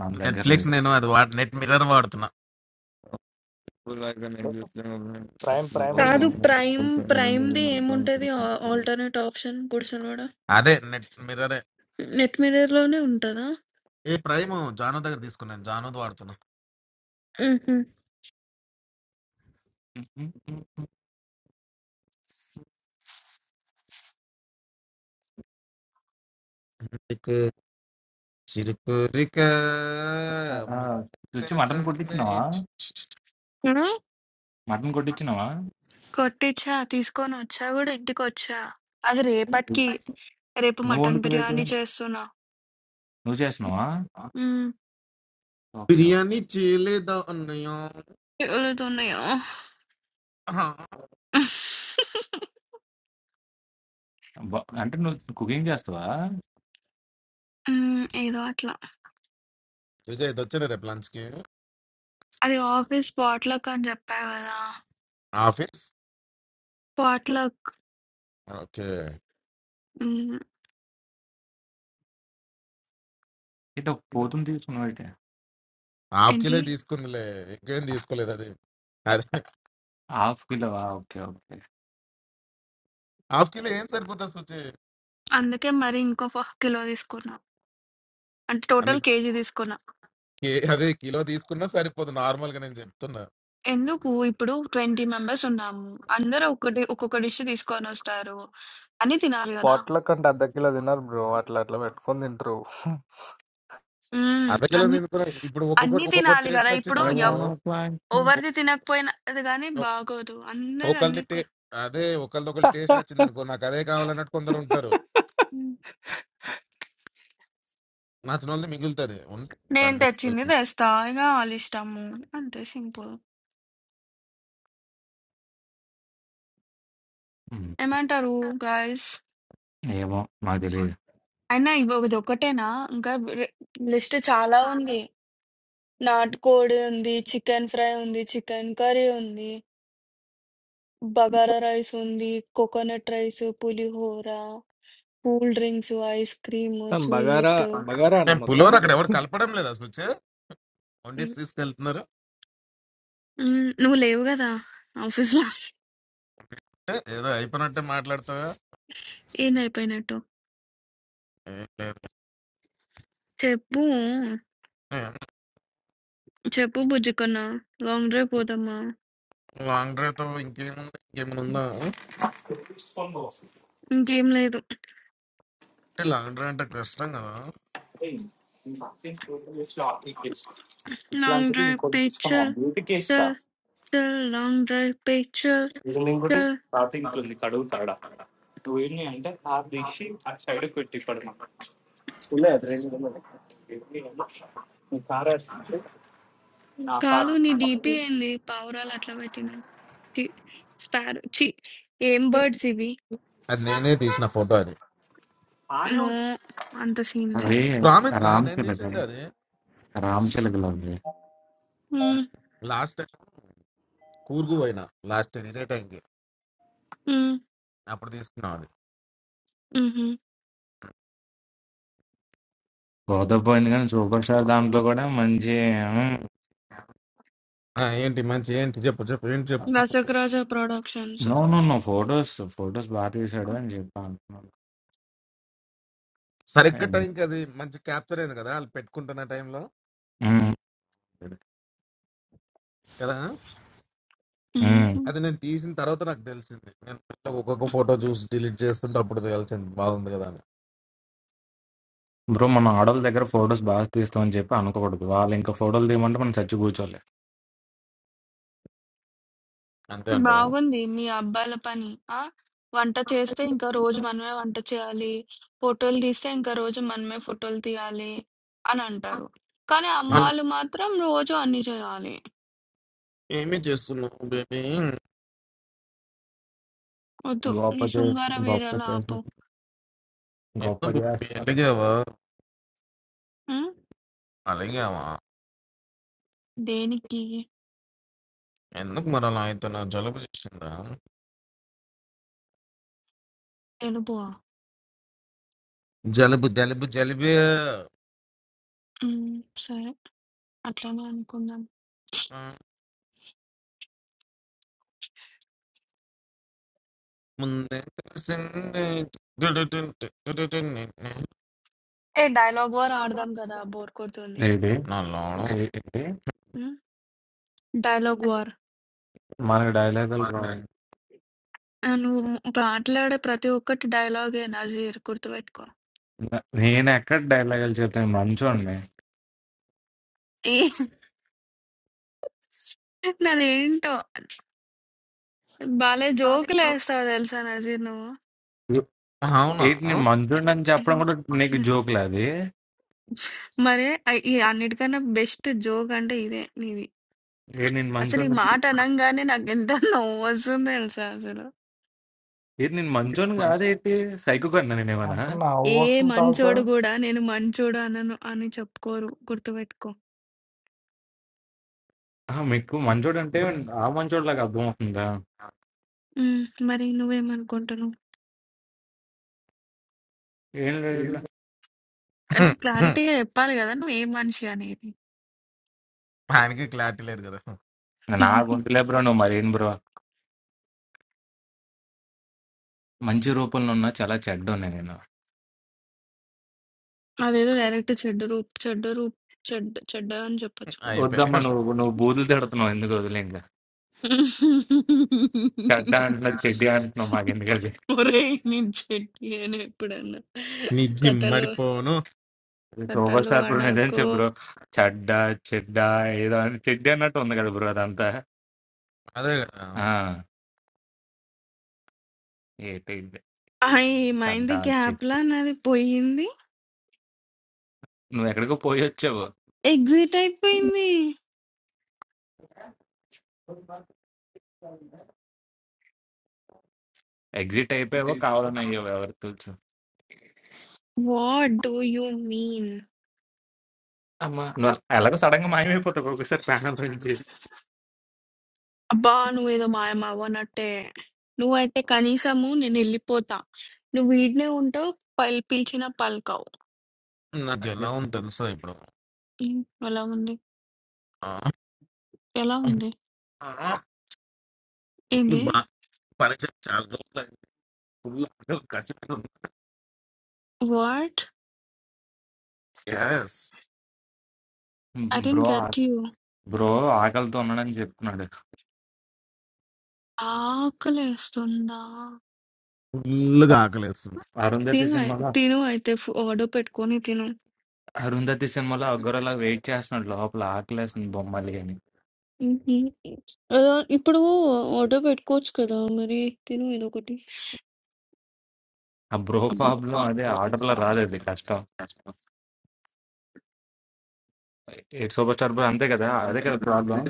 Speaker 10: మన దగ్గర
Speaker 1: నెట్ఫ్లిక్స్
Speaker 10: లేదు
Speaker 1: నేను అది వాడు నెట్ మిర్రర్ వాడుతున్నా
Speaker 5: people are going to use them
Speaker 8: prime
Speaker 5: around the
Speaker 8: prime
Speaker 5: world
Speaker 8: ఉంది
Speaker 2: కాదు
Speaker 5: and then the
Speaker 2: prime
Speaker 5: same thing will be
Speaker 2: ప్రైమ్ది
Speaker 5: when I'm going
Speaker 2: ఏముంటది
Speaker 5: to think about it.
Speaker 2: Alternate option గుడిసెలవాడ
Speaker 1: అదే నెట్ మిర్రర్
Speaker 2: నెట్ మిర్రర్ లోనే ఉంటుందా
Speaker 1: ఏ prime Janu దగ్గర తీసుకున్నాను జాను వాడుతున్నా
Speaker 2: హుహు.
Speaker 1: నీకు చిరుకు రిక
Speaker 10: ఆ, ఆ, రుచి మటన్
Speaker 1: తెలిసింది.
Speaker 10: కొట్టించినావా
Speaker 2: హ్మ్.
Speaker 10: మటన్ కొట్టించినావా
Speaker 2: కొట్టిచ్చా, తీసుకొనొచ్చా గూడా ఇంటికొచ్చా. అది రేపటికి. రేపు
Speaker 10: నువ్వు
Speaker 2: మటన్
Speaker 10: వండుకోవేటి
Speaker 2: బిర్యానీ చేస్తున్నా.
Speaker 10: నువ్వు చేసినావా
Speaker 2: హ్మ్.
Speaker 10: ఓకే
Speaker 1: బిర్యానీ
Speaker 10: ఓకే
Speaker 1: చేయలేదా అన్నయ్య
Speaker 2: పేలుతున్నాయా?
Speaker 10: బా- అంటే నువ్వు కుకింగ్ చేస్తావా
Speaker 2: హ్మ్. ఏదో అట్లా.
Speaker 1: విజయ్ ఇది వచ్చాను రేపు లంచ్ కి
Speaker 2: అది ఆఫీస్ పాట్‌లక్ అని జెప్పా గదా!
Speaker 1: ఆఫీస్
Speaker 2: పాట్‌లక్
Speaker 1: ఓకే
Speaker 2: హ్మ్.
Speaker 10: ఇటు ఒక పోతుని తీసుకున్నావు
Speaker 1: హాఫ్ కిలో
Speaker 2: ఏంటి?
Speaker 1: తీసుకుందిలే ఎక్కువేం తీసుకోలేదు అది అదే
Speaker 10: హాఫ్ కిలోవా? ఓకే. ఓకే.
Speaker 1: హాఫ్ కిలో ఏం సరిపోతుంది సుచి
Speaker 2: అందుకే మరి ఇంకొక కిలో తీసుకున్నా. అంటే
Speaker 1: అన్ని
Speaker 2: టోటల్ కేజీ తీసుకున్నా.
Speaker 1: కే- అదే కిలో తీసుకున్నా సరిపోదు నార్మల్ గా నేను చెప్తున్నా
Speaker 2: ఎందుకు ఇప్పుడు 20 మెంబర్స్ ఉన్నాము. అందరూ ఒకటి ఒక్కొక్క డిష్ తీసుకొనొస్తారు. అన్నీ తినాలి గదా!
Speaker 8: పాట్లో కంటే అర్ధ కిలో తినరు బ్రో అట్లా అట్లా పెట్టుకొని తింటారు
Speaker 2: హ్మ్.
Speaker 1: అర్ధ కిలో
Speaker 2: అన్
Speaker 1: తినుకున్నా ఇప్పుడు ఒక్కొక్కటి
Speaker 2: అన్నీ
Speaker 1: ఒక్కొక్కటి
Speaker 2: తినాలి
Speaker 1: టేస్ట్
Speaker 2: గదా! ఇప్పుడు
Speaker 1: నచ్చింది
Speaker 5: I
Speaker 1: అనుకో
Speaker 2: ఎవ్
Speaker 5: wanna fly.
Speaker 2: ఎవరిది తినకపోయినది గానీ బాగోదు. అందరూ అన్నీ
Speaker 1: ఒకళ్ళది టే
Speaker 2: కొన్
Speaker 1: అదే ఒకళ్ళది ఒకళ్ళు టేస్ట్ నచ్చింది అనుకో నాకు అదే కావాలన్నట్టు కొందరు ఉంటారు
Speaker 2: హ్మ్.
Speaker 1: నచ్చిన వాళ్ళది మిగులుతుంది ఉంటుంది
Speaker 2: నేను
Speaker 1: దాన్ని
Speaker 2: తెచ్చింది తెస్తా. ఇగ ఆళ్ళిష్టము. అంతే సింపుల్.
Speaker 10: హ్మ్.
Speaker 2: ఏమంటారు గైస్?
Speaker 10: ఏమో నాకు తెలీదు.
Speaker 2: అయినా ఇవి ఇదొక్కటేనా? ఇంకా రె లిస్ట్ చాలా ఉంది. నాటుకోడి ఉంది, చికెన్ ఫ్రై ఉంది, చికెన్ కర్రీ ఉంది, బగారా రైస్ ఉంది, కోకోనట్ రైస్, పులిహోర, కూల్ డ్రింక్స్, ఐస్ క్రీమ్,
Speaker 8: మొత్తం బగారా
Speaker 2: స్వీట్.
Speaker 8: బగారానా
Speaker 1: నేను
Speaker 8: మొత్తం
Speaker 1: పులిహోర అక్కడ ఎవరు కలపడం లేదు అసలు వచ్చి వండిస్ తీసుకెళ్తున్నారు
Speaker 2: హ్మ్. నువ్వు లేవు గదా! ఆఫీస్‌లో.
Speaker 1: అంటే ఏదో అయిపోయినట్టే మాట్లాడతావా
Speaker 2: ఏందయిపోయినట్టు?
Speaker 1: ఏం లేదు
Speaker 2: చెప్పు. చెప్పు బుజ్జికన్నా. లాంగ్ డ్రైవ్ పోదామా?
Speaker 1: లాంగ్ డ్రైవ్తో ఇంకేముంది ఇంకేమైనా ఉందా అంటే
Speaker 2: ఇంకేం లేదు.
Speaker 1: లాంగ్ డ్రైవ్ అంటే కష్టం కదా
Speaker 2: లాంగ్ డ్రైవ్ పే చల్. చల్. చల్. లాంగ్ డ్రైవ్ పే చల్. చల్. కాదు నీ డీపీ ఏంది? పావురాలు అట్లా పెట్టినావు. ఛీ! స్పారో ఛీ! ఏం బర్డ్స్ ఇవి?
Speaker 1: అది నేనే తీసిన ఫోటో అది
Speaker 2: నో. అంత సీన్
Speaker 10: అవి
Speaker 2: లేదు.
Speaker 1: ప్రామిస్ రా నేను తీసింది
Speaker 10: రామ్‌చిలకలు.
Speaker 1: అది
Speaker 10: రామ్‌చిలకలవి.
Speaker 2: హ్మ్.
Speaker 1: లాస్ట్ టైం కూర్గు పోయినా లాస్ట్ టైం ఇదే టైంకి
Speaker 2: హ్మ్.
Speaker 1: అప్పుడు తీసుకున్నాం అది
Speaker 2: హుహు.
Speaker 10: గోదావరి పోయింది కానీ సూపర్ స్టార్ దాంట్లో కూడా మంచి హ్మ్.
Speaker 1: ఆ, ఏంటి మంచి ఏంటి చెప్పు చెప్పు ఏంటి
Speaker 2: రసక్ Raja productions.
Speaker 10: No. No. No. Photos, photos బా తీశాడు అని చెప్పా అనుకున్నాను.
Speaker 1: సరిగ్గా
Speaker 10: హ్మ్.
Speaker 1: టైంకి అది మంచి క్యాప్చర్ అయింది కదా వాళ్ళు పెట్టుకుంటున్న టైంలో కదా
Speaker 10: హ్మ్.
Speaker 2: హ్మ్.
Speaker 1: అది నేను తీసిన తర్వాత నాకు తెలిసింది నేను ఒక్కొక్క ఫోటో చూసి డిలీట్ చేస్తుంటే అప్పుడు తెలిసింది బాగుంది కదా అని
Speaker 10: బ్రో మన ఆడోళ్ళ దగ్గర ఫోటోస్ బాగా తీస్తామని చెప్పి అనకూడదు. వాళ్ళు ఇంకా ఫోటోలు తీయమంటే మనం చచ్చి కూర్చోలే.
Speaker 1: అంతే అంటావా
Speaker 2: బాగుంది మీ అబ్బాయిల పని. ఆ? వంట చేస్తే ఇంకా రోజు మనమే వంట చేయాలి. ఫోటోలు తీస్తే ఇంకా రోజు మనమే ఫోటోలు తీయాలి అని అంటారు. కానీ
Speaker 10: హ్మ్.
Speaker 1: అని
Speaker 2: అమ్మాయిలు మాత్రం రోజు అన్ని చేయాలి.
Speaker 1: ఏమీ చేస్తున్నావు బేబీ
Speaker 2: వద్దు
Speaker 10: గొప్ప
Speaker 2: నీ
Speaker 10: చేసి
Speaker 2: శృంగార
Speaker 10: గొప్ప
Speaker 2: వీరలు
Speaker 10: చేసి
Speaker 2: ఆపు.
Speaker 10: గొప్ప
Speaker 1: ఎందుకు బేబీ
Speaker 10: చేస్తారు.
Speaker 1: అలిగావా
Speaker 2: ఉమ్,
Speaker 1: అలిగావా
Speaker 2: దేనికి?
Speaker 1: ఎందుకు మరి అలా అవుతున్నావు జలుబు చేసిందా
Speaker 2: తెలుపువా?
Speaker 1: జలుబు జలుబు జలుబు
Speaker 2: ఉమ్, సరే అట్లానే అనుకుందాం.
Speaker 1: ఆ, ముందే తెలిసింది టిటిటిటి, టిటిటిటి,
Speaker 2: ఏ డైలాగ్ వార్ ఆడదాం కదా బోర్ కొడుతుంది.
Speaker 10: ఏది?
Speaker 1: నా లోన
Speaker 10: ఏ ఏంటి?
Speaker 2: ఉమ్, డైలాగ్ వార్.
Speaker 10: మనకి డైలాగులు రావు.
Speaker 2: ఆ, నువ్వు మాట్లాడే ప్రతి ఒక్కటి డైలాగే నజీర్ గుర్తుపెట్టుకో.
Speaker 10: న- నేను ఎక్కడ డైలాగులు చెప్తాను మంచోడిని
Speaker 2: ఏ- నాదేంటో భలే జోకులు వేస్తావు తెలుసా నజీర్ నువ్వు
Speaker 1: అవునా
Speaker 10: ఏంటి నేను మంచోడిని అని చెప్పడం కూడా నీకు జోకులు అది
Speaker 2: మరి ఐ- ఈ అన్నిటికన్నా బెస్ట్ జోక్ అంటే ఇదే నీది
Speaker 10: ఏంటి నేను
Speaker 2: అసలు ఈ
Speaker 10: మంచోడిని
Speaker 2: మాట అనంగానే నాకు ఎంత నవ్వు వస్తుంది తెలుసా అసలు
Speaker 10: ఏంటి నేను మంచోడిని కాదేంటి సైకు కన్నా నేను ఏమన్నా
Speaker 8: ఎంత నా అవ్వు
Speaker 2: ఏ
Speaker 8: వస్తుంది
Speaker 2: మంచోడు కూడా నేను మంచోడు అనను అని చెప్పుకోరు గుర్తుపెట్టుకో
Speaker 10: ఆహా, మీకు మంచోడు అంటే ఆ మంచోడిలాగా అర్థం అవుతుందా
Speaker 2: ఉమ్, మరి నువ్వేమనుకుంటున్నావు
Speaker 10: ఏం లేదు
Speaker 2: అంటే క్లారిటీగా చెప్పాలి కదా నువ్వు ఏ మనిషి అనేది
Speaker 1: ఆయనకి క్లారిటీ లేదు కదా
Speaker 10: నా గొంతులే బ్రో నువ్వు మరేం బ్రో మంచి రూపంలో ఉన్నా చాలా చెడ్డోనే నేను
Speaker 2: అదేదో డైరెక్ట్ చెడ్డ రూప్ చెడ్డ రూప్ చెడ్డ చెడ్డ అని చెప్పొచ్చు కదా.
Speaker 10: వద్దమ్మా
Speaker 1: అయిపోయి
Speaker 10: నువ్వు నువ్వు బూతులు తిడుతున్నావు ఎందుకు వదిలే ఇంకా చెడ్డ అంటున్నా చెడ్డి అంటున్నావు మాకు ఎందుకంటే
Speaker 2: ఒరే నేను చెట్టి అని ఎప్పుడన్నా
Speaker 1: నీ
Speaker 2: కథలు
Speaker 1: జిమ్మడిపోను
Speaker 10: సూపర్
Speaker 2: కథలు
Speaker 10: స్టార్ బ్రో నిజం
Speaker 2: అడకు
Speaker 10: చెప్పు బ్రో చెడ్డ చెడ్డ ఏదో అని చెడ్డి అన్నట్టు ఉంది కదా బ్రో అదంతా
Speaker 1: అదే కదా
Speaker 10: ఆ! ఏటి ఇదే
Speaker 2: అయి ఏమైంది
Speaker 10: చెడ్డా
Speaker 2: గ్యాప్
Speaker 10: చెప్పు.
Speaker 2: లా నాది పోయింది
Speaker 10: నువ్వెక్కడికో పోయొచ్చావు.
Speaker 2: ఎగ్జిట్ అయిపోయింది
Speaker 10: ఎగ్జిట్ అయిపోయావో కావాలని అయ్యావో ఎవరికి తెలుసు.
Speaker 2: వాట్ డూ యూ మీన్
Speaker 10: అమ్మా! నువ్వు ఎలాగో సడెన్‌గా మాయమైపోతావు. మాయమైపోతావు ఒక్కొక్కసారి ప్యానెల్ నుంచి.
Speaker 2: అబ్బా నువ్వేదో మాయం అవ్వనట్టే నువ్వైతే కనీసము నేను వెళ్ళిపోతా నువ్వు వీడినే ఉంటావు పల్ పిలిచిన పలకవు
Speaker 1: నాకు
Speaker 10: అయ్యో!
Speaker 1: ఎలా ఉంది తెలుసా ఇప్పుడు
Speaker 2: ఉమ్, ఎలా ఉంది
Speaker 1: ఆ,
Speaker 2: ఎలా ఉంది
Speaker 1: ఆ, ఈ
Speaker 2: ఏంది
Speaker 1: బా- పని చేసి చాలా రోజులు అయింది. ఫుల్ ఆకలి కసిగా ఉంది
Speaker 2: what
Speaker 1: is
Speaker 2: I dent
Speaker 10: bro ఆ
Speaker 2: గెట్ యూ
Speaker 10: బ్రో ఆకలితో ఉన్నాడని చెప్తున్నాడు.
Speaker 2: ఆకలేస్తుందా?
Speaker 1: ఫుల్గా ఆకలి వేస్తుంది
Speaker 10: అరుంధతి
Speaker 2: తిను అయి
Speaker 10: సినిమాలో
Speaker 2: తిను అయితే ఫు ఆర్డర్ పెట్టుకొని తిను.
Speaker 10: అరుంధతి సినిమాలో ఆ గొర్రెలా వెయిట్ చేస్తున్నాడు లోపల ఆకలేస్తుంది బొమ్మలి అని.
Speaker 2: హుహు. అలా ఇప్పుడు ఆర్డర్ పెట్టుకోవచ్చు కదా! మరి తిను ఏదోకటి.
Speaker 10: ఆ బ్రో ప్రాబ్లమ్ అదే ఆర్డర్‌లో రాదది కష్టం. ఏ సూపర్ స్టార్ బ్రో అంతే కదా! అదే కదా ప్రాబ్లమ్.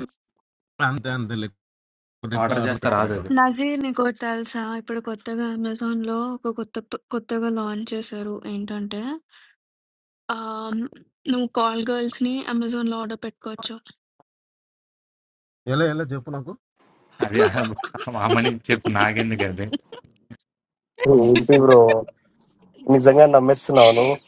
Speaker 1: అంతే అంతే లేకపోతే ఇప్పుడు
Speaker 10: ఆర్డర్
Speaker 1: ఆర్డర్
Speaker 10: చేస్తే
Speaker 2: న
Speaker 10: రాదది.
Speaker 1: పెట్టుకునేటోనే
Speaker 2: నజీర్ నీకోటి తెలుసా? ఇప్పుడు కొత్తగా అమెజాన్‌లో ఒక కొత్త ప్ కొత్తగా లాంచ్ చేశారు. ఏంటంటే ఆహ్, నువ్వు కాల్ గర్ల్స్‌ని అమెజాన్‌లో ఆర్డర్ పెట్టుకోవచ్చు.
Speaker 1: ఎలా ఎలా చెప్పు నాకు
Speaker 10: అది ఆ మనిషికి చెప్పు నాకెందుకది.
Speaker 14: ఏంటి బ్రో నిజంగా నమ్మేస్తున్నావు నువ్వు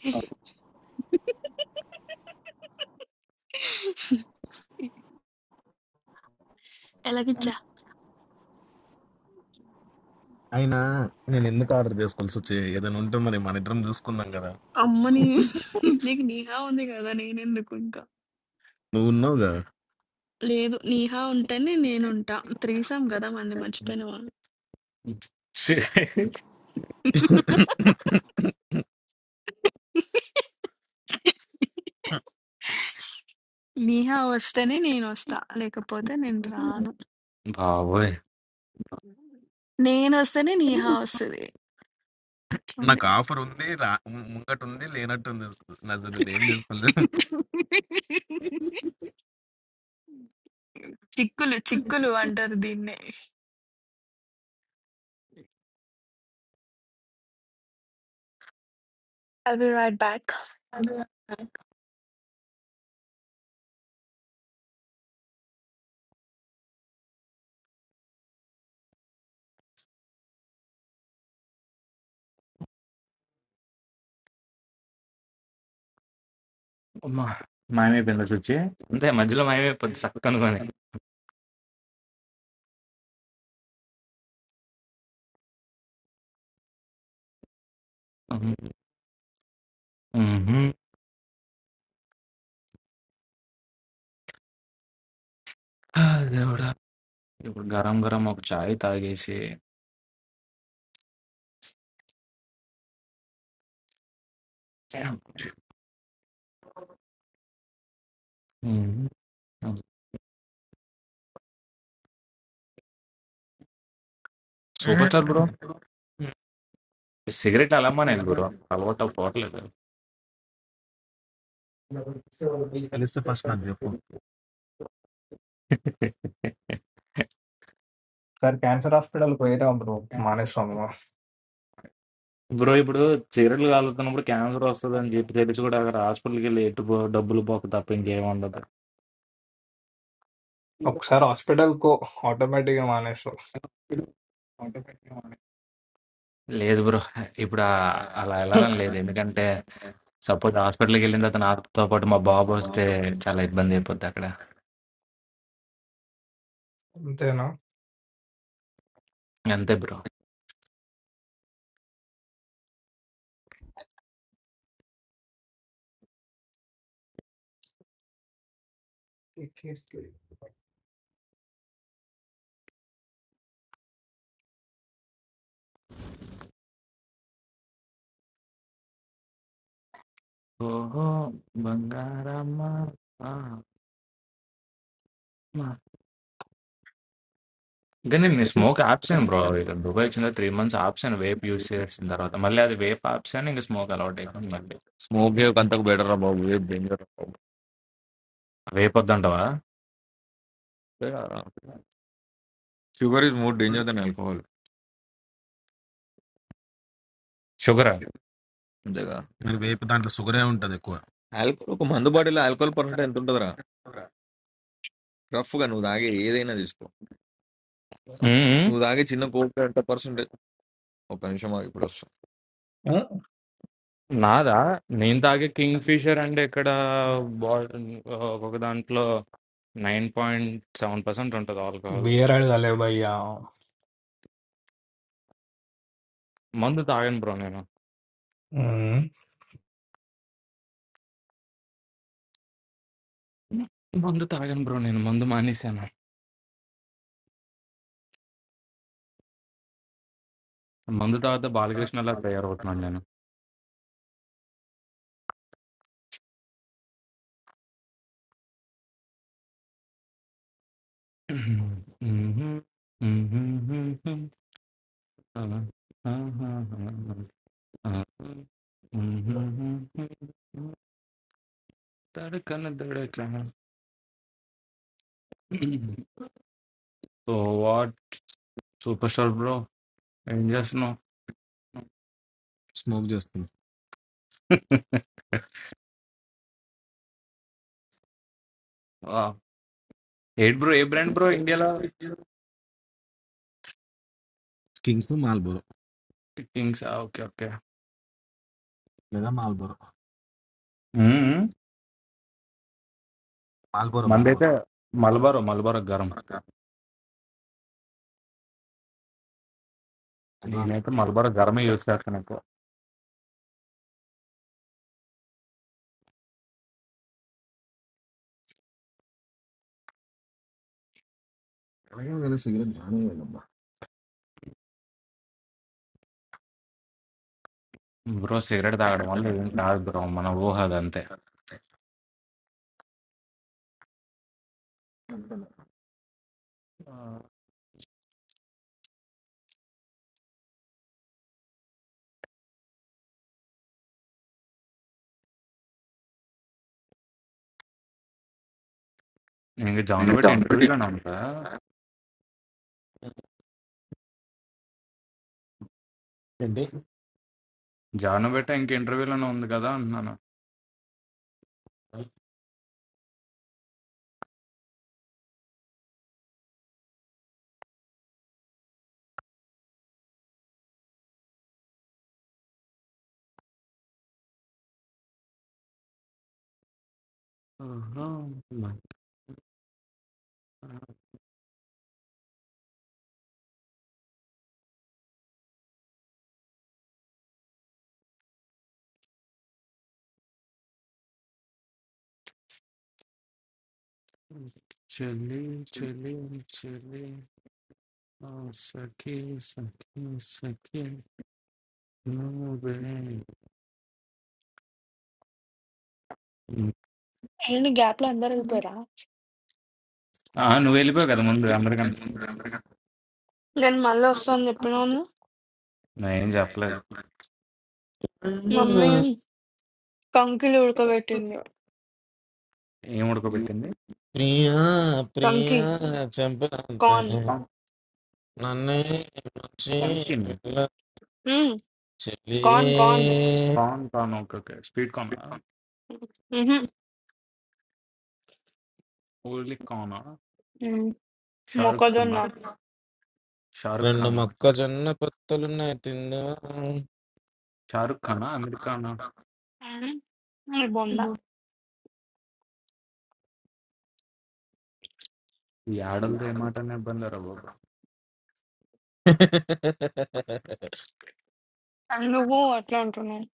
Speaker 2: ఎలాగిచ్చా?
Speaker 1: అయినా నేను ఎందుకు ఆర్డర్ చేసుకోవాల్సి వచ్చే ఏదైనా ఉంటే మరి మన ఇద్దరం చూసుకుందాం కదా
Speaker 2: అమ్మ నీ నీకు 'నీహా' ఉంది గదా! నేనెందుకు ఇంకా?
Speaker 1: నువ్వు
Speaker 2: లేదు 'నీహా' ఉంటేనే నేనుంటా. త్రీసమ్ గదా! మనది మర్చిపోయినవా? నీహా వస్తేనే నేనొస్తా. లేకపోతే నేను రాను.
Speaker 10: బాబోయ్
Speaker 2: నేనొస్తేనే నీహా వస్తది. అట్లుంది.
Speaker 1: నాకు ఆఫర్ ఉంది రా ము- ముంగట ఉంది లేనట్టు ఉంది అసలు. నా అసలు నేను ఏం చేసుకోలేదు
Speaker 2: చిక్కులు చిక్కులు అంటారు దీన్నే. I will be right back.
Speaker 10: అమ్మా, మాయమైపోయిందా చూచి అంతే మధ్యలో మాయమైపోద్ది సక్ అనుకొని ఉహు, ఉహు. ఆ, దేవుడా ఇప్పుడు గరం గరం ఒక చాయ్ తాగేసి ఉహు. సూపర్ స్టార్ బ్రో సిగరెట్ అలా మానేయాలి బ్రో అలవాటు పోవట్లేదు
Speaker 8: సార్ క్యాన్సర్ హాస్పిటల్ పోయిరా బ్రో మానేస్తాం
Speaker 10: బ్రో ఇప్పుడు సిగరెట్లు కాలుతున్నప్పుడు క్యాన్సర్ వస్తుంది అని చెప్పి తెలిసి కూడా అక్కడ హాస్పిటల్కి వెళ్ళి ఎటు పో- డబ్బులు పోక తప్ప ఇంకేం ఉండదు
Speaker 8: ఒకసారి హాస్పిటల్ కో ఆటోమేటిక్ గా మానేస్తాం
Speaker 10: లేదు బ్రో. ఇప్పుడు ఆహ్,
Speaker 1: ఆ,
Speaker 10: అలా
Speaker 1: అలా
Speaker 10: ఎళ్ళాలని
Speaker 1: ఎలా
Speaker 10: లేదు.
Speaker 1: అంటే
Speaker 10: ఎందుకంటే సపోజ్ హాస్పిటల్‌కి వెళ్ళిన తర్వాత నాతో పాటు మా బాబు
Speaker 1: మా బావ
Speaker 10: వస్తే
Speaker 1: పరిస్థితి.
Speaker 10: చాలా ఇబ్బంది అయిపోద్ది అక్కడ.
Speaker 8: అంతేనా
Speaker 10: అంతే బ్రో. ఓహో! బంగారమ్మ ఆ! మ కానీ నేను స్మోక్ ఆపేసాను బ్రో. ఇక దుబాయ్ వచ్చిన తర్వాత 3 మంత్స్ ఆపేసాను వేప్ యూజ్ చేసిన తర్వాత. మళ్ళీ అది వేప్ ఆపేసాను. ఇంక స్మోక్ అలవాటు అయిపోయింది మళ్ళీ.
Speaker 5: Smoke here కంటకు బెటర్ రా బాబు ఏ డేంజర్ రా బాబు
Speaker 10: వేప్ వద్దంటావా?
Speaker 5: Sugar is more danger than alcohol
Speaker 10: షుగరా?
Speaker 5: అంతేగా
Speaker 1: మరి వేపు దాంట్లో షుగరే ఉంటది ఎక్కువ
Speaker 5: ఆల్కహాల్ ఒక మందు బాటిలో ఆల్కహాల్ పర్సెంట్ ఎంత ఉంటుందిరా రఫ్ గా నువ్వు తాగే ఏదైనా తీసుకో
Speaker 10: హ్మ్. హ్మ్.
Speaker 5: నువ్వు తాగే చిన్న కోక్ ఎంత పర్సెంట్ ఒక నిమిషం ఆగు, ఇప్పుడు
Speaker 10: నాదా? నేను తాగే కింగ్ ఫిషర్ అంటే ఇక్కడ బాటిల్ ఆహ్, ఒక దాంట్లో 9.7% ఉంటది ఆల్కహాల్.
Speaker 8: బియర్ అడగలే భయ్యా
Speaker 10: మందు తాగను బ్రో నేను. మందు తాగను బ్రో నేను. మందు మానేశాను. మందు తాగితే బాలకృష్ణలా తయారవుతున్నాను నేను. దడకన దడకన. So what super star bro ఏం చేస్తున్నావు ఆ, ఏంటి బ్రో ఏ బ్రాండ్ బ్రో ఇండియాలో
Speaker 1: కింగ్
Speaker 10: కింగ్స్ ఓకే ఓకే మందైతే మలబారో మలబారో గరం నేనైతే మలబార్ గరమే యూజ్ చేస్తాను ఎక్కువ
Speaker 1: సిగరెట్ బాగానే లేదమ్మా.
Speaker 10: బ్రో సిగరెట్ తాగడం వల్ల ఏం కాదు బ్రో మన ఊహ అదంతే ఆ, నేను ఇంకా జాన్
Speaker 1: నేను
Speaker 10: బెట్టి
Speaker 1: down పెట్టి-
Speaker 10: ఇంటర్వ్యూలోనే ఉందా
Speaker 1: ఏంటి?
Speaker 10: జాన్ బెట్ట ఇంక ఇంటర్వ్యూలోనే ఉంది కదా అంటున్నాను ఆహా, మన చెల్లి చెల్లి చెల్లి ఆ, సఖి సఖి సఖి నువ్వే.
Speaker 2: ఏంటి గ్యాప్‌లో అందరెళ్ళిపోయారా?
Speaker 10: ఆ, నువ్వు వెళ్ళిపోయావు
Speaker 1: ఆ,
Speaker 10: కదా ముందు అందరికన్నా
Speaker 1: నేను remember గా
Speaker 2: నేను మళ్ళీ వస్తాను చెప్పినాను
Speaker 10: నేనేం
Speaker 1: ఏం
Speaker 10: చెప్పలేదు
Speaker 1: చెప్పలేదు.
Speaker 2: మమ్మీ కంకిలు ఉడకబెట్టింది
Speaker 10: ఏం
Speaker 1: You-
Speaker 10: ఉడకబెట్టింది
Speaker 1: ప్రియా
Speaker 2: కంకి
Speaker 1: ప్రియా చంపంత
Speaker 2: కార్న్
Speaker 1: నన్నే
Speaker 10: పంకిన్
Speaker 2: మ్మ్. కార్న్ కార్న్
Speaker 1: చెలి
Speaker 10: corn corn okay okay sweet corn
Speaker 2: మ్హూ.
Speaker 10: ఓన్లీ కార్నా
Speaker 2: మ్మ్.
Speaker 10: షారుఖ్ ఖానా
Speaker 2: మొక్కజొన్న
Speaker 10: షారుఖ్
Speaker 1: రెండు
Speaker 10: ఖానా
Speaker 1: మొక్కజొన్న పొత్తులున్నాయి తిందా
Speaker 10: షారుఖ్ ఖానా అమీర్ ఖానా
Speaker 2: మ్మ్. ఇది బొంద
Speaker 10: ఈ ఆడలతో ఏ మాటనే ఇబ్బందిరా బాబా
Speaker 2: నువ్వు అట్లా అంటున్నావు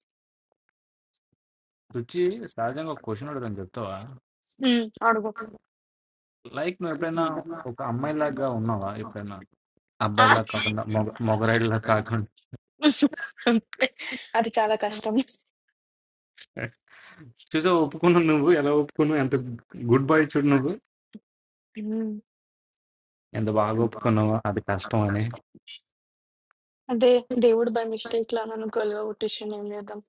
Speaker 10: రుచి సహజంగా ఒక క్వశ్చన్ అడగని చెప్తావా
Speaker 2: మ్మ్. అడుగు
Speaker 10: లైక్ నువ్వు ఎప్పుడైనా ఒక అమ్మాయిలాగా ఉన్నావా ఎప్పుడైనా
Speaker 2: ఆ.
Speaker 10: అబ్బాయిలా కాకుండా మొగ మొగరాయిలా కాకుండా
Speaker 2: అది చాలా కష్టం
Speaker 10: చూసా ఒప్పుకున్నావు నువ్వు ఎలా ఒప్పుకున్నావు ఎంత గుడ్ బాయ్ చూడు నువ్వు
Speaker 2: మ్మ్.
Speaker 10: ఎంత బాగా ఒప్పుకున్నావు అది కష్టం అని
Speaker 2: అదే దేవుడు బై మిస్టేక్ లా నన్ను గొలువ కొట్టించాను ఏం చేద్దాం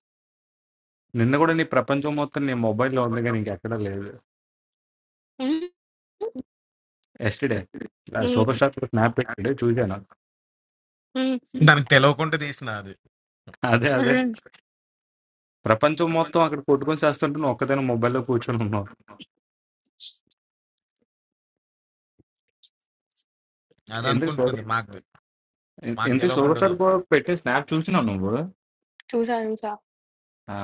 Speaker 10: నిన్న కూడా నీ ప్రపంచం మొత్తం నీ మొబైల్లో ఉంది కానీ ఇంకెక్కడా లేదు
Speaker 2: మ్మ్.
Speaker 10: ఎస్టర్డే
Speaker 2: మ్మ్.
Speaker 10: సూపర్ స్టార్ స్నాప్ పెట్టాడు చూశాను
Speaker 2: మ్మ్.
Speaker 1: దానికి తెలియకుండా తీసిన అది
Speaker 10: అదే అదే
Speaker 2: మ్మ్.
Speaker 10: ప్రపంచం మొత్తం అక్కడ కొట్టుకొని చేస్తుంటే నువ్వు ఒక్కదైనా మొబైల్లో కూర్చొని ఉన్నావు
Speaker 1: అది
Speaker 10: ఎందుకు సూపర్
Speaker 1: అనుకుంటుంది మాకు మాకు
Speaker 10: ఎందుకు సూపర్
Speaker 1: తెలియకుండా
Speaker 10: స్టార్
Speaker 1: వద్దు.
Speaker 10: కూడా పెట్టే స్నాప్ చూసినావు నువ్వు
Speaker 2: చూసా చూసా
Speaker 10: ఆ,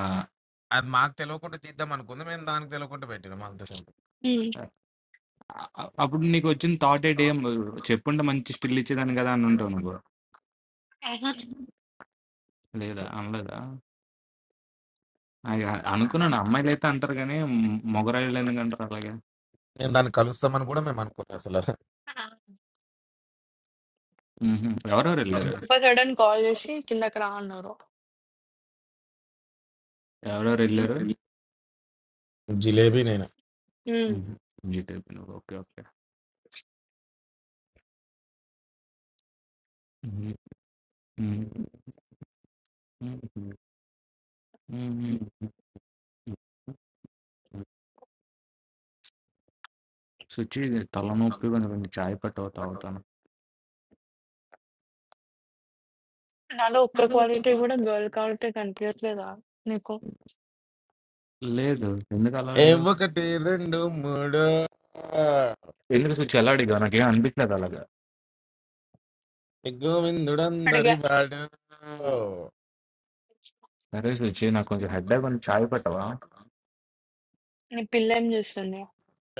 Speaker 1: అది మాకు తెలియకుండా తీద్దాం అనుకుంది మేము దానికి తెలియకుండా పెట్టినాం అంత సింపుల్
Speaker 2: మ్మ్.
Speaker 10: అ- అప్పుడు నీకు వచ్చిన థాట్ ఏంటి ఏం చెప్పుంటే మంచి స్టిల్ ఇచ్చేదాన్ని కదా అని ఉంటావు నువ్వు లేదా అనలేదా అది అ- అనుకున్నాను అమ్మాయిలు అయితే అంటారు కానీ మ్- మగరాయిలు ఎందుకు అంటారు అలాగే
Speaker 1: నేను దాన్ని కలుస్తామని కూడా మేము అనుకోలేదు అసలు
Speaker 10: మ్హూ. ఎవరెవరు వెళ్ళారు
Speaker 2: ఉపకరణ్ కాల్ చేసి కిందకి రా అన్నారు
Speaker 10: ఎవరెవరు వెళ్ళారు
Speaker 1: జిలేబీ నేను
Speaker 10: మ్హూ. జీట్ అయిపోయినావు ఓకే ఓకే మ్హూ. మ్హూ. మ్హూ. మ్హూ. సుచి తలనొప్పిగా ఉంది. కొంచెం చాయ్ పట్టు తాగుతాను
Speaker 2: నాలో ఒక్క క్వాలిటీ గూడా గర్ల్ క్వాలిటీ కనిపియట్లేదా నీకు?
Speaker 10: లేదు. ఎందుకు అలా
Speaker 1: ఏ
Speaker 10: అడిగావు?
Speaker 1: ఒకటి రెండు మూడు
Speaker 10: ఎందుకు సుచి అలా అడిగావు? నాకేం అనిపిచ్చలేదు అలాగా.
Speaker 1: ఏ
Speaker 2: అడిగా.
Speaker 1: గోవిందుడందరి వాడు
Speaker 10: సరే సుచి నాకు కొంచెం హెడ్‌ఏక్ ఉంది చాయ్ పెట్టవా?
Speaker 2: నీ పిల్లేం జేస్తుంది?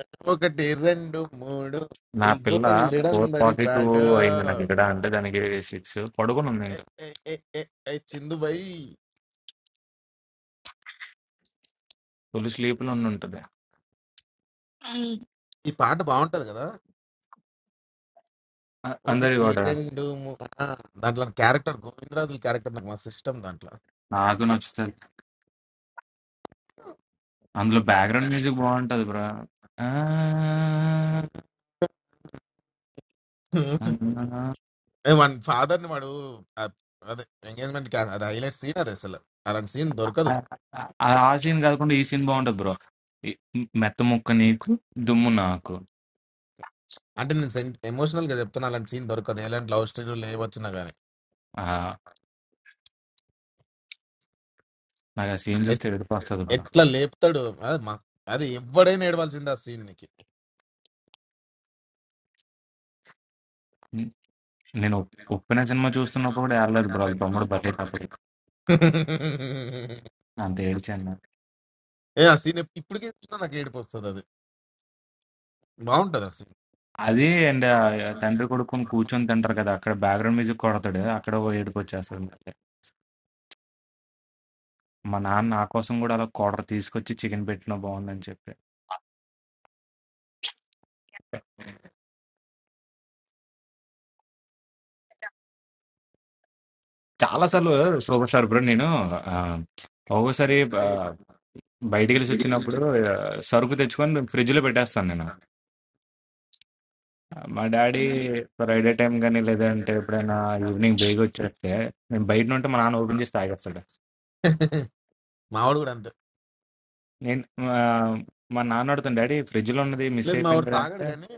Speaker 1: ఏ ఒకటి రెండు మూడు
Speaker 10: నా
Speaker 1: ఈ
Speaker 10: పిల్ల
Speaker 1: గోవిందుడందరి
Speaker 10: 4:42
Speaker 1: వాడు
Speaker 10: అయింది నాకిక్కడ. అంటే దానికి 6 పడుకునుంది
Speaker 1: ఏ
Speaker 10: ఇంకా.
Speaker 1: ఏ ఏ ఏ ఏ చిందు భాయ్
Speaker 10: ఫుల్ స్లీప్‌లో ఉండుంటది.
Speaker 2: హ్మ్.
Speaker 1: ఈ పాట బాగుంటది కదా
Speaker 10: అ అందరి
Speaker 1: ఒకటి
Speaker 10: గూడా.
Speaker 1: రెండు మూ- ఆ, దాంట్లో క్యారెక్టర్ గోవిందరాజుల క్యారెక్టర్ నాకు మస్తు ఇష్టం దాంట్లో
Speaker 10: నాకు నచ్చుతది. అందులో బ్యాక్‌గ్రౌండ్ మ్యూజిక్ బావుంటది బ్రో. ఆ! ఆ
Speaker 1: ఏ మన ఫాదర్ ని వాడు ఆ- అదే ఎంగేజ్మెంట్ అది హైలైట్ సీన్ అది అసలు అలాంటి సీన్ దొరకదు
Speaker 10: ఆ ఆ సీన్ గాకుండా ఈ సీన్ బావుంటది బ్రో. ఈ మెత్త ముక్క నీకు, దుమ్ము నాకు.
Speaker 1: అంటే నేను ఎమోషనల్ గా చెప్తున్నా అలాంటి సీన్ దొరకదు ఎలాంటి లవ్ స్టోరీ లేవచ్చినా గానీ
Speaker 10: ఆ! నాకు ఆ సీన్
Speaker 1: ఎట్-
Speaker 10: చూస్తే ఏడుపొస్తది బ్రో.
Speaker 1: ఎట్లా లేపుతాడు అది మా- అది ఎవడైనా ఏడవలసింది ఆ సీన్ నీకి
Speaker 10: నేను 'ఉప్పెన' సినిమా చూస్తున్నప్పుడు గూడా ఏడలేదు బ్రో. ఆళ్ళ తమ్ముడు బర్త్‌డేకప్పుడు. అంత ఏడ్చాను.
Speaker 1: ఏ ఆ సీన్ ఎప్- ఇప్పటికే చూసినా నాకు ఏడుపు వస్తుంది అది బాగుంటది ఆ సీన్
Speaker 10: అది అండ్ ఆహ్, తండ్రి కొడుకుని కూర్చొని తింటారు కదా! అక్కడ బ్యాక్‌గ్రౌండ్ మ్యూజిక్ కొడతాడు. అక్కడ ఓ ఏడుపొచ్చేస్తది మళ్ళీ. మా నాన్న నా కోసం గూడా అలా క్వార్టర్ తీసుకొచ్చి చికెన్ పెట్టినా బావుండని చెప్పి. చాలా సార్లు సూపర్ స్టార్ బ్రో నేను ఆహ్, ఒక్కోసారి ఆహ్, బయటికెళ్ళేసొచ్చినప్పుడు ఆహ్, సరుకు తెచ్చుకొని ఫ్రిడ్జ్‌లో పెట్టేస్తాను నేను. మా డ్యాడీ ఫ్రైడే టైమ్ గాని, లేదంటే ఎప్పుడైనా ఈవినింగ్ బేగొచ్చేస్తే, నేను బయటనుంటే మా నాన్న ఓపెన్ చేసి తాగేస్తాడు.
Speaker 1: మావాడు కూడా అంతే
Speaker 10: నేను మా మా నాన్న అడుగుతాను డాడీ ఫ్రిడ్జ్‌లో ఉన్నది మిస్
Speaker 1: లేదు మావాడు
Speaker 10: అయిపోయింది రా"
Speaker 1: తాగడు
Speaker 10: అంటే
Speaker 1: కానీ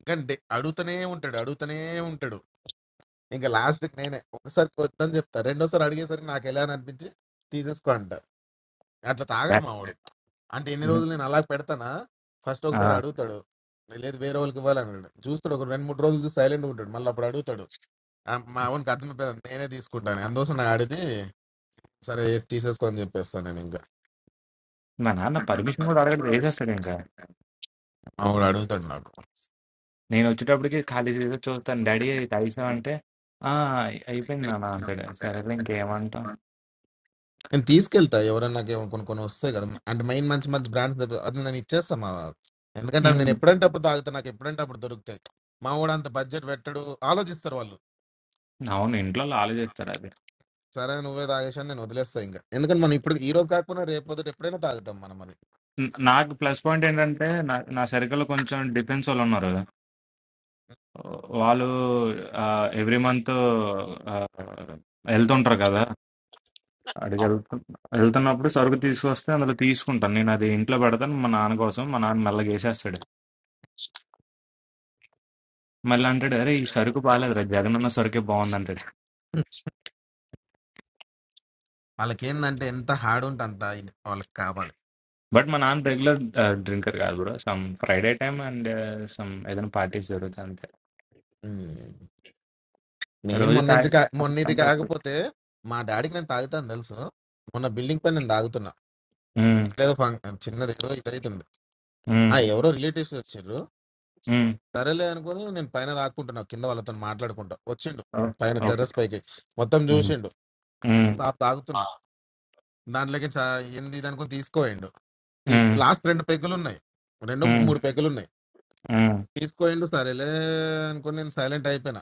Speaker 1: ఇంకా డే- అడుగుతూనే ఉంటాడు అడుగుతూనే ఉంటాడు ఇంకా లాస్ట్ నేనే ఒకసారి వద్దని చెప్తా రెండోసారి అడిగేసరికి నాకు ఎలా అని అనిపించి తీసేసుకో అంట అట్లా
Speaker 10: "డా-
Speaker 1: తాగడు మావాడు అంటే ఎన్ని రోజులు నేను అలా పెడతానా ఫస్ట్
Speaker 10: ఆ,
Speaker 1: ఒకసారి అడుగుతాడు లేదు వేరే వాళ్ళకి ఇవ్వాలన్నాడు చూస్తాడు ఒక రెండు మూడు రోజులు చూసి సైలెంట్ ఉంటాడు మళ్ళీ అప్పుడు అడుగుతాడు ఆ మా వానికి అర్థమైపోయింది నేనే తీసుకుంటాను అందుకోసం నాకు అడిగితే సరే ఏది తీసేసుకో అని చెప్పేస్తాను నేను ఇంకా
Speaker 10: మా నాన్న పర్మిషన్ కూడా అడగడు వేసేస్తాడు ఇంకా
Speaker 1: ఆవిడ అడుగుతాడు నాకు
Speaker 10: నేను వచ్చేటప్పటికి ఖాళీ చేసి చూస్తాను డాడీ అది తాగేసావంటే "ఆ, అయి- అయిపోయింది నాన్న అంటాడు సరేలే ఇంకేమంటాం
Speaker 1: నేను తీసుకెళ్తా ఎవరైనా నాకు ఏమో కొన్ని కొన్ని వస్తాయి కదా అంటే మెయిన్ మంచి మంచి బ్రాండ్స్ అది నేను ఇచ్చేస్తా మా వాళ్ళకి. ఎందుకంటే నేను
Speaker 10: "ఉమ్,
Speaker 1: ఎప్పుడంటే అప్పుడు తాగుతా నాకు ఎప్పుడంటే అప్పుడు దొరుకుతాయి మా వాడు అంత బడ్జెట్ పెట్టడు ఆలోచిస్తారు వాళ్ళు
Speaker 10: అవును ఇంట్లో వాళ్ళు ఆలోచిస్తారు అది
Speaker 1: సరే నువ్వే తాగేసాను నేను వదిలేస్తా ఇంకా ఎందుకంటే మనం ఇప్పుడు ఈ రోజు కాకపోయినా రేపు పొద్దుట ఎప్పుడైనా తాగుతాం మనం అది
Speaker 10: న- నాకు ప్లస్ పాయింట్ ఏంటంటే నా నా సర్కిల్లో కొంచెం డిఫెన్స్ వాళ్ళు ఉన్నారు వాళ్ళు ఎవ్రీ మంత్ వెళ్తుంటారు కదా అడిగి వెళ్తు వెళ్తున్నప్పుడు సరుకు తీసుకొస్తే అందులో తీసుకుంటాను నేను అది ఇంట్లో పెడతాను మా నాన్న కోసం మా నాన్న మెల్లగా వేసేస్తాడు మళ్ళీ అంటాడు అరే ఈ సరుకు బాగాలేదురా జగన్ అన్న సరుకే బాగుంది అంటాడు
Speaker 1: వాళ్ళకి ఏంటంటే ఎంత హార్డ్ ఉంటే అంత ఇది వాళ్ళకి కావాలి
Speaker 10: బట్ మా నాన్న రెగ్యులర్ డ్రింకర్ కాదు bro some Friday time and some ఏదైనా పార్టీస్ జరుగుతాయి అంతే
Speaker 1: ఉమ్. నేను
Speaker 10: రోజు
Speaker 1: మొన్న
Speaker 10: తాగి
Speaker 1: ఇది కా- మొన్న ఇది
Speaker 10: తాగి-
Speaker 1: కాకపోతే మా డాడీకి నేను తాగుతాను తెలుసు మొన్న బిల్డింగ్ పైన నేను తాగుతున్నా
Speaker 10: ఉమ్,
Speaker 1: ఎక్కడేదో ఫం- చిన్నది ఏదో ఇదైతుంది
Speaker 10: ఉమ్,
Speaker 1: ఆ ఎవరో రిలేటివ్స్ వచ్చారు
Speaker 10: ఉమ్.
Speaker 1: సరేలే అనుకుని నేను పైన తాగుకుంటున్నా కింద వాళ్ళతో మాట్లాడుకుంటా వచ్చిండు
Speaker 10: ఓ,
Speaker 1: పైన
Speaker 10: ఓకే
Speaker 1: టెర్రస్ పైకి మొత్తం
Speaker 10: ఉమ్,
Speaker 1: చూసిండు
Speaker 10: ఉమ్,
Speaker 1: సాప్ తాగుతున్నా దాంట్లోకి చా- ఏంది ఇది అనుకుని తీసుకోయిండు తీసు
Speaker 10: ఉమ్,
Speaker 1: లాస్ట్ రెండు పెగ్గులు ఉన్నాయి రెండు మూ-
Speaker 10: ఉమ్,
Speaker 1: మూడు పెగ్గులు ఉన్నాయి
Speaker 10: ఉమ్,
Speaker 1: తీసుకోయిండు సరేలే అనుకుని నేను సైలెంట్ అయిపోయినా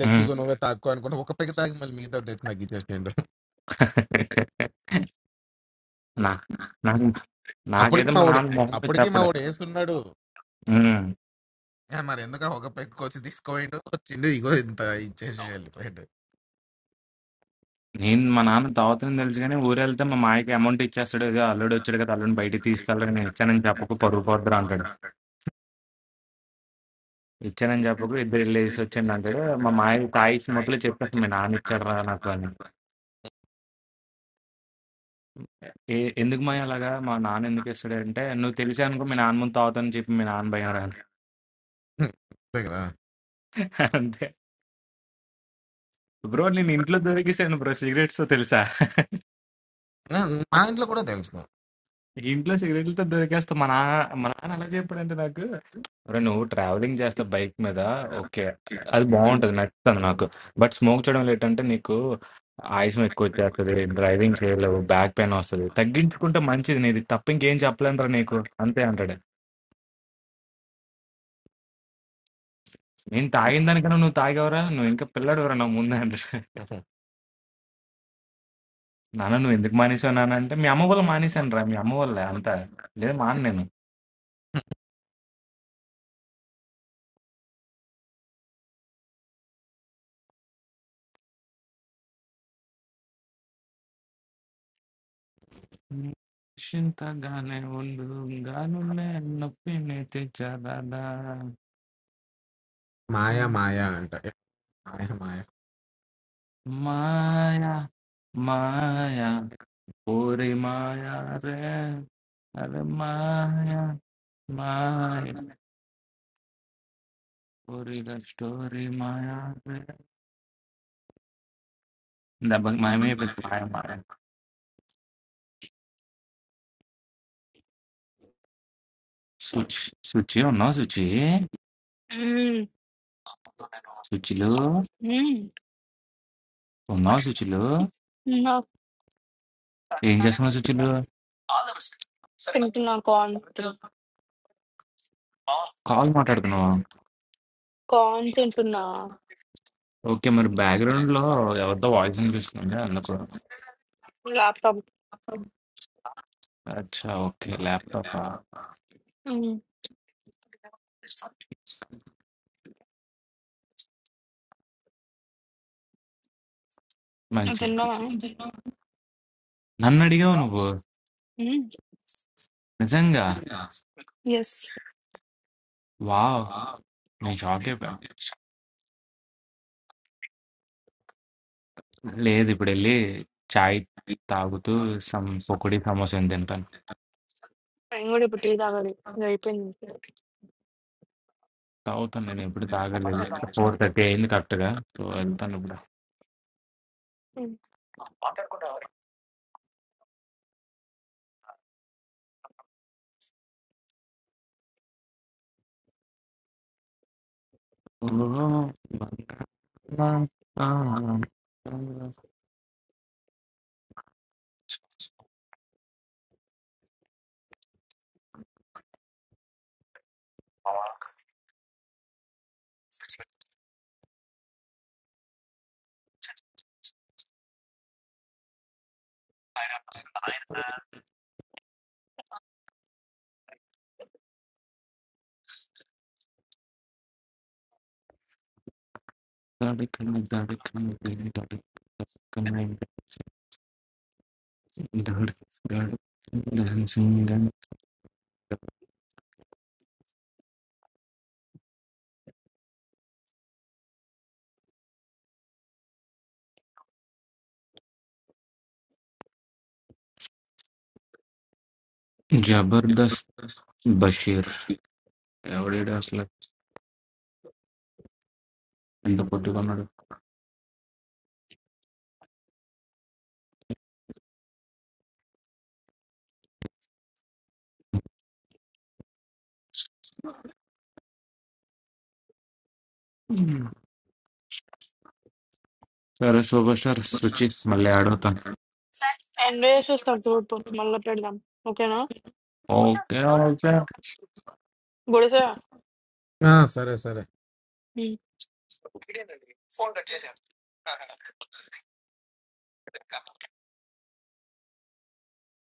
Speaker 1: తెచ్చి
Speaker 10: ఉమ్.
Speaker 1: ఇగో నువ్వే తాక్కో అనుకుంటా ఒక పెగ్ తాగి మళ్ళీ మిగతా తెచ్చి నాకు ఇచ్చేసేయండు
Speaker 10: నా నాకు
Speaker 1: అప్పటికి
Speaker 10: నాకైతే
Speaker 1: మా
Speaker 10: మా
Speaker 1: వాడు
Speaker 10: నాన్న మొహం
Speaker 1: అప్పటికి మా వాడు వేసుకున్నాడు
Speaker 10: చెప్పడు
Speaker 1: ఏ, మరి ఎందుకు ఒక పెక్కు వచ్చి తీసుకోవేయండు వచ్చిండు ఇగో ఇంత ఇచ్చేసి వెళ్ళిపోయాడు
Speaker 10: నేను మా నాన్న తాగుతుందని
Speaker 1: హ్మ్,
Speaker 10: తెలుసు కానీ ఊరెళ్తే మా మాయకి అమౌంట్ ఇచ్చేస్తాడు ఏదో అల్లుడు వచ్చాడు కదా అల్లుడిని బయటికి తీసుకెళ్ళాడు నేను ఇచ్చానని చెప్పకు పరుగు పోద్దురా అంటాడు ఇచ్చానని చెప్పకు ఇద్దరు వెళ్ళి వేసి వచ్చాను అంటాడు మా మాయ తాగిసి మొదలు చెప్పేస్తాను మీ నాన్న ఇచ్చాడురా నాకు అని ఏ ఎందుకు మాయ అలాగా మా నాన్న ఎందుకు ఇస్తాడు అంటే నువ్వు తెలిసే అనుకో మీ నాన్న ముందు తాగుతానని చెప్పి మీ నాన్న భయం రాని
Speaker 1: అంతే కదా
Speaker 10: అంతే బ్రో నేను ఇంట్లో దొరికేసాను బ్రో సిగరెట్స్ తెలుసా
Speaker 1: ఆ, మా ఇంట్లో కూడా తెలుసు
Speaker 10: ఇంట్లో సిగరెట్లతో దొరికేస్తా మా నాన్న మా నాన్న అలా చెప్పాడంటే నాకు "ఒరేయ్, నువ్వు ట్రావెలింగ్ చేస్తా బైక్ మీద ఓకే అది బాగుంటుంది నచ్చుతుంది నాకు బట్ స్మోక్ చేయడం లేటంటే నీకు ఆయుసం ఎక్కువ వచ్చేస్తుంది డ్రైవింగ్ చేయలేవు బ్యాక్ పెయిన్ వస్తుంది తగ్గించుకుంటే మంచిది నీది తప్ప ఇంకేం చెప్పలేనురా నీకు అంతే అంటాడు నేను తాగిన దానికన్నా నువ్వు తాగేవరా నువ్వు ఇంకా పిల్లడువరా నా ముందే అంటాడు నాన్న నువ్వు ఎందుకు మానేసావు నాన్న అంటే మీ అమ్మ వల్ల మానేశాను రా మీ అమ్మ వల్ల అంతా లేదు మాన నేను నిశ్చింతగానే ఉండు గానులే నొప్పిని తెచ్చరాదా
Speaker 1: మాయా మాయా అంట ఏ, మాయా మాయా
Speaker 10: మాయా మాయా ఓరి మాయా రే అరే మాయా మాయా ఓరి స్టోరీ మాయా రే దెబ్బకి మాయమైపోయింది మాయ మాయ సుచి సుచి ఉన్నావు సుచి
Speaker 2: హ్మ్.
Speaker 10: సుచిలు
Speaker 2: హ్మ్.
Speaker 10: ఉన్నావు సుచిలు
Speaker 2: తిన్నా.
Speaker 10: ఏం చేస్తున్నావు సుచిలు
Speaker 2: తింటున్నా కార్న్.
Speaker 10: కాల్ మాట్లాడుతున్నావు
Speaker 2: కార్న్ తింటున్నా.
Speaker 10: ఓకే మరి బ్యాక్గ్రౌండ్ లో ఎవరితో వాయిస్ అనిపిస్తుంది అందుకు
Speaker 2: ల్యాప్‌టాప్.
Speaker 10: అచ్చా! ఓకే. ల్యాప్‌టాపా?
Speaker 2: హ్మ్. నువ్వు
Speaker 10: మంచిది.
Speaker 2: తిన్నావా?
Speaker 10: నన్నడిగావు నువ్వు.
Speaker 2: హ్మ్.
Speaker 10: నిజంగా.
Speaker 2: యెస్.
Speaker 10: వావ్! నేను షాక్ అయిపోయాను. లేదు ఇప్పుడెళ్ళి చాయ్ తాగుతూ సమ్ పకోడీ, సమోసా ఏం తింటాను.
Speaker 2: నేను గూడా ఇప్పుడు టీ తాగాలి. ఇది అయిపోయింది.
Speaker 10: తాగుతాను నేను ఎప్పుడు తాగాలెళ్ళి. 4:30 అయింది కరెక్ట్‌గా. సో, వెళ్తాను ఇప్పుడు.
Speaker 2: హ్మ్.
Speaker 10: ఓ, బంగారం, బంగారం, దొరికిన, దొరికిన, దొరికిన, దొరికిన, దొరికిన. జబర్దస్త్ బషీర్. ఎవడీడు అసలు? ఎంత పొద్దుగున్నాడు. सरे सुबह सर सुचित मल्लियाडोतन
Speaker 2: ఎంజాయ్ చేసేస్తాం చూడు పో. మళ్ళా పెడదాం. ఓకేనా?
Speaker 10: ओके ओके
Speaker 2: గుడిసె.
Speaker 1: ఆ, సరే సరే
Speaker 2: హ్మ్.